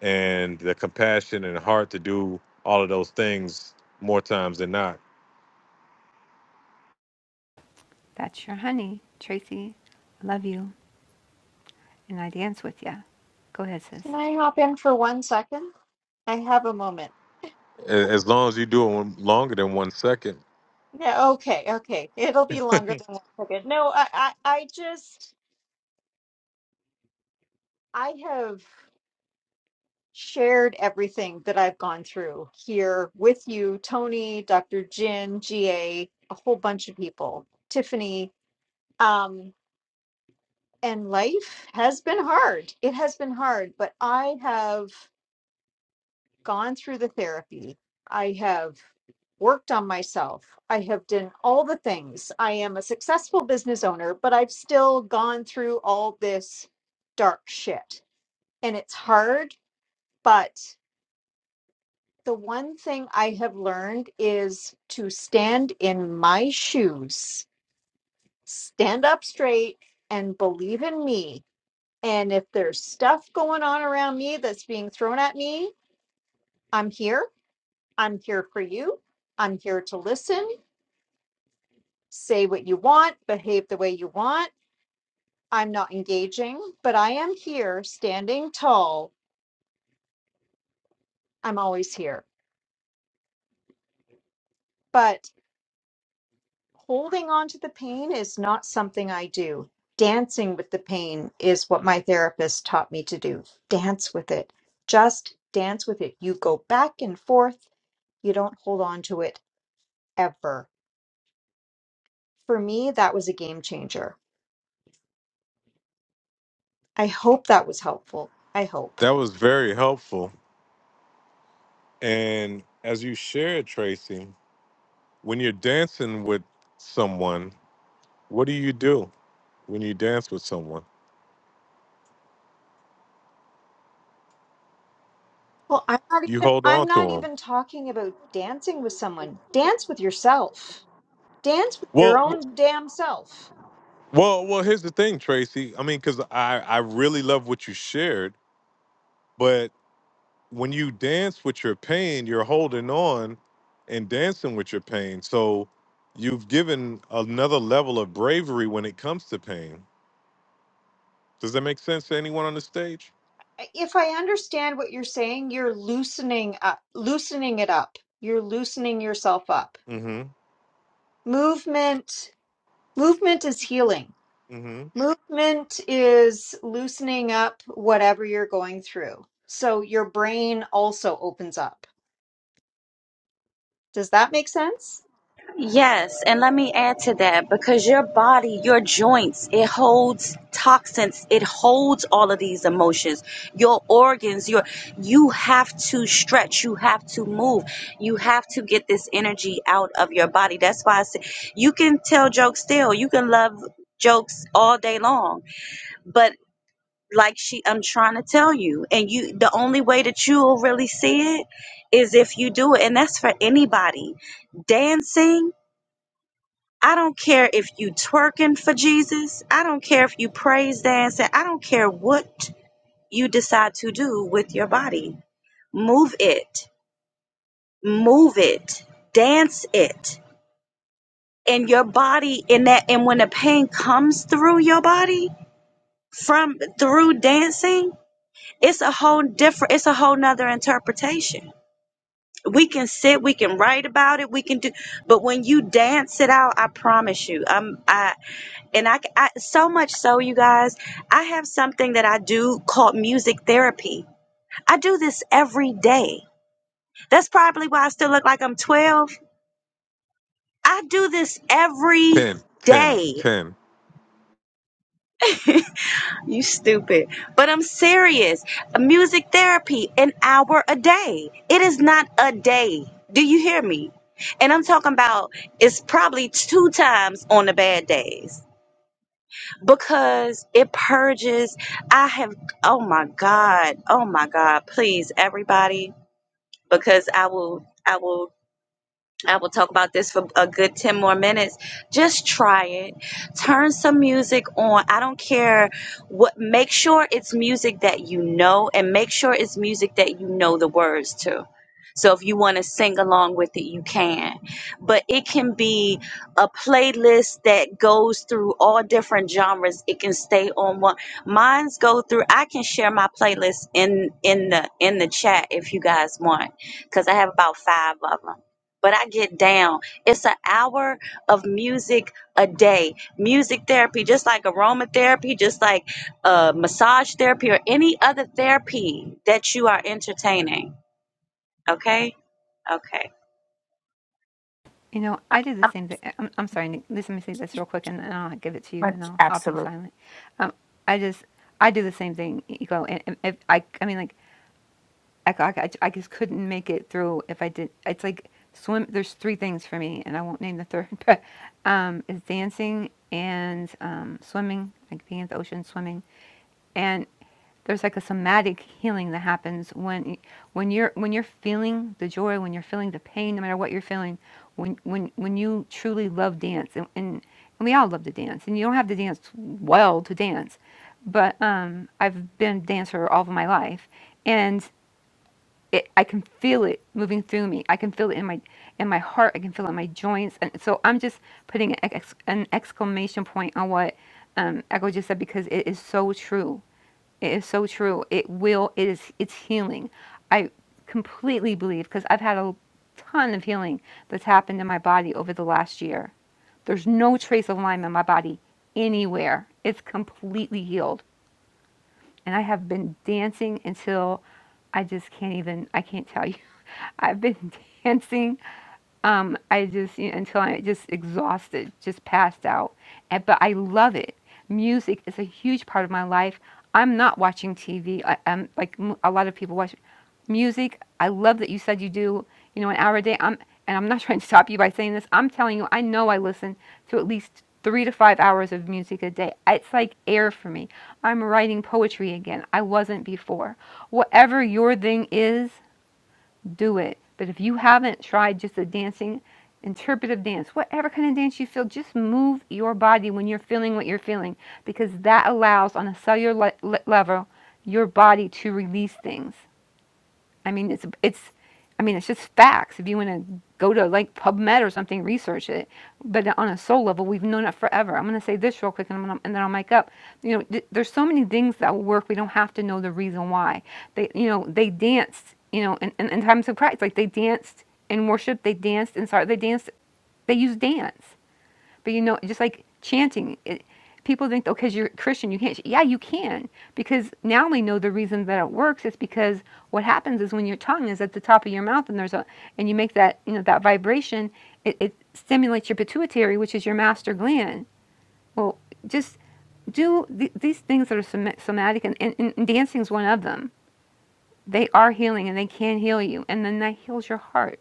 and the compassion and heart to do all of those things more times than not.
That's your honey, Tracy. Love you. And I dance with ya. Go ahead, sis.
Can I hop in for one second? I have a moment.
A- As long as you do it one- longer than one second,
Yeah. okay, okay. It'll be longer than one second. No, I, I, I just, I have shared everything that I've gone through here with you, Tony, Dr. Jin, GA, a a whole bunch of people, Tiffany. Um, and life has been hard. It has been hard, but I have. gone through the therapy. I have worked on myself. I have done all the things. I am a successful business owner, but I've still gone through all this dark shit. And it's hard, but the one thing I have learned is to stand in my shoes, stand up straight, and believe in me. And if there's stuff going on around me that's being thrown at me, I'm here I'm here for you. I'm here to listen, say what you want, behave the way you want. I'm not engaging, but I am here standing tall. I'm always here. But holding on to the pain is not something I do. Dancing with the pain is what my therapist taught me to do. Dance with it. Just dance with it. You go back and forth. You don't hold on to it ever. For me, that was a game changer. I hope that was helpful. I hope.
that was very helpful And as you shared, Tracy, when you're dancing with someone, what do you do when you dance with someone?
Well, I'm not
You
even
hold
I'm
on to
not
them.
even talking about dancing with someone. Dance with yourself. Dance with your
Well, w-
own damn self.
well, well. Here's the thing, Tracy. I mean, because I I really love what you shared, but when you dance with your pain, you're holding on and dancing with your pain. So you've given another level of bravery when it comes to pain. Does that make sense to anyone on the stage?
If I understand what you're saying, you're loosening up, loosening it up. You're loosening yourself up.
Mm-hmm.
Movement, movement is healing. Movement is loosening up whatever you're going through. So your brain also opens up. Does that make sense?
Yes, and let me add to that because your body, your joints, it holds toxins, it holds all of these emotions. Your organs, your you have to stretch, you have to move, you have to get this energy out of your body. That's why I say you can tell jokes still, you can love jokes all day long, but like she I'm trying to tell you, and you the only way that you'll really see it is if you do it, and that's for anybody. Dancing I don't care if you twerking for Jesus. I don't care if you praise dancing. I don't care what you decide to do with your body. Move it. Move it. Dance it. And your body in that and when the pain comes through your body from through dancing, it's a whole different it's a whole nother interpretation. We can sit, we can write about it, we can do but when you dance it out, I promise you, I'm I and I, I, so much so you guys i have something that i do called music therapy i do this every day that's probably why i still look like i'm 12 i do this
10,
every
ten,
day
ten.
you stupid but i'm serious music therapy an hour a day it is not a day do you hear me and i'm talking about it's probably two times on the bad days because it purges. I have, oh my God, oh my God, please, everybody, because I will. I will I will talk about this for a good 10 more minutes. Just try it. Turn some music on. I don't care what, make sure it's music that you know and make sure it's music that you know the words to. So if you want to sing along with it, you can. But it can be a playlist that goes through all different genres. It can stay on one. Mine's go through. I can share my playlist in in the in the chat if you guys want, because I have about five of them but I get down. It's an hour of music a day. Music therapy, just like aromatherapy, just like uh, massage therapy, or any other therapy that you are entertaining. Okay? Okay.
You know, I do the same thing. I'm, I'm sorry, Nick. let me say this real quick, and, and I'll give it to you, and
Much
I'll I'll be
absolutely.
silent. Um, I just I do the same thing, Ego. And, and if I I mean, like I, c- I c- I j- I just couldn't make it through if I did. It's like swim. There's three things for me, and I won't name the third, but um, it's dancing and um, swimming, like being at the ocean, swimming, and there's like a somatic healing that happens when y- when you're when you're feeling the joy, when you're feeling the pain, no matter what you're feeling, when when when you truly love dance, and and, and we all love to dance, and you don't have to dance well to dance, but um, I've been a dancer all of my life, and it, I can feel it moving through me. I can feel it in my in my heart. I can feel it in my joints. And so I'm just putting an, ex, an exclamation point on what um, Echo just said because it is so true. It is so true. It will. It is. It's healing. I completely believe because I've had a ton of healing that's happened in my body over the last year. There's no trace of Lyme in my body anywhere. It's completely healed and I have been dancing until I just can't even. I can't tell you. I've been dancing. Um, I just you know, until I just exhausted, just passed out. And, but I love it. Music is a huge part of my life. I'm not watching TV. am like m- a lot of people watch music. I love that you said you do, you know, an hour a day. I'm and I'm not trying to stop you by saying this. I'm telling you, I know I listen to at least three to five hours of music a day. It's like air for me. I'm writing poetry again. I wasn't before. Whatever your thing is, do it. But if you haven't tried just a dancing, interpretive dance, whatever kind of dance you feel, just move your body when you're feeling what you're feeling because that allows on a cellular le- level your body to release things. I mean, it's it's, I mean, it's just facts. If you want to go to like PubMed or something, research it. But on a soul level, we've known it forever. I'm going to say this real quick, and, I'm gonna, and then I'll make up. You know, th- there's so many things that will work. We don't have to know the reason why. They, you know, they danced. You know, in, in, in times of pride, like they danced in worship, they danced in sorrow, they danced. They used dance. But you know, just like chanting, it, people think, oh, because you're Christian, you can't. ch-" Yeah, you can, because now we know the reason that it works is because what happens is when your tongue is at the top of your mouth and there's a, and you make that, you know, that vibration, it, it stimulates your pituitary, which is your master gland. Well, just do th- these things that are soma- somatic, and, and, and dancing is one of them. They are healing, and they can heal you, and then that heals your heart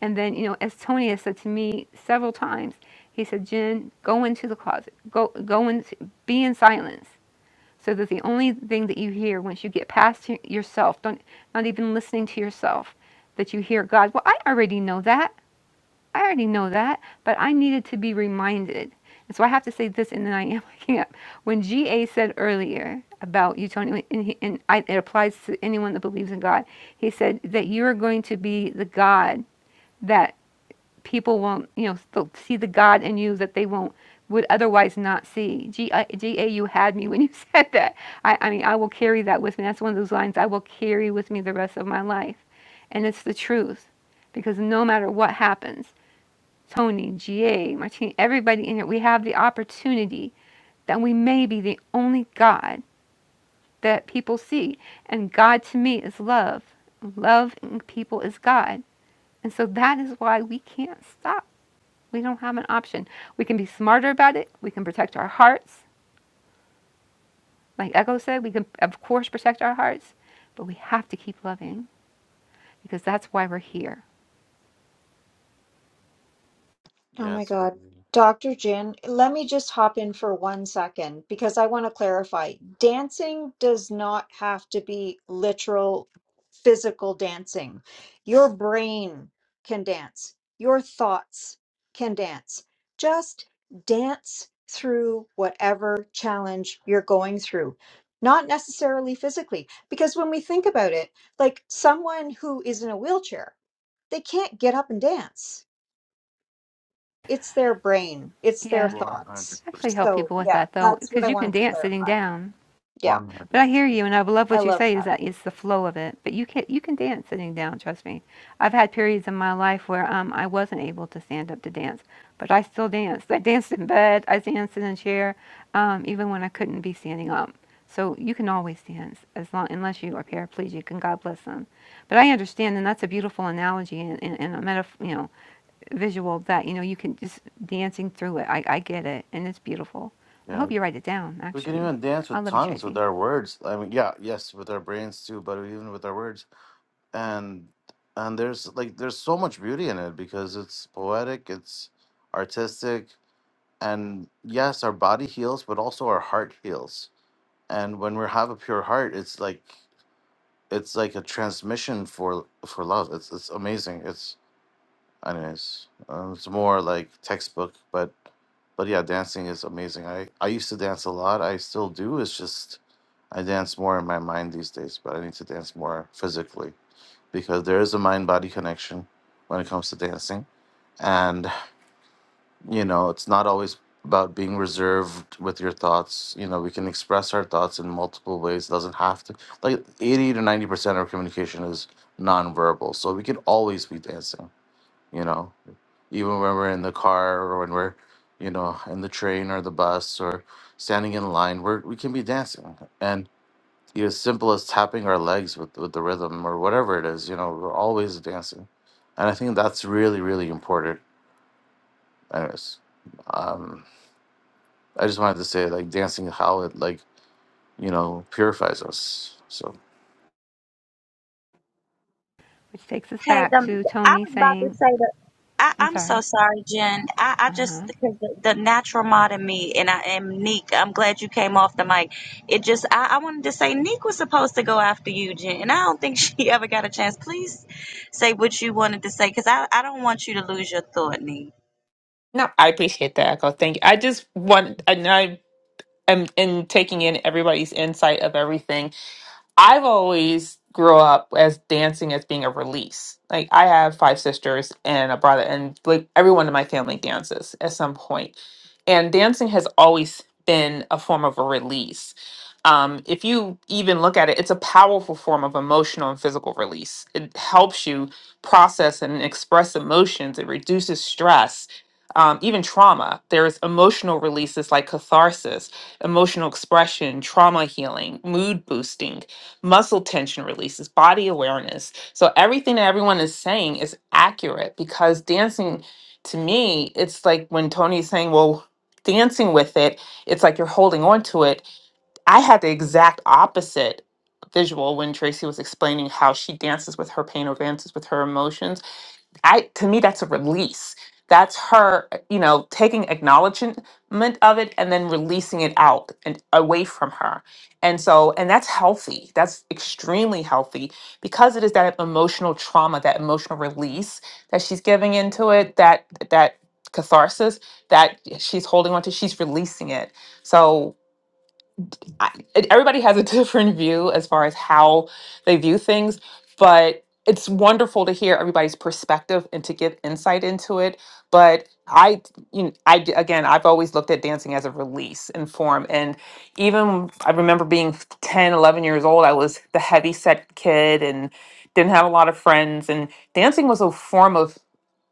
and then, you know, as Tony has said to me several times, he said, Jen, go into the closet. Go, go in, be in silence. So that the only thing that you hear once you get past y- yourself, don't, not even listening to yourself, that you hear God. Well, I already know that. I already know that, but I needed to be reminded. And so I have to say this, and then I am waking up. When G.A. said earlier about you, Tony, and, he, and I, it applies to anyone that believes in God, he said that you are going to be the God people won't, you know, still see the God in you that they won't would otherwise not see. G I- G A, you had me when you said that. I, I mean, I will carry that with me. That's one of those lines I will carry with me the rest of my life, and it's the truth, because no matter what happens, Tony, GA, Martine, everybody in here, we have the opportunity that we may be the only God that people see, and God to me is love. Loving people is God, and so that is why we can't stop. We don't have an option. We can be smarter about it. We can protect our hearts. Like Echo said, we can, of course, protect our hearts, but we have to keep loving because that's why we're here.
Oh
Yeah,
my
so
God. Dr. Jan, let me just hop in for one second because I want to clarify. Dancing does not have to be literal physical dancing. Your brain can dance, your thoughts can dance. Just dance through whatever challenge you're going through, not necessarily physically. Because when we think about it, like someone who is in a wheelchair, they can't get up and dance it's their brain, it's their
Yeah,
one hundred
thoughts.
I actually help
percent,
So
people with
yeah,
that though,
that's what
because
I
you can
wanted to
dance sitting
clarify.
down.
Yeah,
one hundred.
But I hear you, and I love
I
what you
love
say. Is
that.
that it's the flow of it. But you can you can dance sitting down. Trust me. I've had periods in my life where um I wasn't able to stand up to dance, but I still danced. I danced in bed. I danced in a chair, um, even when I couldn't be standing up. So you can always dance as long unless you are paraplegic, and God bless them. But I understand, and that's a beautiful analogy and, and, and a metaphor. You know, visual that you know you can just dancing through it. I, I get it, and it's beautiful. I
Yeah,
hope you write it down.
we can
Actually,
even dance
I
with
love you,
tongues
Tracy.
with our words. I mean, yeah, yes, with our brains too, but even with our words. And and there's like there's so much beauty in it because it's poetic, it's artistic, and yes, our body heals, but also our heart heals and when we have a pure heart it's like it's like a transmission for for love it's it's amazing it's anyways um, it's more like textbook but but yeah dancing is amazing i i used to dance a lot i still do it's just i dance more in my mind these days but i need to dance more physically because there is a mind body connection when it comes to dancing and you know it's not always about being reserved with your thoughts you know we can express our thoughts in multiple ways doesn't have to like 80 to 90 percent of communication is nonverbal so we could always be dancing you know even when we're in the car or when we're you know in the train or the bus or standing in line we're, we can be dancing and you know, as simple as tapping our legs with, with the rhythm or whatever it is you know we're always dancing and i think that's really really important anyways um, I just wanted to say, like, dancing, how it, like, you know, purifies us. So,
Which takes us
Hey,
back
the,
to
I
Tony
was about to
saying,
say that I,
I'm
I'm so
sorry,
sorry, Jen. I, I just
uh-huh,
because the, the natural mod in me, and I am Neek. I'm glad you came off the mic. It just I, I wanted to say Neek was supposed to go after you, Jen, and I don't think she ever got a chance. Please say what you wanted to say because I, I don't want you to lose your thought, Neek.
No, I appreciate that, Echo. Thank you. I just want, and I am in taking in everybody's insight of everything. I've always grew up as dancing as being a release. Like I have five sisters and a brother, and like everyone in my family dances at some point. And dancing has always been a form of a release. Um, if you even look at it, it's a powerful form of emotional and physical release. It helps you process and express emotions, it reduces stress. Um, even trauma, there's emotional releases like catharsis, emotional expression, trauma healing, mood boosting, muscle tension releases, body awareness. So, everything that everyone is saying is accurate because dancing to me, it's like when Tony's saying, well, dancing with it, it's like you're holding on to it. I had the exact opposite visual when Tracy was explaining how she dances with her pain or dances with her emotions I to me that's a release. That's her, you know, taking acknowledgement of it and then releasing it out and away from her. And so, and that's healthy. That's extremely healthy because it is that emotional trauma, that emotional release that she's giving into it, that that catharsis that she's holding on to, she's releasing it. So I, it- everybody has a different view as far as how they view things, but it's wonderful to hear everybody's perspective and to give insight into it. But I, you know, I d- again, I've always looked at dancing as a release and form. And even I remember being 10, 11 years old, I was the heavy set kid and didn't have a lot of friends. And dancing was a form of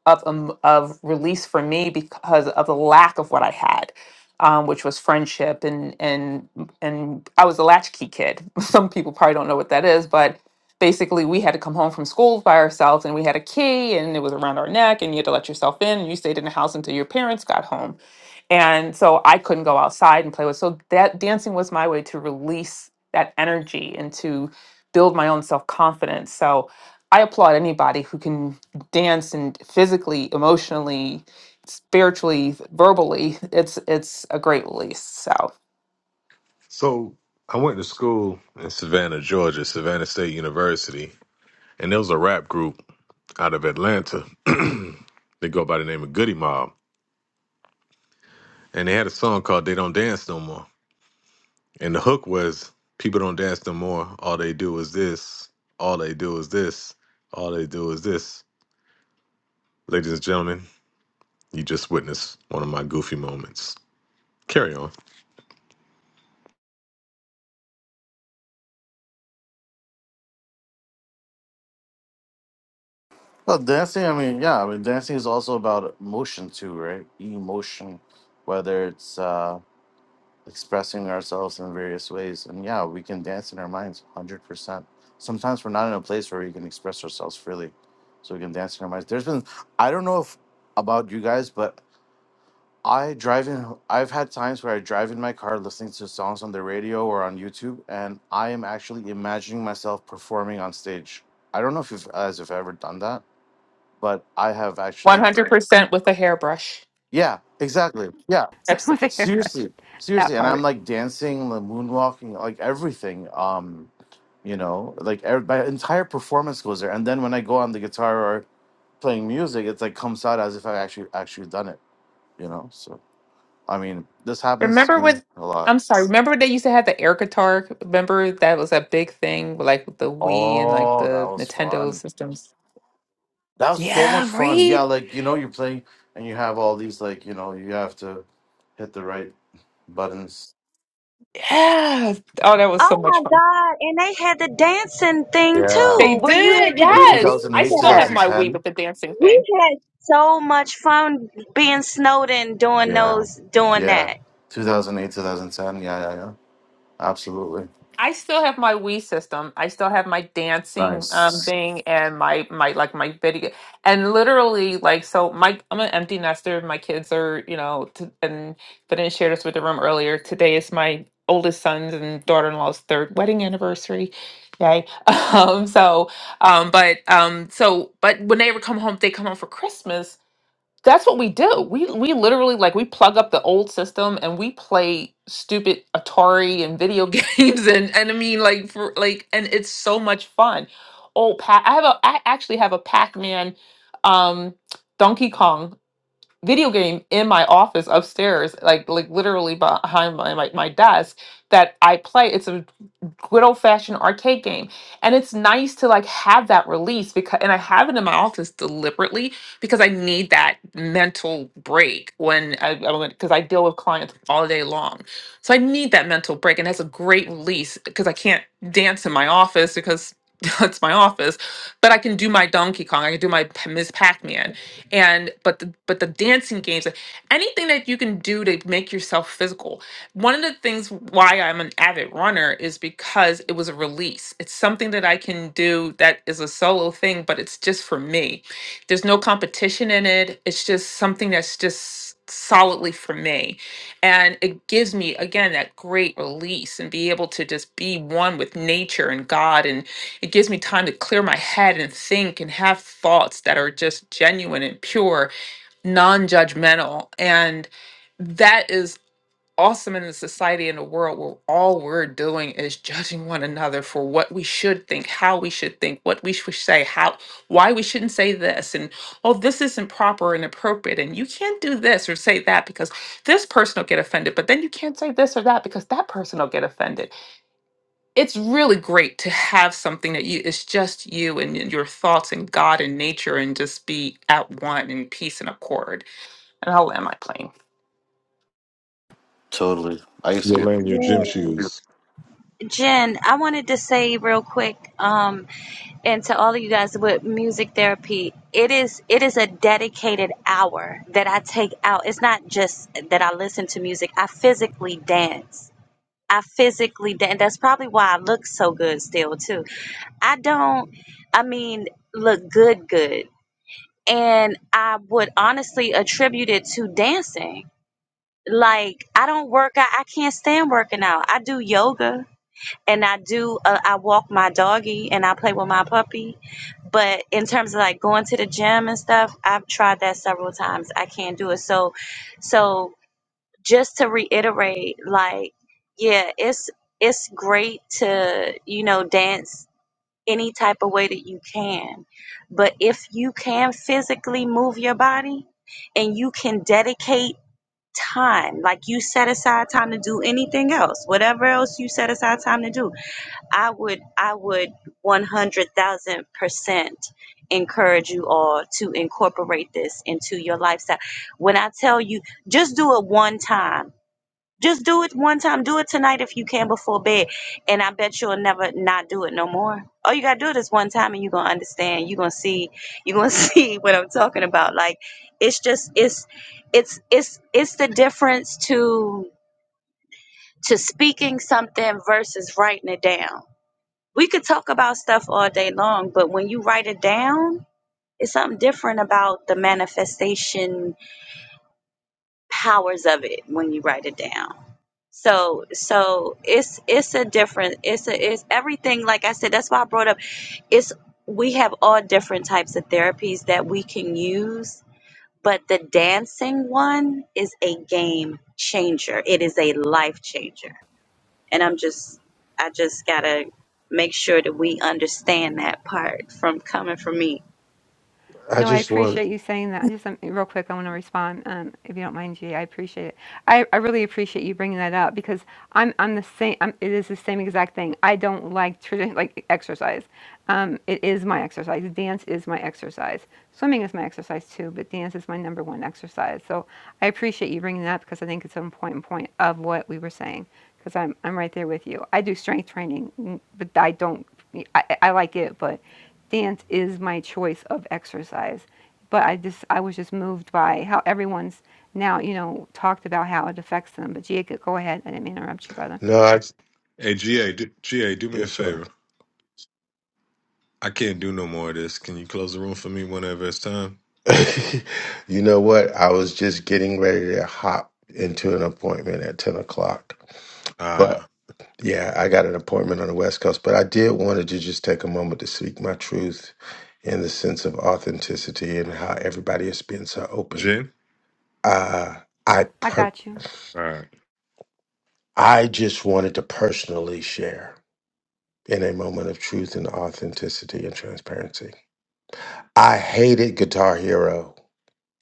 of um, of release for me because of the lack of what I had, um, which was friendship and and and I was a latchkey kid. Some people probably don't know what that is, but basically we had to come home from school by ourselves and we had a key and it was around our neck and you had to let yourself in and you stayed in the house until your parents got home and so I couldn't go outside and play with. So that dancing was my way to release that energy and to build my own self confidence. So I applaud anybody who can dance and physically, emotionally, spiritually, verbally. It's it's a great release. So
So I went to school in Savannah, Georgia, Savannah State University, and there was a rap group out of Atlanta. they go by the name of Goody Mob, and they had a song called "They Don't Dance No More." And the hook was, "People don't dance no more. All they do is this. All they do is this. All they do is this." Ladies and gentlemen, you just witnessed one of my goofy moments. Carry on.
well, dancing, I mean, yeah, I mean, dancing is also about emotion, too, right? Emotion, whether it's uh, expressing ourselves in various ways. And yeah, we can dance in our minds 100%. Sometimes we're not in a place where we can express ourselves freely. So we can dance in our minds. There's been, I don't know if about you guys, but I drive in. I've had times where I drive in my car listening to songs on the radio or on YouTube, and I am actually imagining myself performing on stage. I don't know if you've as if ever done that, but I have
one
actually.
hundred percent with a hairbrush.
Yeah, exactly. Yeah,
with a
Absolutely.
hairbrush,
seriously,
that
seriously, and I'm
part.
like dancing, like moonwalking, like everything. Um, you know, like ev my entire performance goes there, and then when I go on the guitar or playing music, it's like comes out as if I actually actually done it. You know, so I mean, this happens to
Remember
me
with
a lot.
I'm sorry. Remember they used to have the air guitar. Remember that was a big thing, like with the Wii and like
Oh, that
the
was
Nintendo
fun.
systems.
That was so much
Yeah,
fun.
right.
Yeah, like you know, you're playing and you have all these like you know, you have to hit the right buttons.
Yeah. Oh, that was so
Oh my
much fun.
God! And they had the dancing thing
Yeah.
They
too, where you had
did.
to
Well,
do the
Yes. I
2008,
dance
still have
step.
my Wii
2010.
with the dancing
We
thing.
had so much fun being snowed in doing
Yeah.
those, doing
Yeah.
that.
2008, 2010. Yeah, yeah, yeah. Absolutely.
I still have my Wii system. I still have my dancing um,
Nice.
thing and my my like my video and literally like so my I'm an empty nester. My kids are you know t- and but I didn't share this with the room earlier. Today is my oldest son's and daughter-in-law's third wedding anniversary. Yay. Um, so um, but um, so but when they ever come home, they come home for Christmas. That's what we do. We we literally like we plug up the old system and we play stupid Atari and video games and and I mean like for like and it's so much fun. Old Pac I have a I actually have a Pac-Man um Donkey Kong video game in my office upstairs, like like literally behind my my, my desk that I play. It's a good old fashioned arcade game. And it's nice to like have that release because and I have it in my office deliberately because I need that mental break when I because I deal with clients all day long. So I need that mental break and that's a great release because I can't dance in my office because that's my office, but I can do my Donkey Kong, I can do my P- Ms. Pac Man, and but the but the dancing games like, anything that you can do to make yourself physical one of the things why i'm an avid runner is because it was a release it's something that i can do that is a solo thing but it's just for me there's no competition in it it's just something that's just solidly for me and it gives me again that great release and be able to just be one with nature and god and. It gives me time to clear my head and think and have thoughts that are just genuine and pure, non judgmental. And that is awesome in a society in a world where all we're doing is judging one another for what we should think, how we should think, what we should say, how why we shouldn't say this and oh this isn't proper and appropriate and you can't do this or say that because this person will get offended, but then you can't say this or that because that person will get offended it's really great to have something that you it's just you and y- your thoughts and God and nature and just be at one in peace and accord. And I'll land my plane.
Totally. I used
You're
to be.
wearing your gym shoes.
Jen, I wanted to say real quick, um, and to all of you guys with music therapy, it is it is a dedicated hour that I take out. It's not just that I listen to music. I physically dance. I physically dance. That's probably why I look so good still too. I don't. I mean, look good, good, and I would honestly attribute it to dancing. Like I don't work out. I can't stand working out. I do yoga and I do uh, I walk my doggy and I play with my puppy. But in terms of like going to the gym and stuff, I've tried that several times. I can't do it. So so just to reiterate, like yeah, it's it's great to you know dance any type of way that you can. But if you can physically move your body and you can dedicate time like you set aside time to do anything else whatever else you set aside time to do I would I would one hundred thousand percent encourage you all to incorporate this into your lifestyle. When I tell you, just do it one time. Just do it one time. Do it tonight if you can before bed. And I bet you'll never not do it no more. All you gotta do it is one time and you're gonna understand. You're gonna see you're gonna see what I'm talking about. Like it's just it's it's it's it's the difference to to speaking something versus writing it down we could talk about stuff all day long, but when you write it down, it's something different about the manifestation powers of it when you write it down. So so it's it's a different it's a it's everything like I said, that's why I brought up it's we have all different types of therapies that we can use, but the dancing one is a game changer. It is a life changer and i'm just i just gotta make sure that we understand that part from coming from me
I
No, I
just want
appreciate you saying that. Just um, real quick, I want to respond, um, if you don't mind, G. I appreciate it. I, I really appreciate you bringing that up because I'm I'm the same. I'm, it is the same exact thing. I don't like tradition like exercise. Um, it is my exercise. Dance is my exercise. Swimming is my exercise too, but dance is my number one exercise. So I appreciate you bringing that up because I think it's an important point of what we were saying. Because I'm I'm right there with you. I do strength training, mm, but I don't. I, I I like it, but dance is my choice of exercise. But I just I was just moved by how everyone's now, you know, talked about how it affects them. But Jacob, go ahead. I didn't mean to interrupt you, brother.
no. Yes, sir. you know what? I was just getting ready to hop into an appointment at 10 o'clock. But
Ah,
yeah, I got an appointment on the West Coast. But I did wanted to just take a moment to speak my truth in the sense of authenticity and how everybody has been so open.
Jen.
Uh, I
I
per-
got you.
All right.
I just wanted to personally share in a moment of truth and authenticity and transparency. I hated Guitar Hero.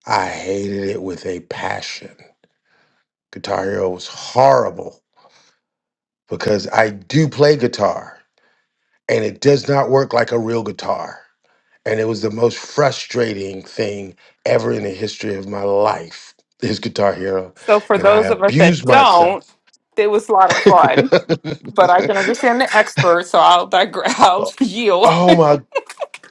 I hated it with a passion. Guitar Hero was horrible. because I do play guitar and it does not work like a real guitar. And it was the most frustrating thing ever in the history of my life. His guitar hero,
So for
and I
those of us that
abused myself.
don't, it was a lot of fun. But I can understand the expert, so I'll digress. I'll yield.
oh my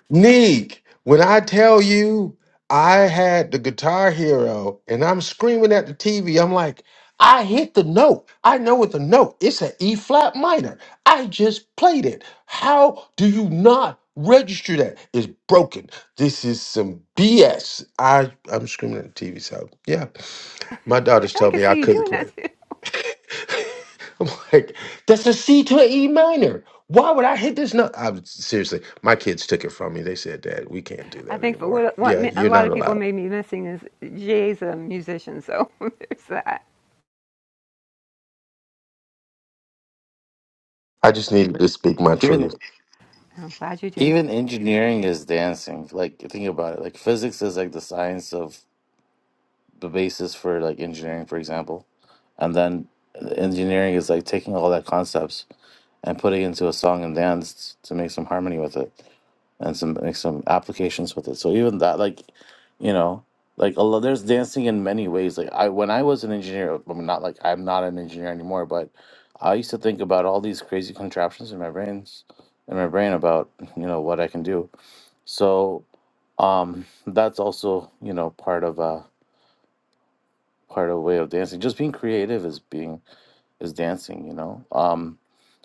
Neek, when I tell you I had the guitar hero and I'm screaming at the TV, I'm like, I hit the note. I know it's a note. It's an E flat minor. I just played it. How do you not register that? It's broken. This is some BS. I, am screaming at the TV. So, yeah, my daughters
I
told
can
me I
see you
couldn't
doing that
play.
too.
I'm like, that's a C to an E minor. Why would I hit this note? I was, seriously, my kids took it from me. They said, Dad, we can't do
I
that
think for
anymore.
what what
Yeah,
a
you're
lot
not
of people
allowed.
made me missing is Jay's a musician, so there's that.
I just needed to speak my truth.
Even
I'm glad you did.
even engineering is dancing. Like think about it. Like physics is like the science of the basis for like engineering, for example. and then the engineering is like taking all that concepts and putting it into a song and dance to make some harmony with it and some make some applications with it so even that like you know like a lot, there's dancing in many ways like i when i was an engineer i'm not like i'm not an engineer anymore but i used to think about all these crazy contraptions in my brains in my brain about you know what i can do so um that's also you know part of uh part of way of dancing just being creative is being is dancing you know um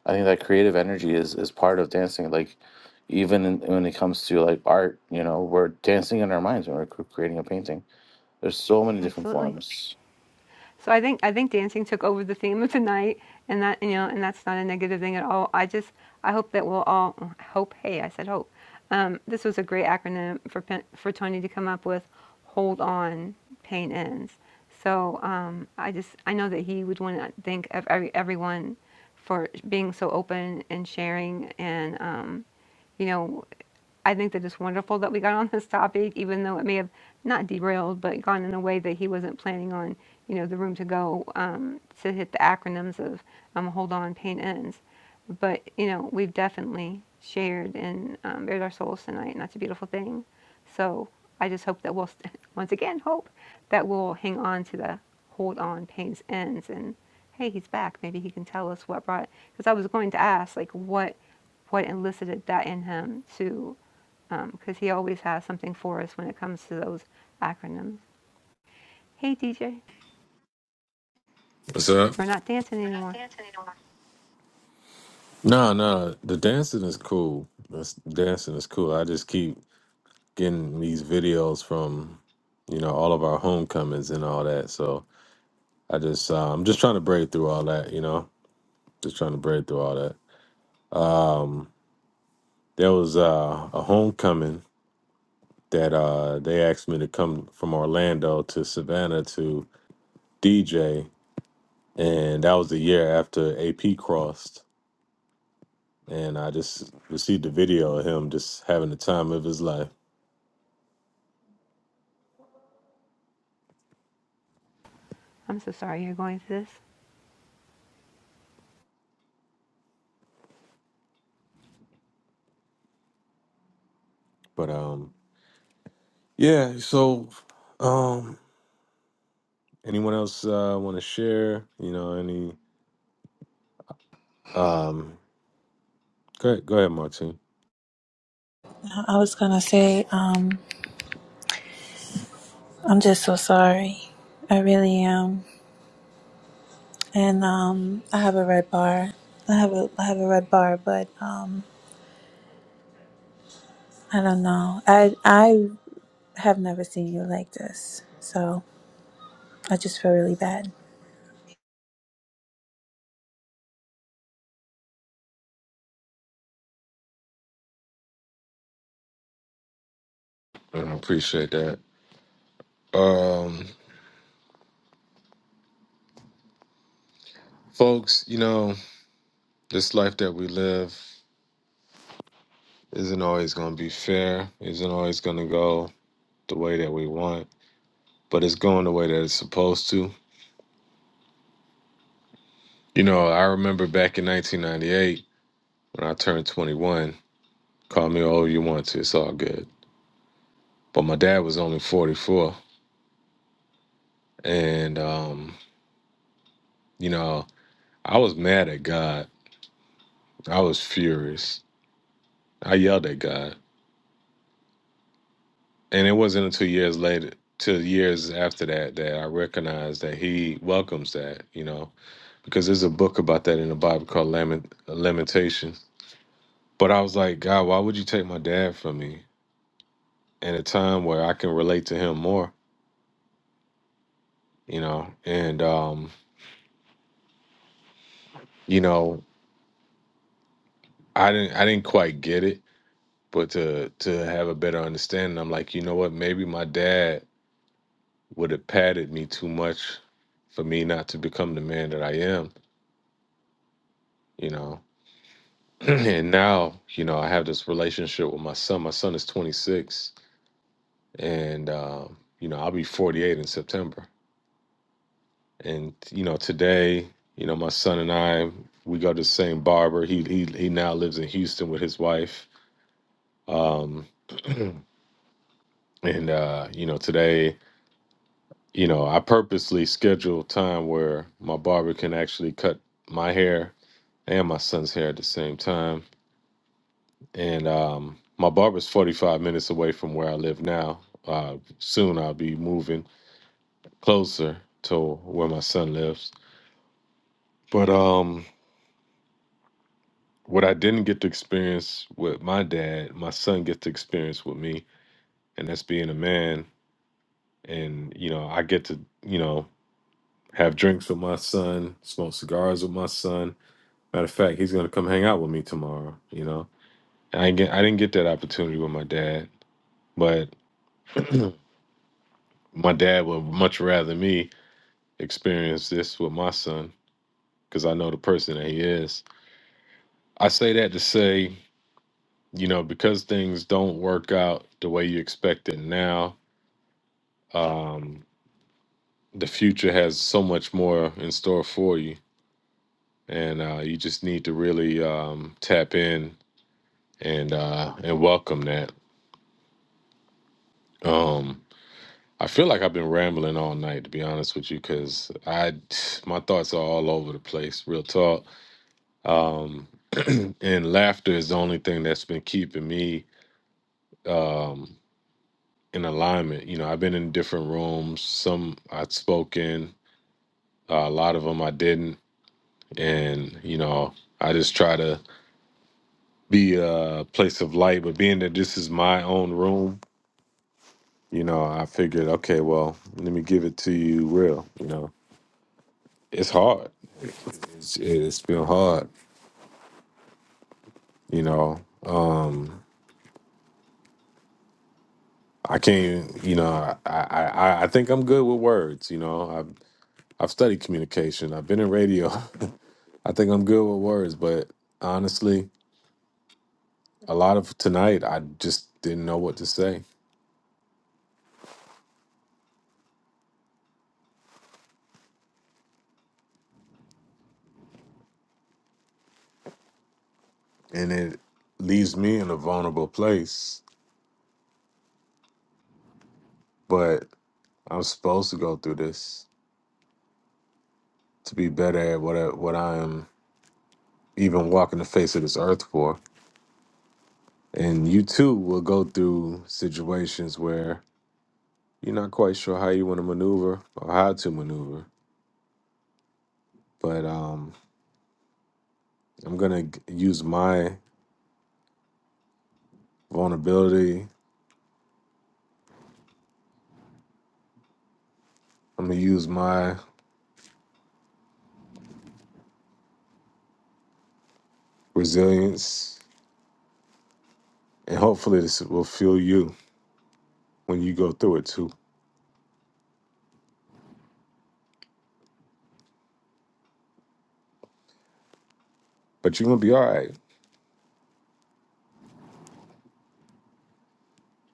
i think that creative energy is is part of dancing like even in, when it comes to like art you know we're dancing in our minds when we're cr- creating a painting there's so many different
Absolutely.
forms
So I think I think dancing took over the theme of tonight, and that you know, and that's not a negative thing at all. I just I hope that we'll all hope. Hey, I said hope. Um, this was a great acronym for for Tony to come up with. Hold on, pain ends. So um, I just I know that he would want to thank every, everyone for being so open and sharing and um, you know I think that it's wonderful that we got on this topic, even though it may have not derailed, but gone in a way that he wasn't planning on, you know, the room to go um, to hit the acronyms of um, hold on, pain ends. But, you know, we've definitely shared and um, bared our souls tonight, and that's a beautiful thing. So I just hope that we'll, st- once again, hope that we'll hang on to the hold on, pain's ends. And hey, he's back. Maybe he can tell us what brought, because I was going to ask, like, what what elicited that in him to because um, he always has something for us when it comes to those acronyms. Hey, DJ, we're not dancing anymore.
these videos from you know all of our homecomings and all that so i just uh, i'm just trying to break through all that you know just trying to break through all that um there was uh, a homecoming that uh they asked me to come from orlando to savannah to dj and that was the year after ap crossed and i just received a video of him just having the time of his life
I'm so sorry you're going through this.
but um yeah so um Anyone else uh, want to share? You know, any um
I was gonna say, um, I'm just so sorry. I really am. And um, I have a red bar. I have a I have a red bar, but um, I don't know. I I have never seen you like this, so I just feel really bad.
post to? You know, I remember back in 1998 when I turned 21. Call me all you want to. It's all good. But my dad was only 44, and um, you know, I was mad at God. I was furious. I yelled at God, and it wasn't until you to have a better understanding. I'm like, you know what? Maybe my dad would have patted me too much for me not to become the man that I am. You know, and now you know i have this relationship with my son my son is 26 and um, you know i'll be 48 in september and you know today you know my son and i we go to the same barber he he, he now lives in houston with his wife um, and uh, you know today you know i purposely schedule time where my barber can actually cut my hair and my son's hair at the same time and um, my barber's 45 minutes away from where I live now. Uh, soon I'll be moving closer to where my son lives. But um, what I didn't get to experience with my dad, my son gets to experience with me, and that's being a man. And you know, I get to you know have drinks with my son, smoke cigars with my son. Matter of fact, he's gonna come hang out with me tomorrow. You know, I didn't get I didn't get that opportunity with my dad, but my dad would much rather me experience this with my son because I know the person that he is. I say that to say, you know, because things don't work out the way you expect it now, um, the future has so much more in store for you, and uh, you just need to really um, tap in and uh, and welcome that. Um, I feel like I've been rambling all night, to be honest with you, because I my thoughts are all over the place. Real talk um, and laughter is the only thing that's been keeping me um, in alignment. You know, I've been in different rooms. Some I'd spoken, uh, a lot of them I didn't, and you know, I just try to be a place of light. But being that this is my own room, you know, I figured, okay, well, let me give it to you real. You know, it's hard. It's, it's been hard. You know. Um, I can't, you know, I, I, I I think I'm good with words, you know. I've studied communication. I've been in radio. I think I'm good with words, but honestly, even walking the face of this earth for, and you too will go through situations where you're not quite sure how you want to maneuver or how to maneuver. But um, I'm gonna g- use my vulnerability. I'm gonna use my, but you're gonna be all right,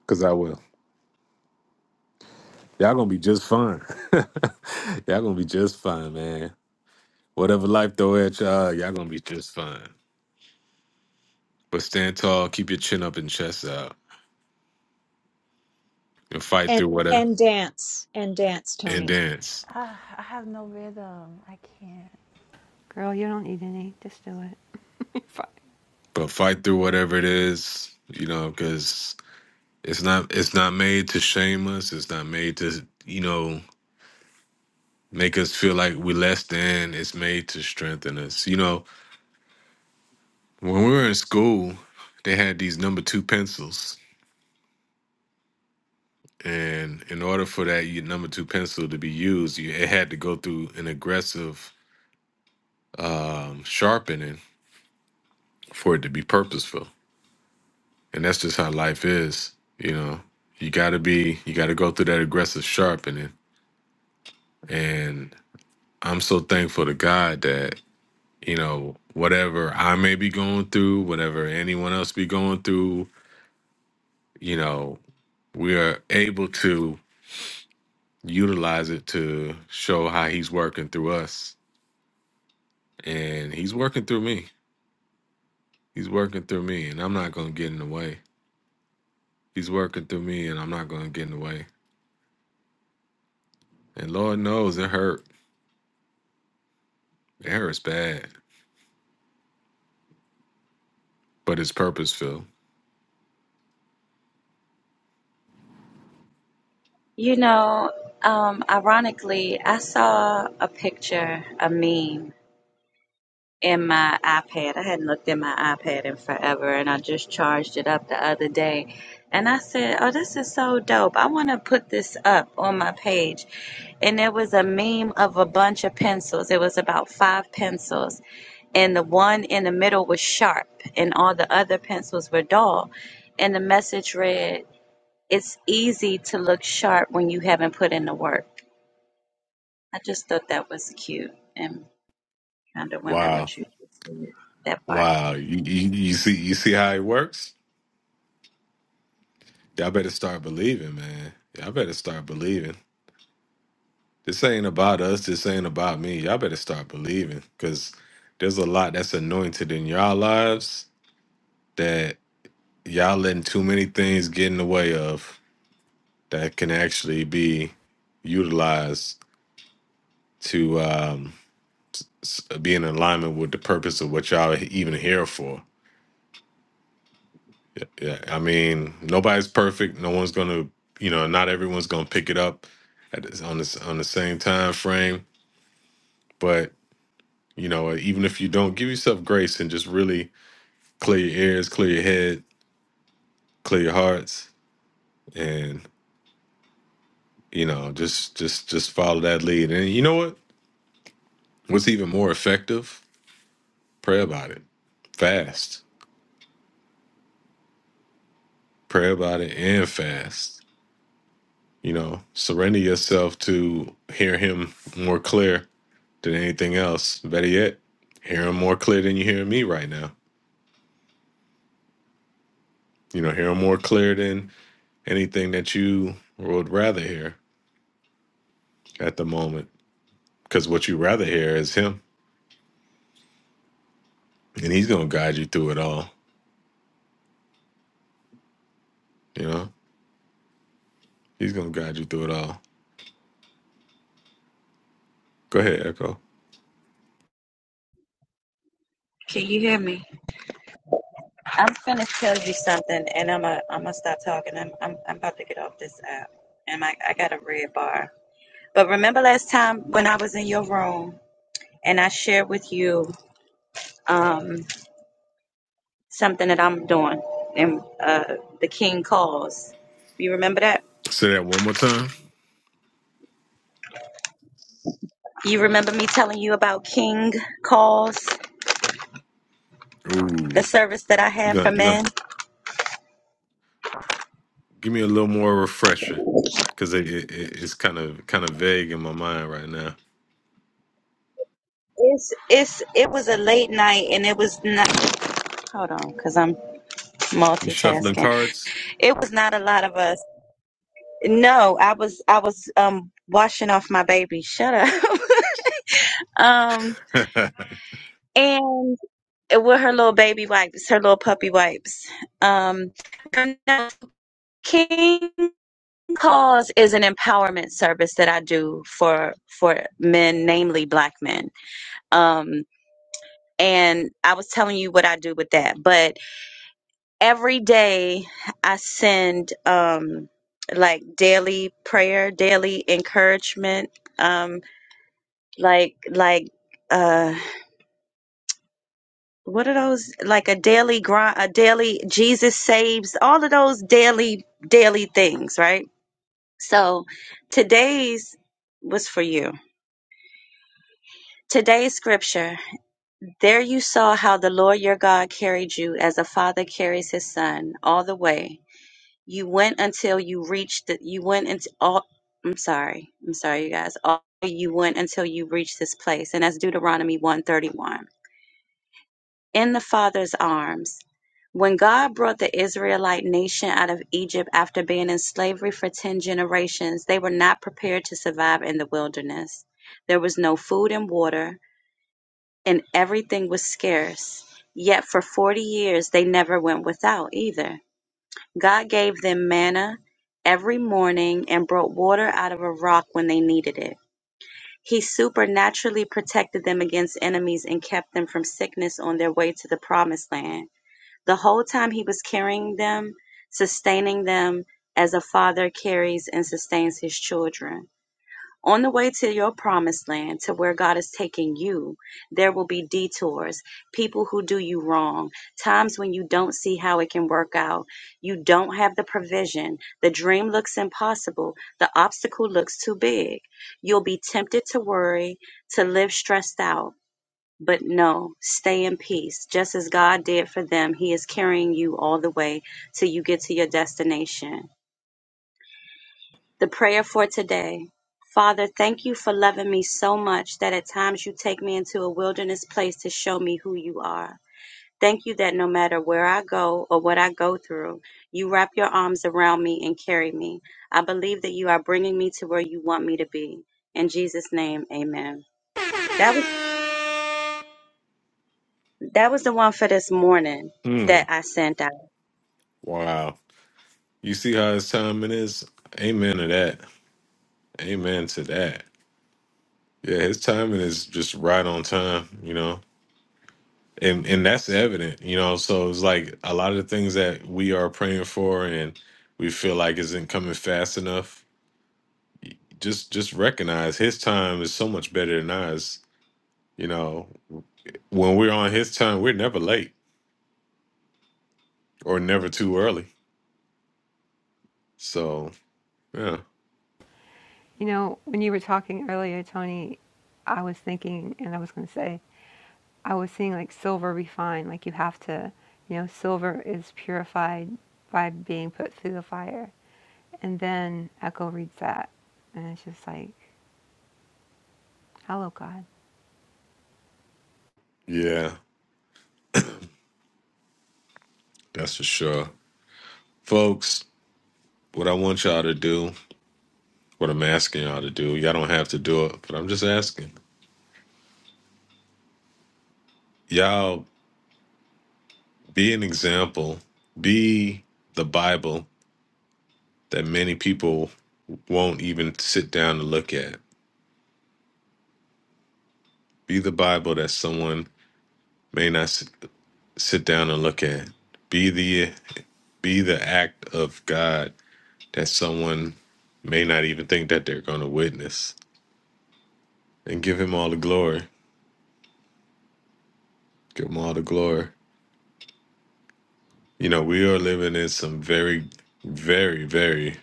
cause I will. Y'all gonna be just fine. y'all gonna be just fine, man. Whatever life throw at y'all, y'all gonna be just fine. But stepping chest out. and fight
And
through whatever
and dance and dance,
and
Tony.
dance
Uh, I have no rhythm. I can't.
Girl, you don't need any. Just do it.
but fight through whatever it is you know because it's not it's not made to shame us it's not made to you know make us feel like we're less than it's made to strengthen us you know when we were in school they had these number two pencils and in order for that you, number two pencil to be used you, it had to go through an aggressive um, sharpening for it to be purposeful and that's just how life is you know you gotta be you gotta go through that aggressive sharpening and i'm so thankful to god that you know whatever i may be going through whatever anyone else be going through you know we are able to utilize it to show how he's working through us and he's working through me he's working through me and i'm not gonna get in the way he's working through me and i'm not gonna get in the way and lord knows it hurt it hurts bad but it's purposeful.
you know um ironically i saw a picture a meme in my iPad. I hadn't looked at my iPad in forever, and I just charged it up the other day. And I said, Oh, this is so dope. I want to put this up on my page. And there was a meme of a bunch of pencils. It was about five pencils. And the one in the middle was sharp, and all the other pencils were dull. And the message read, It's easy to look sharp when you haven't put in the work. I just thought that was cute and kind of went with what you just said, that part.
Y'all better start believing, believing. This ain't about us. This ain't about me. Y'all better believing, because there's a lot that's anointed in y'all lives that will actually be utilized to um, s- be in alignment with the purpose of what y'all even here for. Yeah, yeah. I mean, nobody's perfect. No one's gonna, you know, not everyone's gonna pick it up at this, on this on the same time frame. But you know, even if you don't, give yourself grace and just really clear your ears, clear your head, clear your hearts and you know just just just follow that lead and you know what what's even more effective pray about it fast pray about it and fast you know surrender yourself to hear him more clear than anything else better yet hear him more clear than you hear me right now you know he's gonna guide you through it all go ahead echo
Can you hear me? I'm gonna tell you something, and I'm a, I'm gonna stop talking. I'm, I'm I'm about to get off this app, and I I got a red bar. But remember last time when I was in your room and I shared with you um something that I'm doing and uh the King calls. You remember that?
say that one time.
You remember me telling you about King calls, the
ooh
service that I
you
have for
gonna you gonna
men.
Give me a little more refresher, because it, it, it- it's kind of kind of vague in my mind right now.
It's it's it was a late night and it was not. Hold on, cause I'm
You shuffling
multitasking.
cards?
It was not a lot of us No, I was I was um washing off my baby. Shut up. um
Into
and with her little baby wipes, her little puppy wipes. Um now, King Cause is an empowerment service that I do for for men, namely black men. Um and I was telling you what I do with that. But every day I send um like daily prayer, daily encouragement. Um like like uh what are those like a daily grind a daily jesus saves all of those daily daily things right so today's was for you today's scripture there you saw how the lord your god carried you as a father carries his son all the way you went until you reached the, you went into all i'm sorry i'm sorry you guys all you went until you reached this place and that's deuteronomy 131 in the father's arms. When God brought the Israelite nation out of Egypt after being in slavery for 10 generations, they were not prepared to survive in the wilderness. There was no food and water, and everything was scarce. Yet for 40 years, they never went without either. God gave them manna every morning and brought water out of a rock when they needed it. He supernaturally protected them against enemies and kept them from sickness on their way to the promised land. The whole time he was carrying them, sustaining them as a father carries and sustains his children. On the way to your promised land, to where God is taking you, there will be detours, people who do you wrong, times when you don't see how it can work out. You don't have the provision. The dream looks impossible. The obstacle looks too big. You'll be tempted to worry, to live stressed out. But no, stay in peace. Just as God did for them, He is carrying you all the way till you get to your destination. The prayer for today Father, thank you for loving me so much that at times you take me into a wilderness place to show me who you are. Thank you that no matter where I go or what I go through, you wrap your arms around me and carry me. I believe that you are bringing me to where you want me to be. In Jesus' name, amen. That was, that was the one for this morning that I sent out.
that. Amen to that. Yeah, his timing is just right on time. You know. And, and that's evident, you know. So it's like a lot of the things that we are praying for and we feel like isn't coming fast enough. Just just recognize his time is so much better than ours. You know, when we're on his time, we're never late or never too early. So yeah.
You know, when you were talking earlier, Tony, I was thinking, and I was going to say, I was seeing like silver refined, like you have to, you know, silver is purified by being put through the fire. And then Echo reads that, and it's just like, hello, God.
Yeah, that's for sure. Folks, what I want y'all to do, what I'm asking y'all to do, y'all don't have to do it, but I'm just asking. Y'all be an example, be the Bible that many people won't even sit down and look at. Be the Bible that someone may not s- sit down and look at. Be the be the act of God that someone may not even think that they're going to witness and give him all the glory. Give him all the glory. You know, we are living in some very, very, very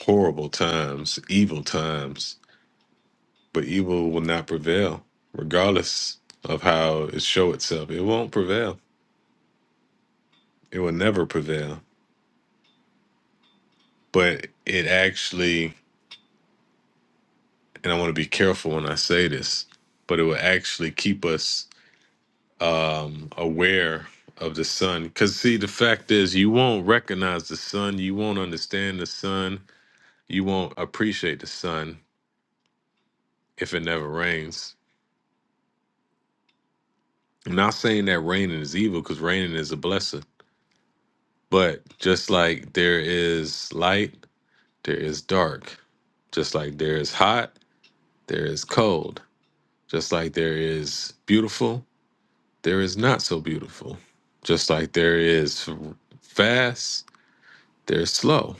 horrible times, evil times, but evil will not prevail, regardless of how it show itself. It won't prevail. It will never prevail. But it actually, and I want to be careful when I say this, but it will actually keep us um, aware of the sun. Because, see, the fact is, you won't recognize the sun, you won't understand the sun, you won't appreciate the sun if it never rains I'm not saying that raining is evil because raining is a blessing, but just like there is light, there is dark. Just like there is hot, there is cold. Just like there is beautiful, there is not so beautiful. Just like there is fast, there's slow.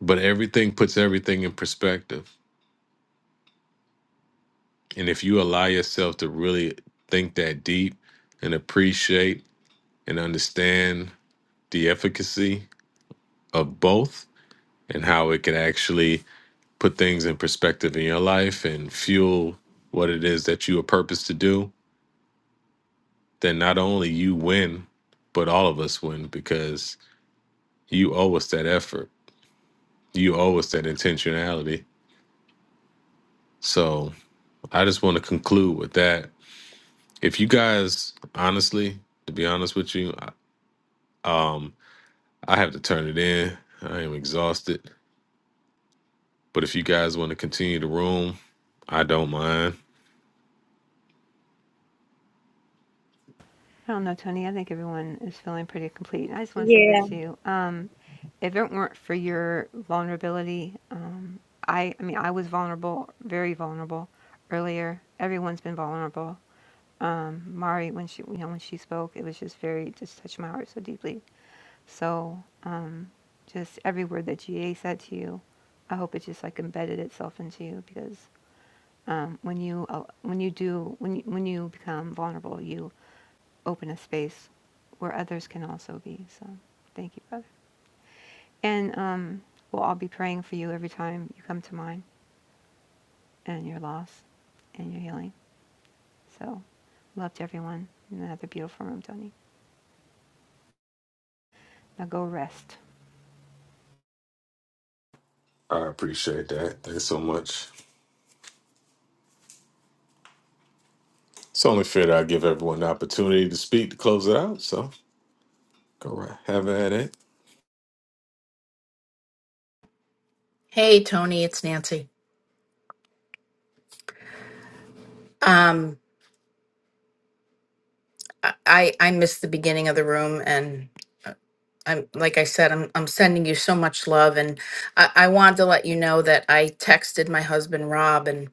But everything puts everything in perspective. And if you allow yourself to really think that deep and appreciate and understand the efficacy of both, and how it can actually put things in perspective in your life and fuel what it is that you are purpose to do, then not only you win, but all of us win because you owe us that effort. You owe us that intentionality. I- I-
I don't know, Tony. I think everyone is feeling pretty complete. I just want to say this
Yeah.
to you. Um, if it weren't for your vulnerability, um, I, I mean, I was vulnerable, very vulnerable earlier. Everyone's been vulnerable. Um, Mari, when she, you know, when she spoke, it was just very, just touched my heart so deeply. So, um, just every word that GA said to you, I hope it just like embedded itself into you because um, when you uh, when you do when you, when you become vulnerable, you open a space where others can also be. So thank you, brother. And um, we'll all be praying for you every time you come to mind and your loss and your healing. So love to everyone. in Another beautiful room, Tony. Now go rest.
Hey, Tony, it's Nancy. Um, I I missed the beginning of the room, and uh, I'm like I said, I'm I'm sending you so much love, and I, I wanted to let you know that I texted my husband Rob, and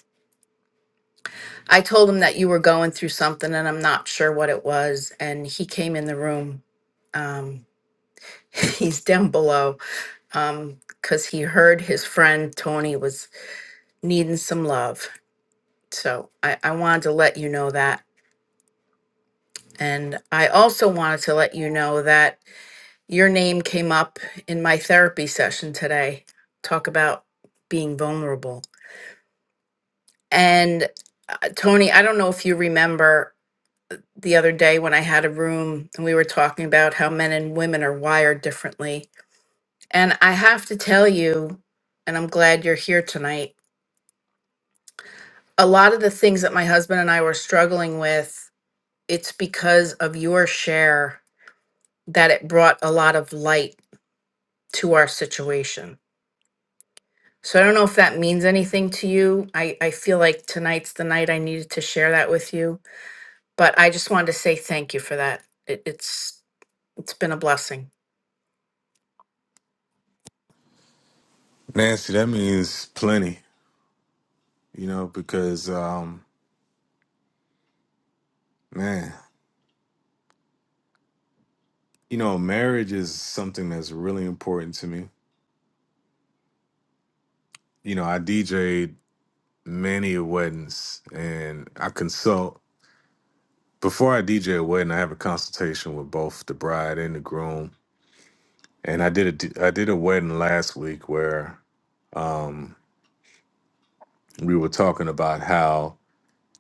I told him that you were going through something, and I'm not sure what it was, and he came in the room. Um, he's down below, um, because he heard his friend Tony was needing some love. So I I wanted to let you know that And I also wanted to let you know that your name came up in my therapy session today. Talk about being vulnerable. And uh, Tony, I don't know if you remember the other day when I had a room and we were talking about how men and women are wired differently. And I have to tell you, and I'm glad you're here tonight, a lot of the things that my husband and I were struggling with, it's because of your share that it brought a lot of light to our situation. So I don't know if that means anything to you. I, I feel like tonight's the night I needed to share that with you, but I just wanted to say thank you for that. It, it's it's been a blessing.
Man, you know, marriage is something that's really important to me. You know, I DJed many weddings and I consult. Before I DJ a wedding, I have a consultation with both the bride and the groom and I did a I did a wedding last week where um, we were talking about how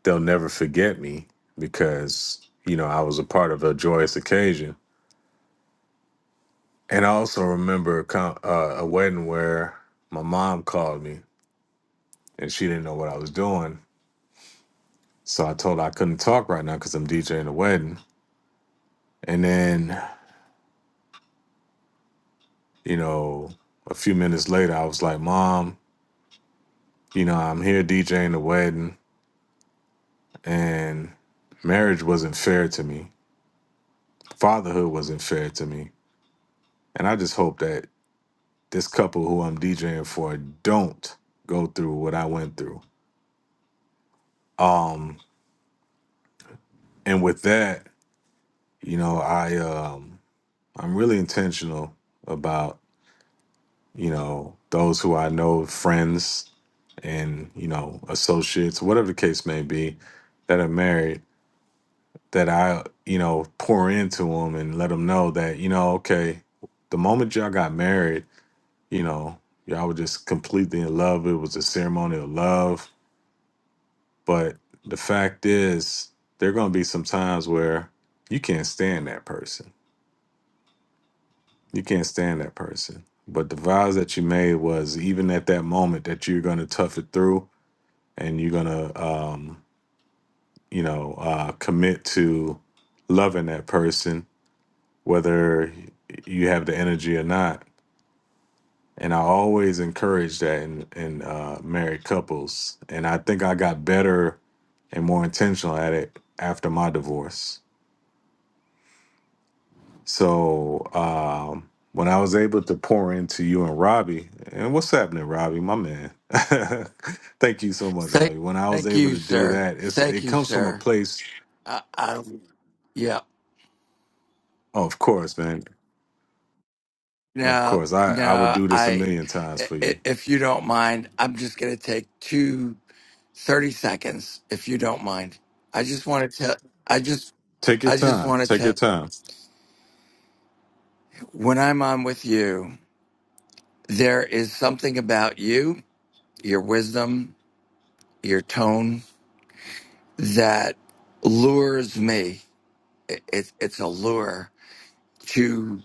they'll never forget me because you know I was a part of a joyous occasion, and I also remember a, con- uh, a wedding where my mom called me and she didn't know what I was doing, so I told her I couldn't talk right now because I'm DJing a wedding, and then you know a few minutes later I was like, Mom, you know, and marry me, fuck me, and I this you know, I, I'm really intentional. You know. it's whatever the case may be that are married that I you know pour into them and let them know that you know okay the moment y'all got married you know y'all were just completely in love it was a ceremony of love but the fact is there are gonna be some times where you can't stand that person you can't stand that person but the vows that you made was even at that moment that you're gonna tough it through and you're gonna um, you know uh, commit to loving that person whether you have the energy or not. And I always encourage that in, in uh, married couples. And I think I got better and more intentional at it after my divorce. So um, when I was able to pour into you and Robbie, and what's happening, Robbie, my man? Thank you so much,
Thank,
Robbie. When I was
thank
able
you,
to do
sir.
that, it's
Thank
it
you,
comes from a
sir.
place.
I, I Yeah.
of course, man. Of
No,
course, I I would
no.
do this a
I,
million times
i-
for
i-
you.
if you don't mind, I'm just gonna take two thirty seconds, if you don't mind. I just want to tell. I just, I just want to tell. When I'm on with you, there is something about you, your wisdom, your tone that lures me. It, it, it's a lure to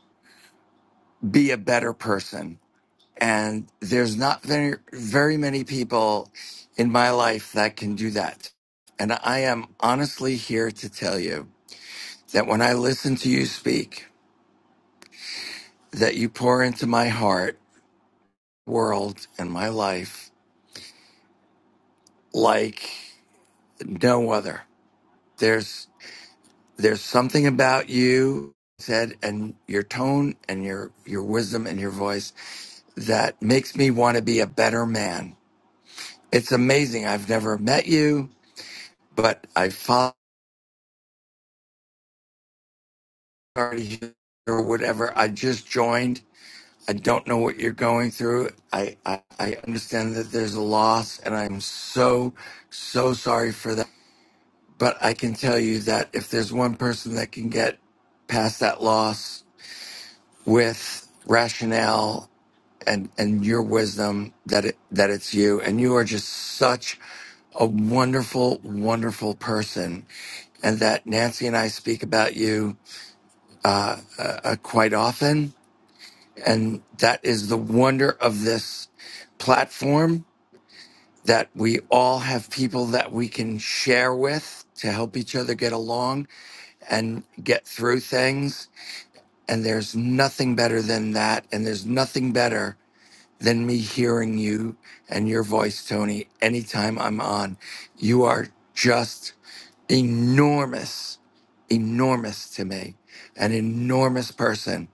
be a better person And there's not very, very many people in my life that can do that. And I am honestly here to tell you that when I listen to you speak, that you pour into my heart, world, and my life like no other. There's there's something about you said and your tone and your your wisdom and your voice that makes me want to be a better man. It's amazing. I've never met you, but I follow already here or whatever. I just joined. I don't know what you're going through. I, I, I understand that there's a loss, and I'm so, so sorry for that. But I can tell you that if there's one person that can get past that loss with rationale and, and your wisdom, that it, that it's you. And you are just such a wonderful, wonderful person and that Nancy and I speak about you uh, uh, uh, quite often. And that is the wonder of this platform that we all have people that we can share with to help each other get along and get through things. And there's nothing better than that. And there's nothing better than me hearing you and your voice, Tony, anytime I'm on. You are just enormous, enormous to me, an enormous person.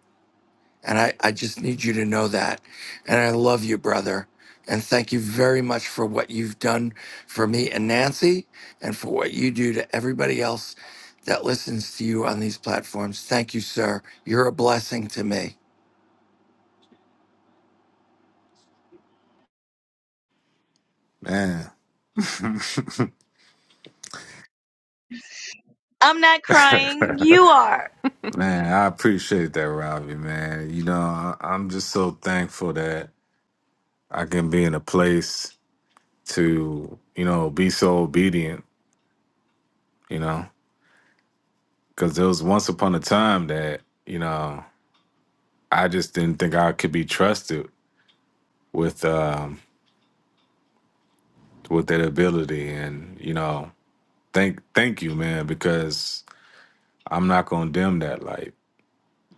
And I, I just need you to know that. And I love you, brother. And thank you very much for what you've done for me and Nancy and for what you do to everybody else that listens to you on these platforms. Thank you, sir. You're a blessing to me.
I'm not crying.
Yeah.
You are.
Man, I appreciate that, Robbie, man. You know, I, I'm just so thankful that I can be in a place to, you know, be so obedient, you know, because there was once upon a time that, you know, I just didn't think I could be trusted with, um, with that ability. And, you know, thank, thank you, man, because I'm not going to dim that light.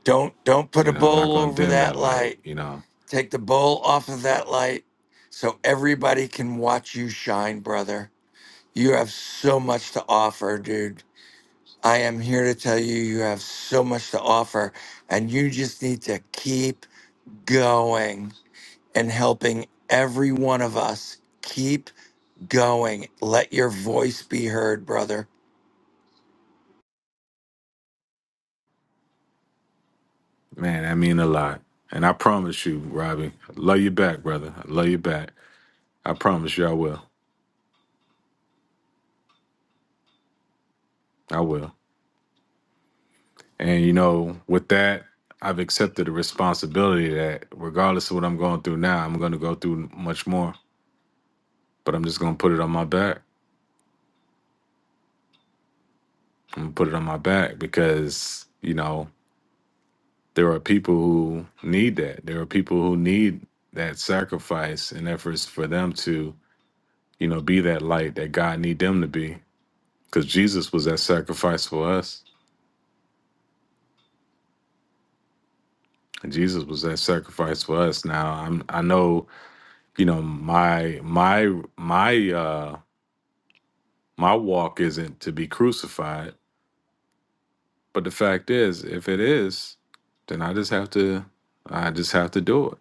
Don't don't put
You
a
know, I'm not
bowl
going to
over
dim
that
that light,
light.
you know,
Take the bowl off of that light so everybody can watch you shine, brother. You have so much to offer, dude. I am here to tell you, you have so much to offer, and you just need to keep going and helping every one of us. Keep going. Let your voice be heard, brother.
man, that mean a lot. And I promise you, Robbie, I love you back, brother. I love you back. I promise you, I will. I will. And you know, with that, I've accepted the responsibility that regardless of what I'm going through now, I'm going to go through much more. But I'm just going to put it on my back. I'm going to put it on my back because, you know, there are people who need that. There are people who need that sacrifice and efforts for them to, you know, be that light that God need them to be. Because Jesus was that sacrifice for us. Jesus was that sacrifice for us. Now I'm I know you know my my my uh my walk isn't to be crucified but if it is then i just have to i just do it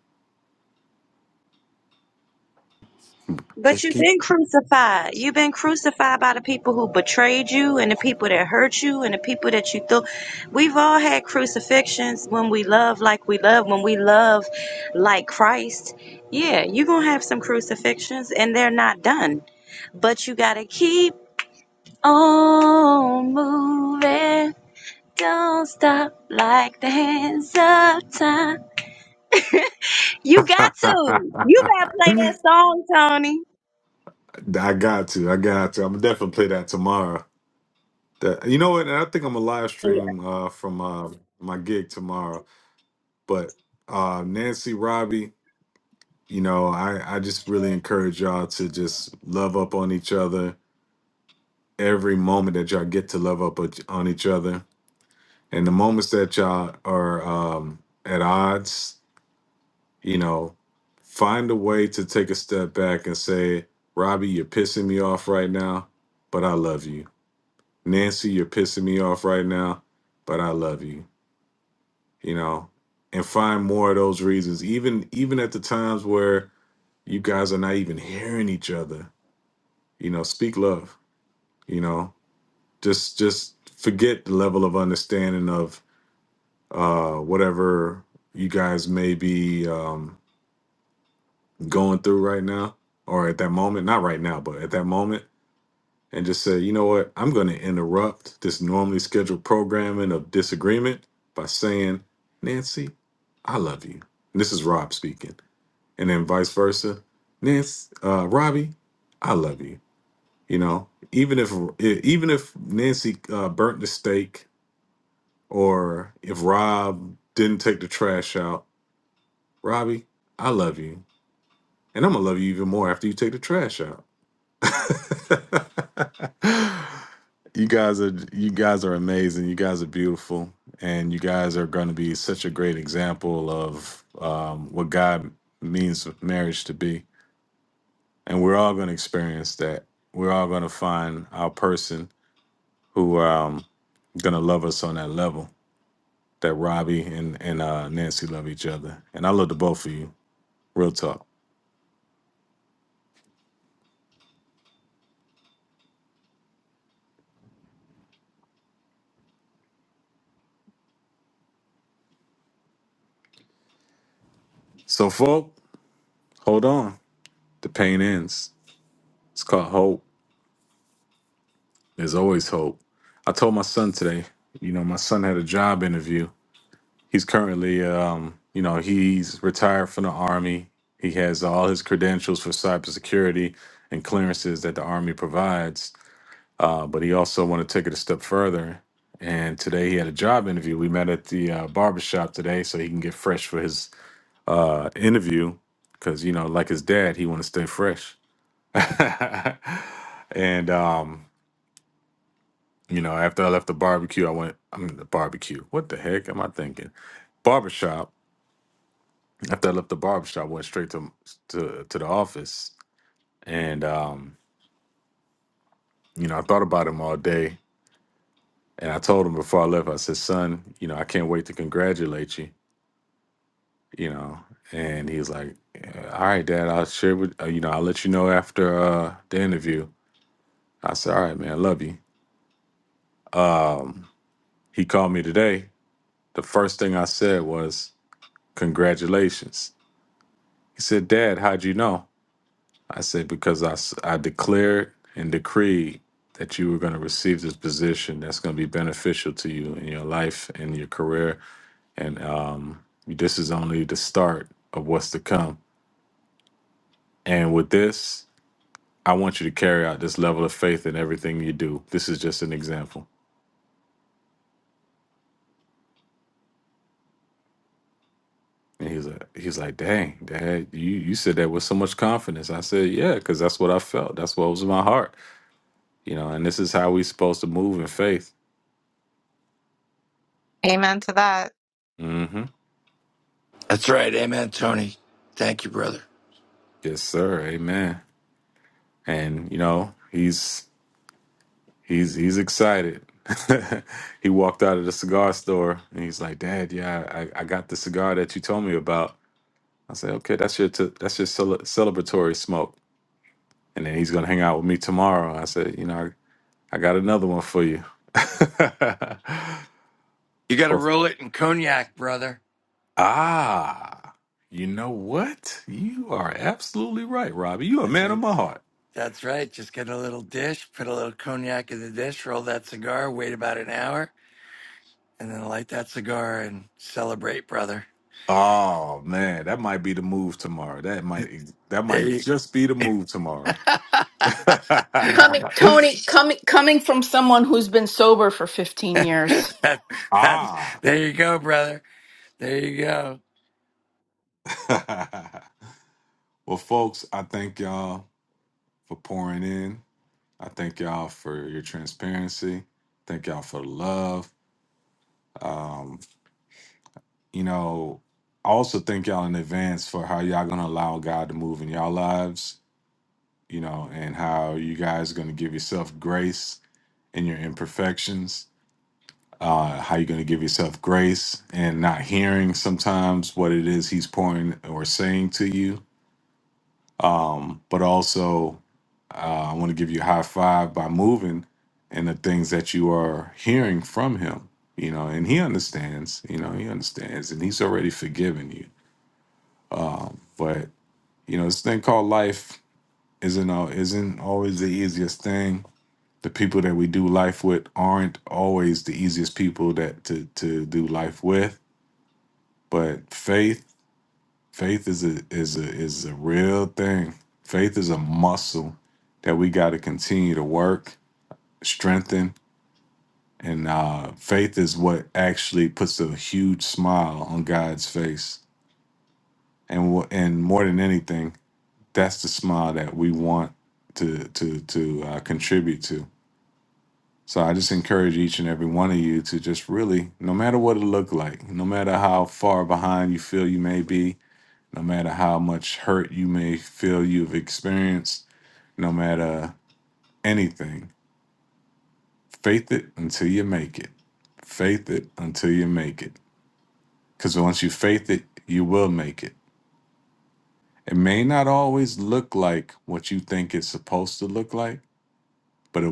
But
Just
you've
keep.
been crucified. You've been crucified by the people who betrayed you and the people that hurt you and the people that you thought. We've all had crucifixions when we love like we love, when we love like Christ. Yeah, you're going to have some crucifixions and they're not done. But you got to keep on moving. Don't stop like the hands of time. You got to. You got to play that song, Tony.
I got to. I got to. I'm gonna definitely play that tomorrow. That you know what? And I think I'm a live stream uh, from uh, my gig tomorrow. But uh, Nancy, Robbie, you know, I I just really encourage y'all to just love up on each other every moment that y'all get to love up on on each other, and the moments that y'all are um, at odds you know, find a way to take a step back and say, Robbie, you're pissing me off right now, but I love you. Nancy, you're pissing me off right now, but I love you. You know, and find more of those reasons. Even get full of understanding of uh, um, going through right now, or at that moment, not right now, but at that moment, and just say, you know what, I'm going to interrupt this normally scheduled programming of disagreement by saying. You guys are beautiful, and you guys are going to be such a great example of um, what God means marriage to be. And we're all going to experience that. We're all going to find our person who um, going to level other- both of you. So, folk, hold on. The pain ends. It's called hope. There's always hope. I told my son today. You know, my son had a job interview, he's currently um you know he's retired from the army he has all his credentials for cybersecurity and clearances that the army provides uh, but he also wanted to take it a step further and today he had a job interview we met at the uh, barbershop today so he can get fresh for his uh, interview because you know like his dad he want to stay fresh and um you know after i left the barbecue i went i mean, the barbecue what the heck am i thinking barbershop after I left the barbershop, went straight to to to the office, and um, you know, I thought about him all day, and I told him before I left, I said, "Son, you know, I can't wait to congratulate you," you know, and he was like, "Uh, "All right, Dad, I'll share with uh, you know, I'll let you know after uh, the interview." I said, "All right, man, I love you." Um, he called me today. The first thing I said was, "Congratulations." He said, "Dad, how'd you know?" I said, because I, s- I declared and decreed that you were going to receive this position that's going to be beneficial to you in your life and your career. And um, this is only the start of what's to come. And I want you to cut this level of faith in everything you do. This is just an example. And he's like, he's like, dang, dad, you, you said that with so much confidence. I said, yeah, because that's what I felt. That's what was in my heart, you know. And this is how we are supposed to move in faith.
Amen to that.
hmm
That's right. Amen, Tony. Thank you, brother.
Yes, sir. Amen. and you know he's he's he's excited. he walked out of the cigar store and he's like, "Dad, yeah, I, I got the cigar that you told me about." I said, "Okay, that's your t- that's your cele- celebratory smoke." And then he's gonna hang out with me tomorrow. I said, "You know, I, I got another one for you."
You got to
Well,
roll it in cognac, brother.
ah, you know what? You are absolutely right, Robbie. You a
That's
man of
right.
my heart.
That's right. Just get a little dish, put a little cognac in the dish, roll that cigar, wait about an hour, and then light that cigar and celebrate, brother. There you
Coming Tony, coming coming from someone who's been sober for 15 years.
that, that's there you go, brother. There you go.
You know, huge smoking that I want to do. So I just encourage, but a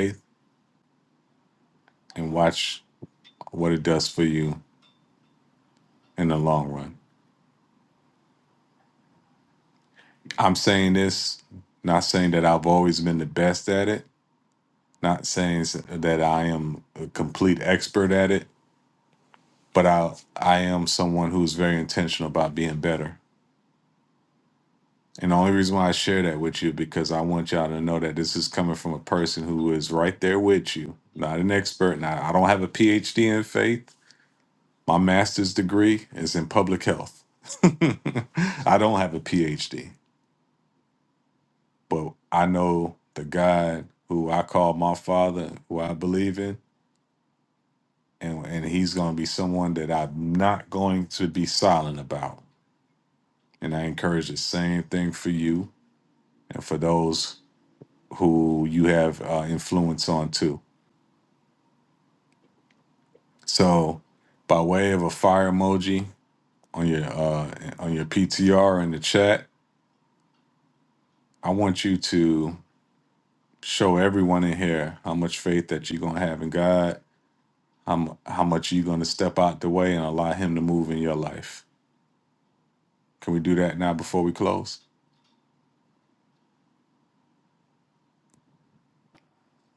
way to complete but I I am someone who's very intentional about being better. And the only reason they're with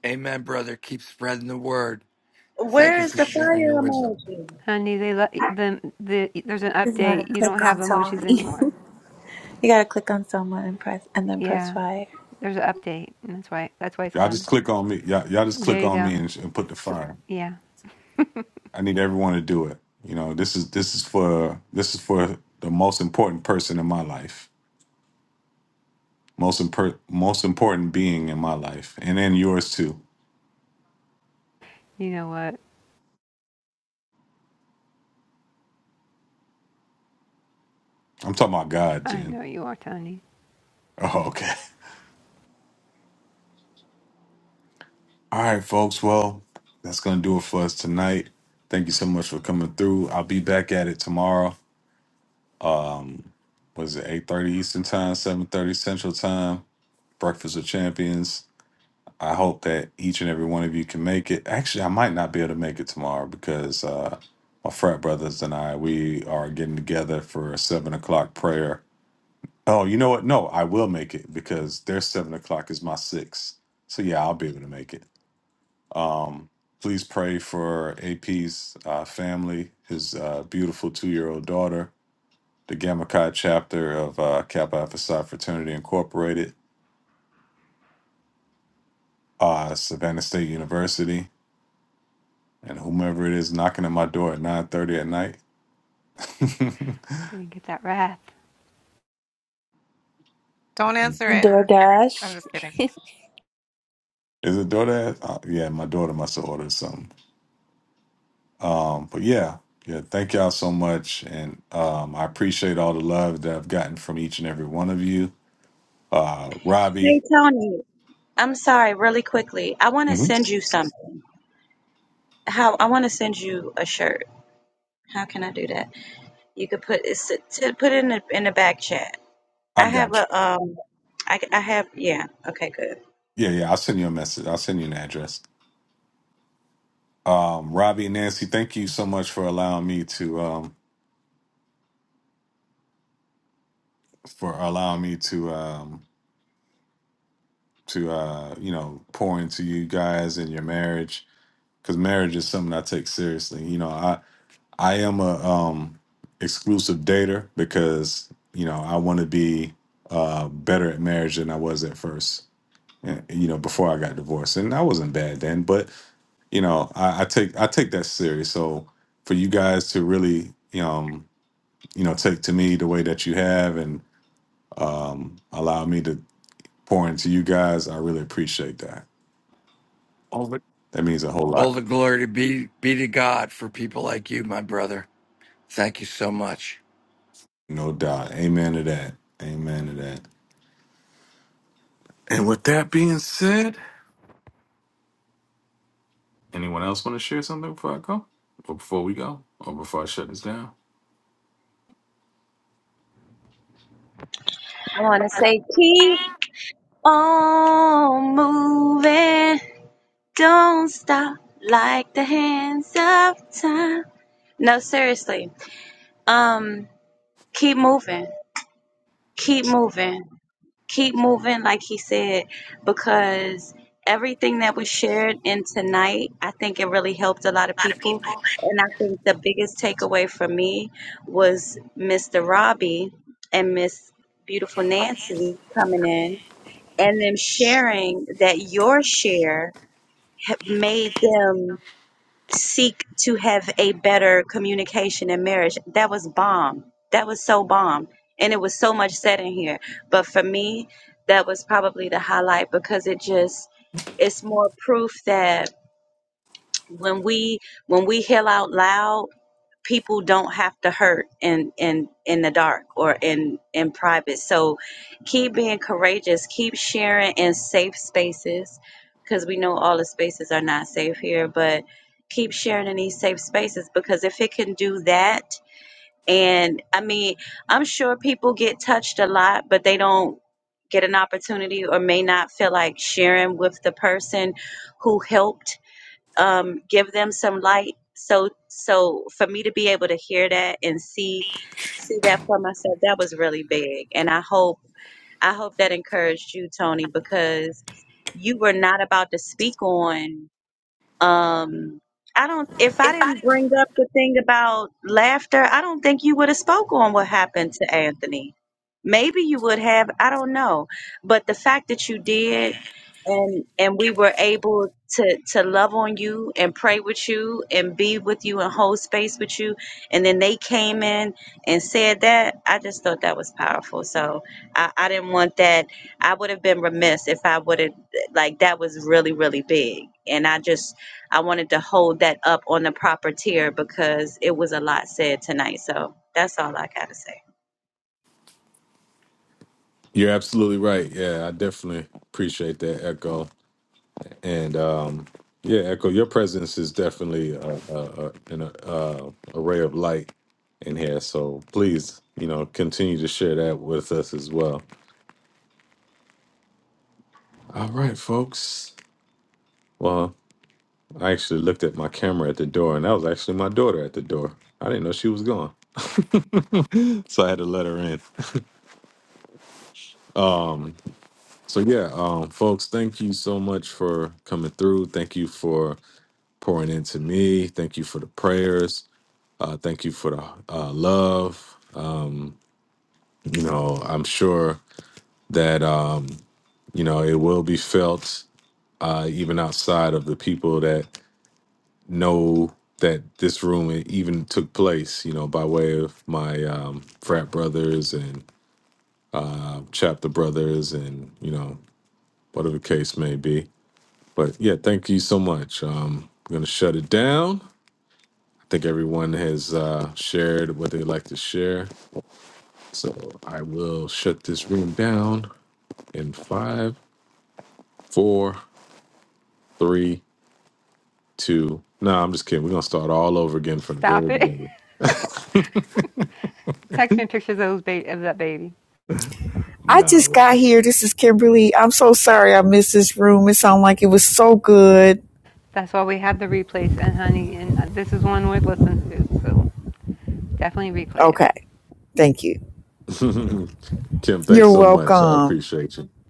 Amen, brother. Keep spreading the word. Thank
Where
you
is
for
the
sharing your
fire
wisdom.
emoji?
Honey, they lo- the, the there's an
You gotta
update. You don't
click
have
on
emojis
Tony.
anymore.
You gotta click on someone and press and then press
Yeah,
fire.
there's an update. And that's why that's why it's gone. There you go. So yeah,
the most important person in my life, most impor- most important being in my life, and it too.
you know what?
I'm talking about God,
I
Jen.
know you are, Tony.
Okay. All right, folks. Well, that's gonna do it for us tonight. Thank you so much for coming through. I'll be back at it tomorrow. Um, was it 8:30 Eastern time, 7:30 Central time? Breakfast with Champions. I hope that each and every one of you can make it. Actually, I might not be able to make it tomorrow because uh, my frat brothers and I we are getting together for a seven o'clock prayer. Oh, you know what? No, I will make it because their seven o'clock is my six. So yeah, I'll be able to make it. Um, please uh, order to get it. Uh, University and who night.
You're Gonna get that wrath.
Don't answer it. I'm
DoorDash.
just kidding.
Hey, Tony. I'm sorry, really quickly. I want to send you something. How I want to send you a shirt. How can I do that? You could put it's, t- put it in the in the back chat. I have a um. I, I have yeah. Okay, good.
yeah, yeah. I'll send you a message. I'll send you an address. Um, Robbie and Nancy, thank you so much for allowing me to um, for allowing me to. Um, to uh, you know pour into you guys and your marriage because marriage is something I take seriously. You know, I I am a um, exclusive dater because you know I want to be uh, better at marriage than I was at first. and, You know, before I got divorced, and I wasn't bad then, but you know, I, I take I take that serious. So for you guys to really um, you know take to me the way that you have and um, allow me to pour into you guys, I really appreciate that.
All the
That means a whole
all
lot.
the glory to be be to God for people like you, my brother. Thank you so much.
I want to say keep on moving. Don't stop like the hands of time. No, seriously. um keep moving keep moving keep moving like he said because everything that was shared in tonight i think it really helped a lot of people and i think the biggest takeaway for me was mr robbie and miss beautiful nancy coming in and them sharing that your share ha- made them seek to have a better communication in marriage. That was bomb. That was so bomb. And it was so much said in here. But for me, that was probably the highlight because it just it's more proof that when we when we heal out loud people don't have to hurt in in in the dark or in in private so keep being courageous keep sharing in safe spaces because we know all the spaces are not safe here but keep sharing in these safe spaces because if it can do that and i mean i'm sure people get touched a lot but they don't get an opportunity or may not feel like sharing with the person who helped um, give them some light. So, so for me to be able to hear that and see, see that for myself, that was really big. And I hope, I hope that encouraged you, Tony, because you were not about to speak on. Um, I don't. If I didn't bring up the thing about laughter, I don't think you would have spoke on what happened to Anthony. Maybe you would have. I don't know. But the fact that you did, and and we were able to to love on you and pray with you and be with you and hold space with you, and then they came in and said that. I just thought that was powerful. So I, I didn't want that. I would have been remiss if I would have like that was really really big, and I just I wanted to hold that up on the proper tier because it was a lot said tonight. So that's all I got to say.
Yeah, Echo, your presence is definitely uh, uh, uh, an uh, a ray of light in here. So please, you know, continue to share that with us as well. All right, folks. Well, I actually looked at my camera at the door, and that was actually my daughter at the door. I didn't know she was gone, so I had to let her in. Um, so yeah, um, folks, thank you so much for coming through. Thank you for pouring into me. Thank you for the prayers Uh, thank you for the uh, love um, for that. Um, you know, it will be felt uh, side of the people that know that this one even took place you know, by way of my um, frat brothers and uh, chapter brothers and you know whatever. Katie,
Stop it. Text me pictures of those ba- of that baby.
I just got here. This is Kimberly. I'm so sorry I missed this room. It sounded like it was so good.
That's why we have the replays and honey. And this is one worth listening to. So definitely replay it.
Okay. Thank you.
Kim, thanks
You're
so much. I
welcome.
appreciate you.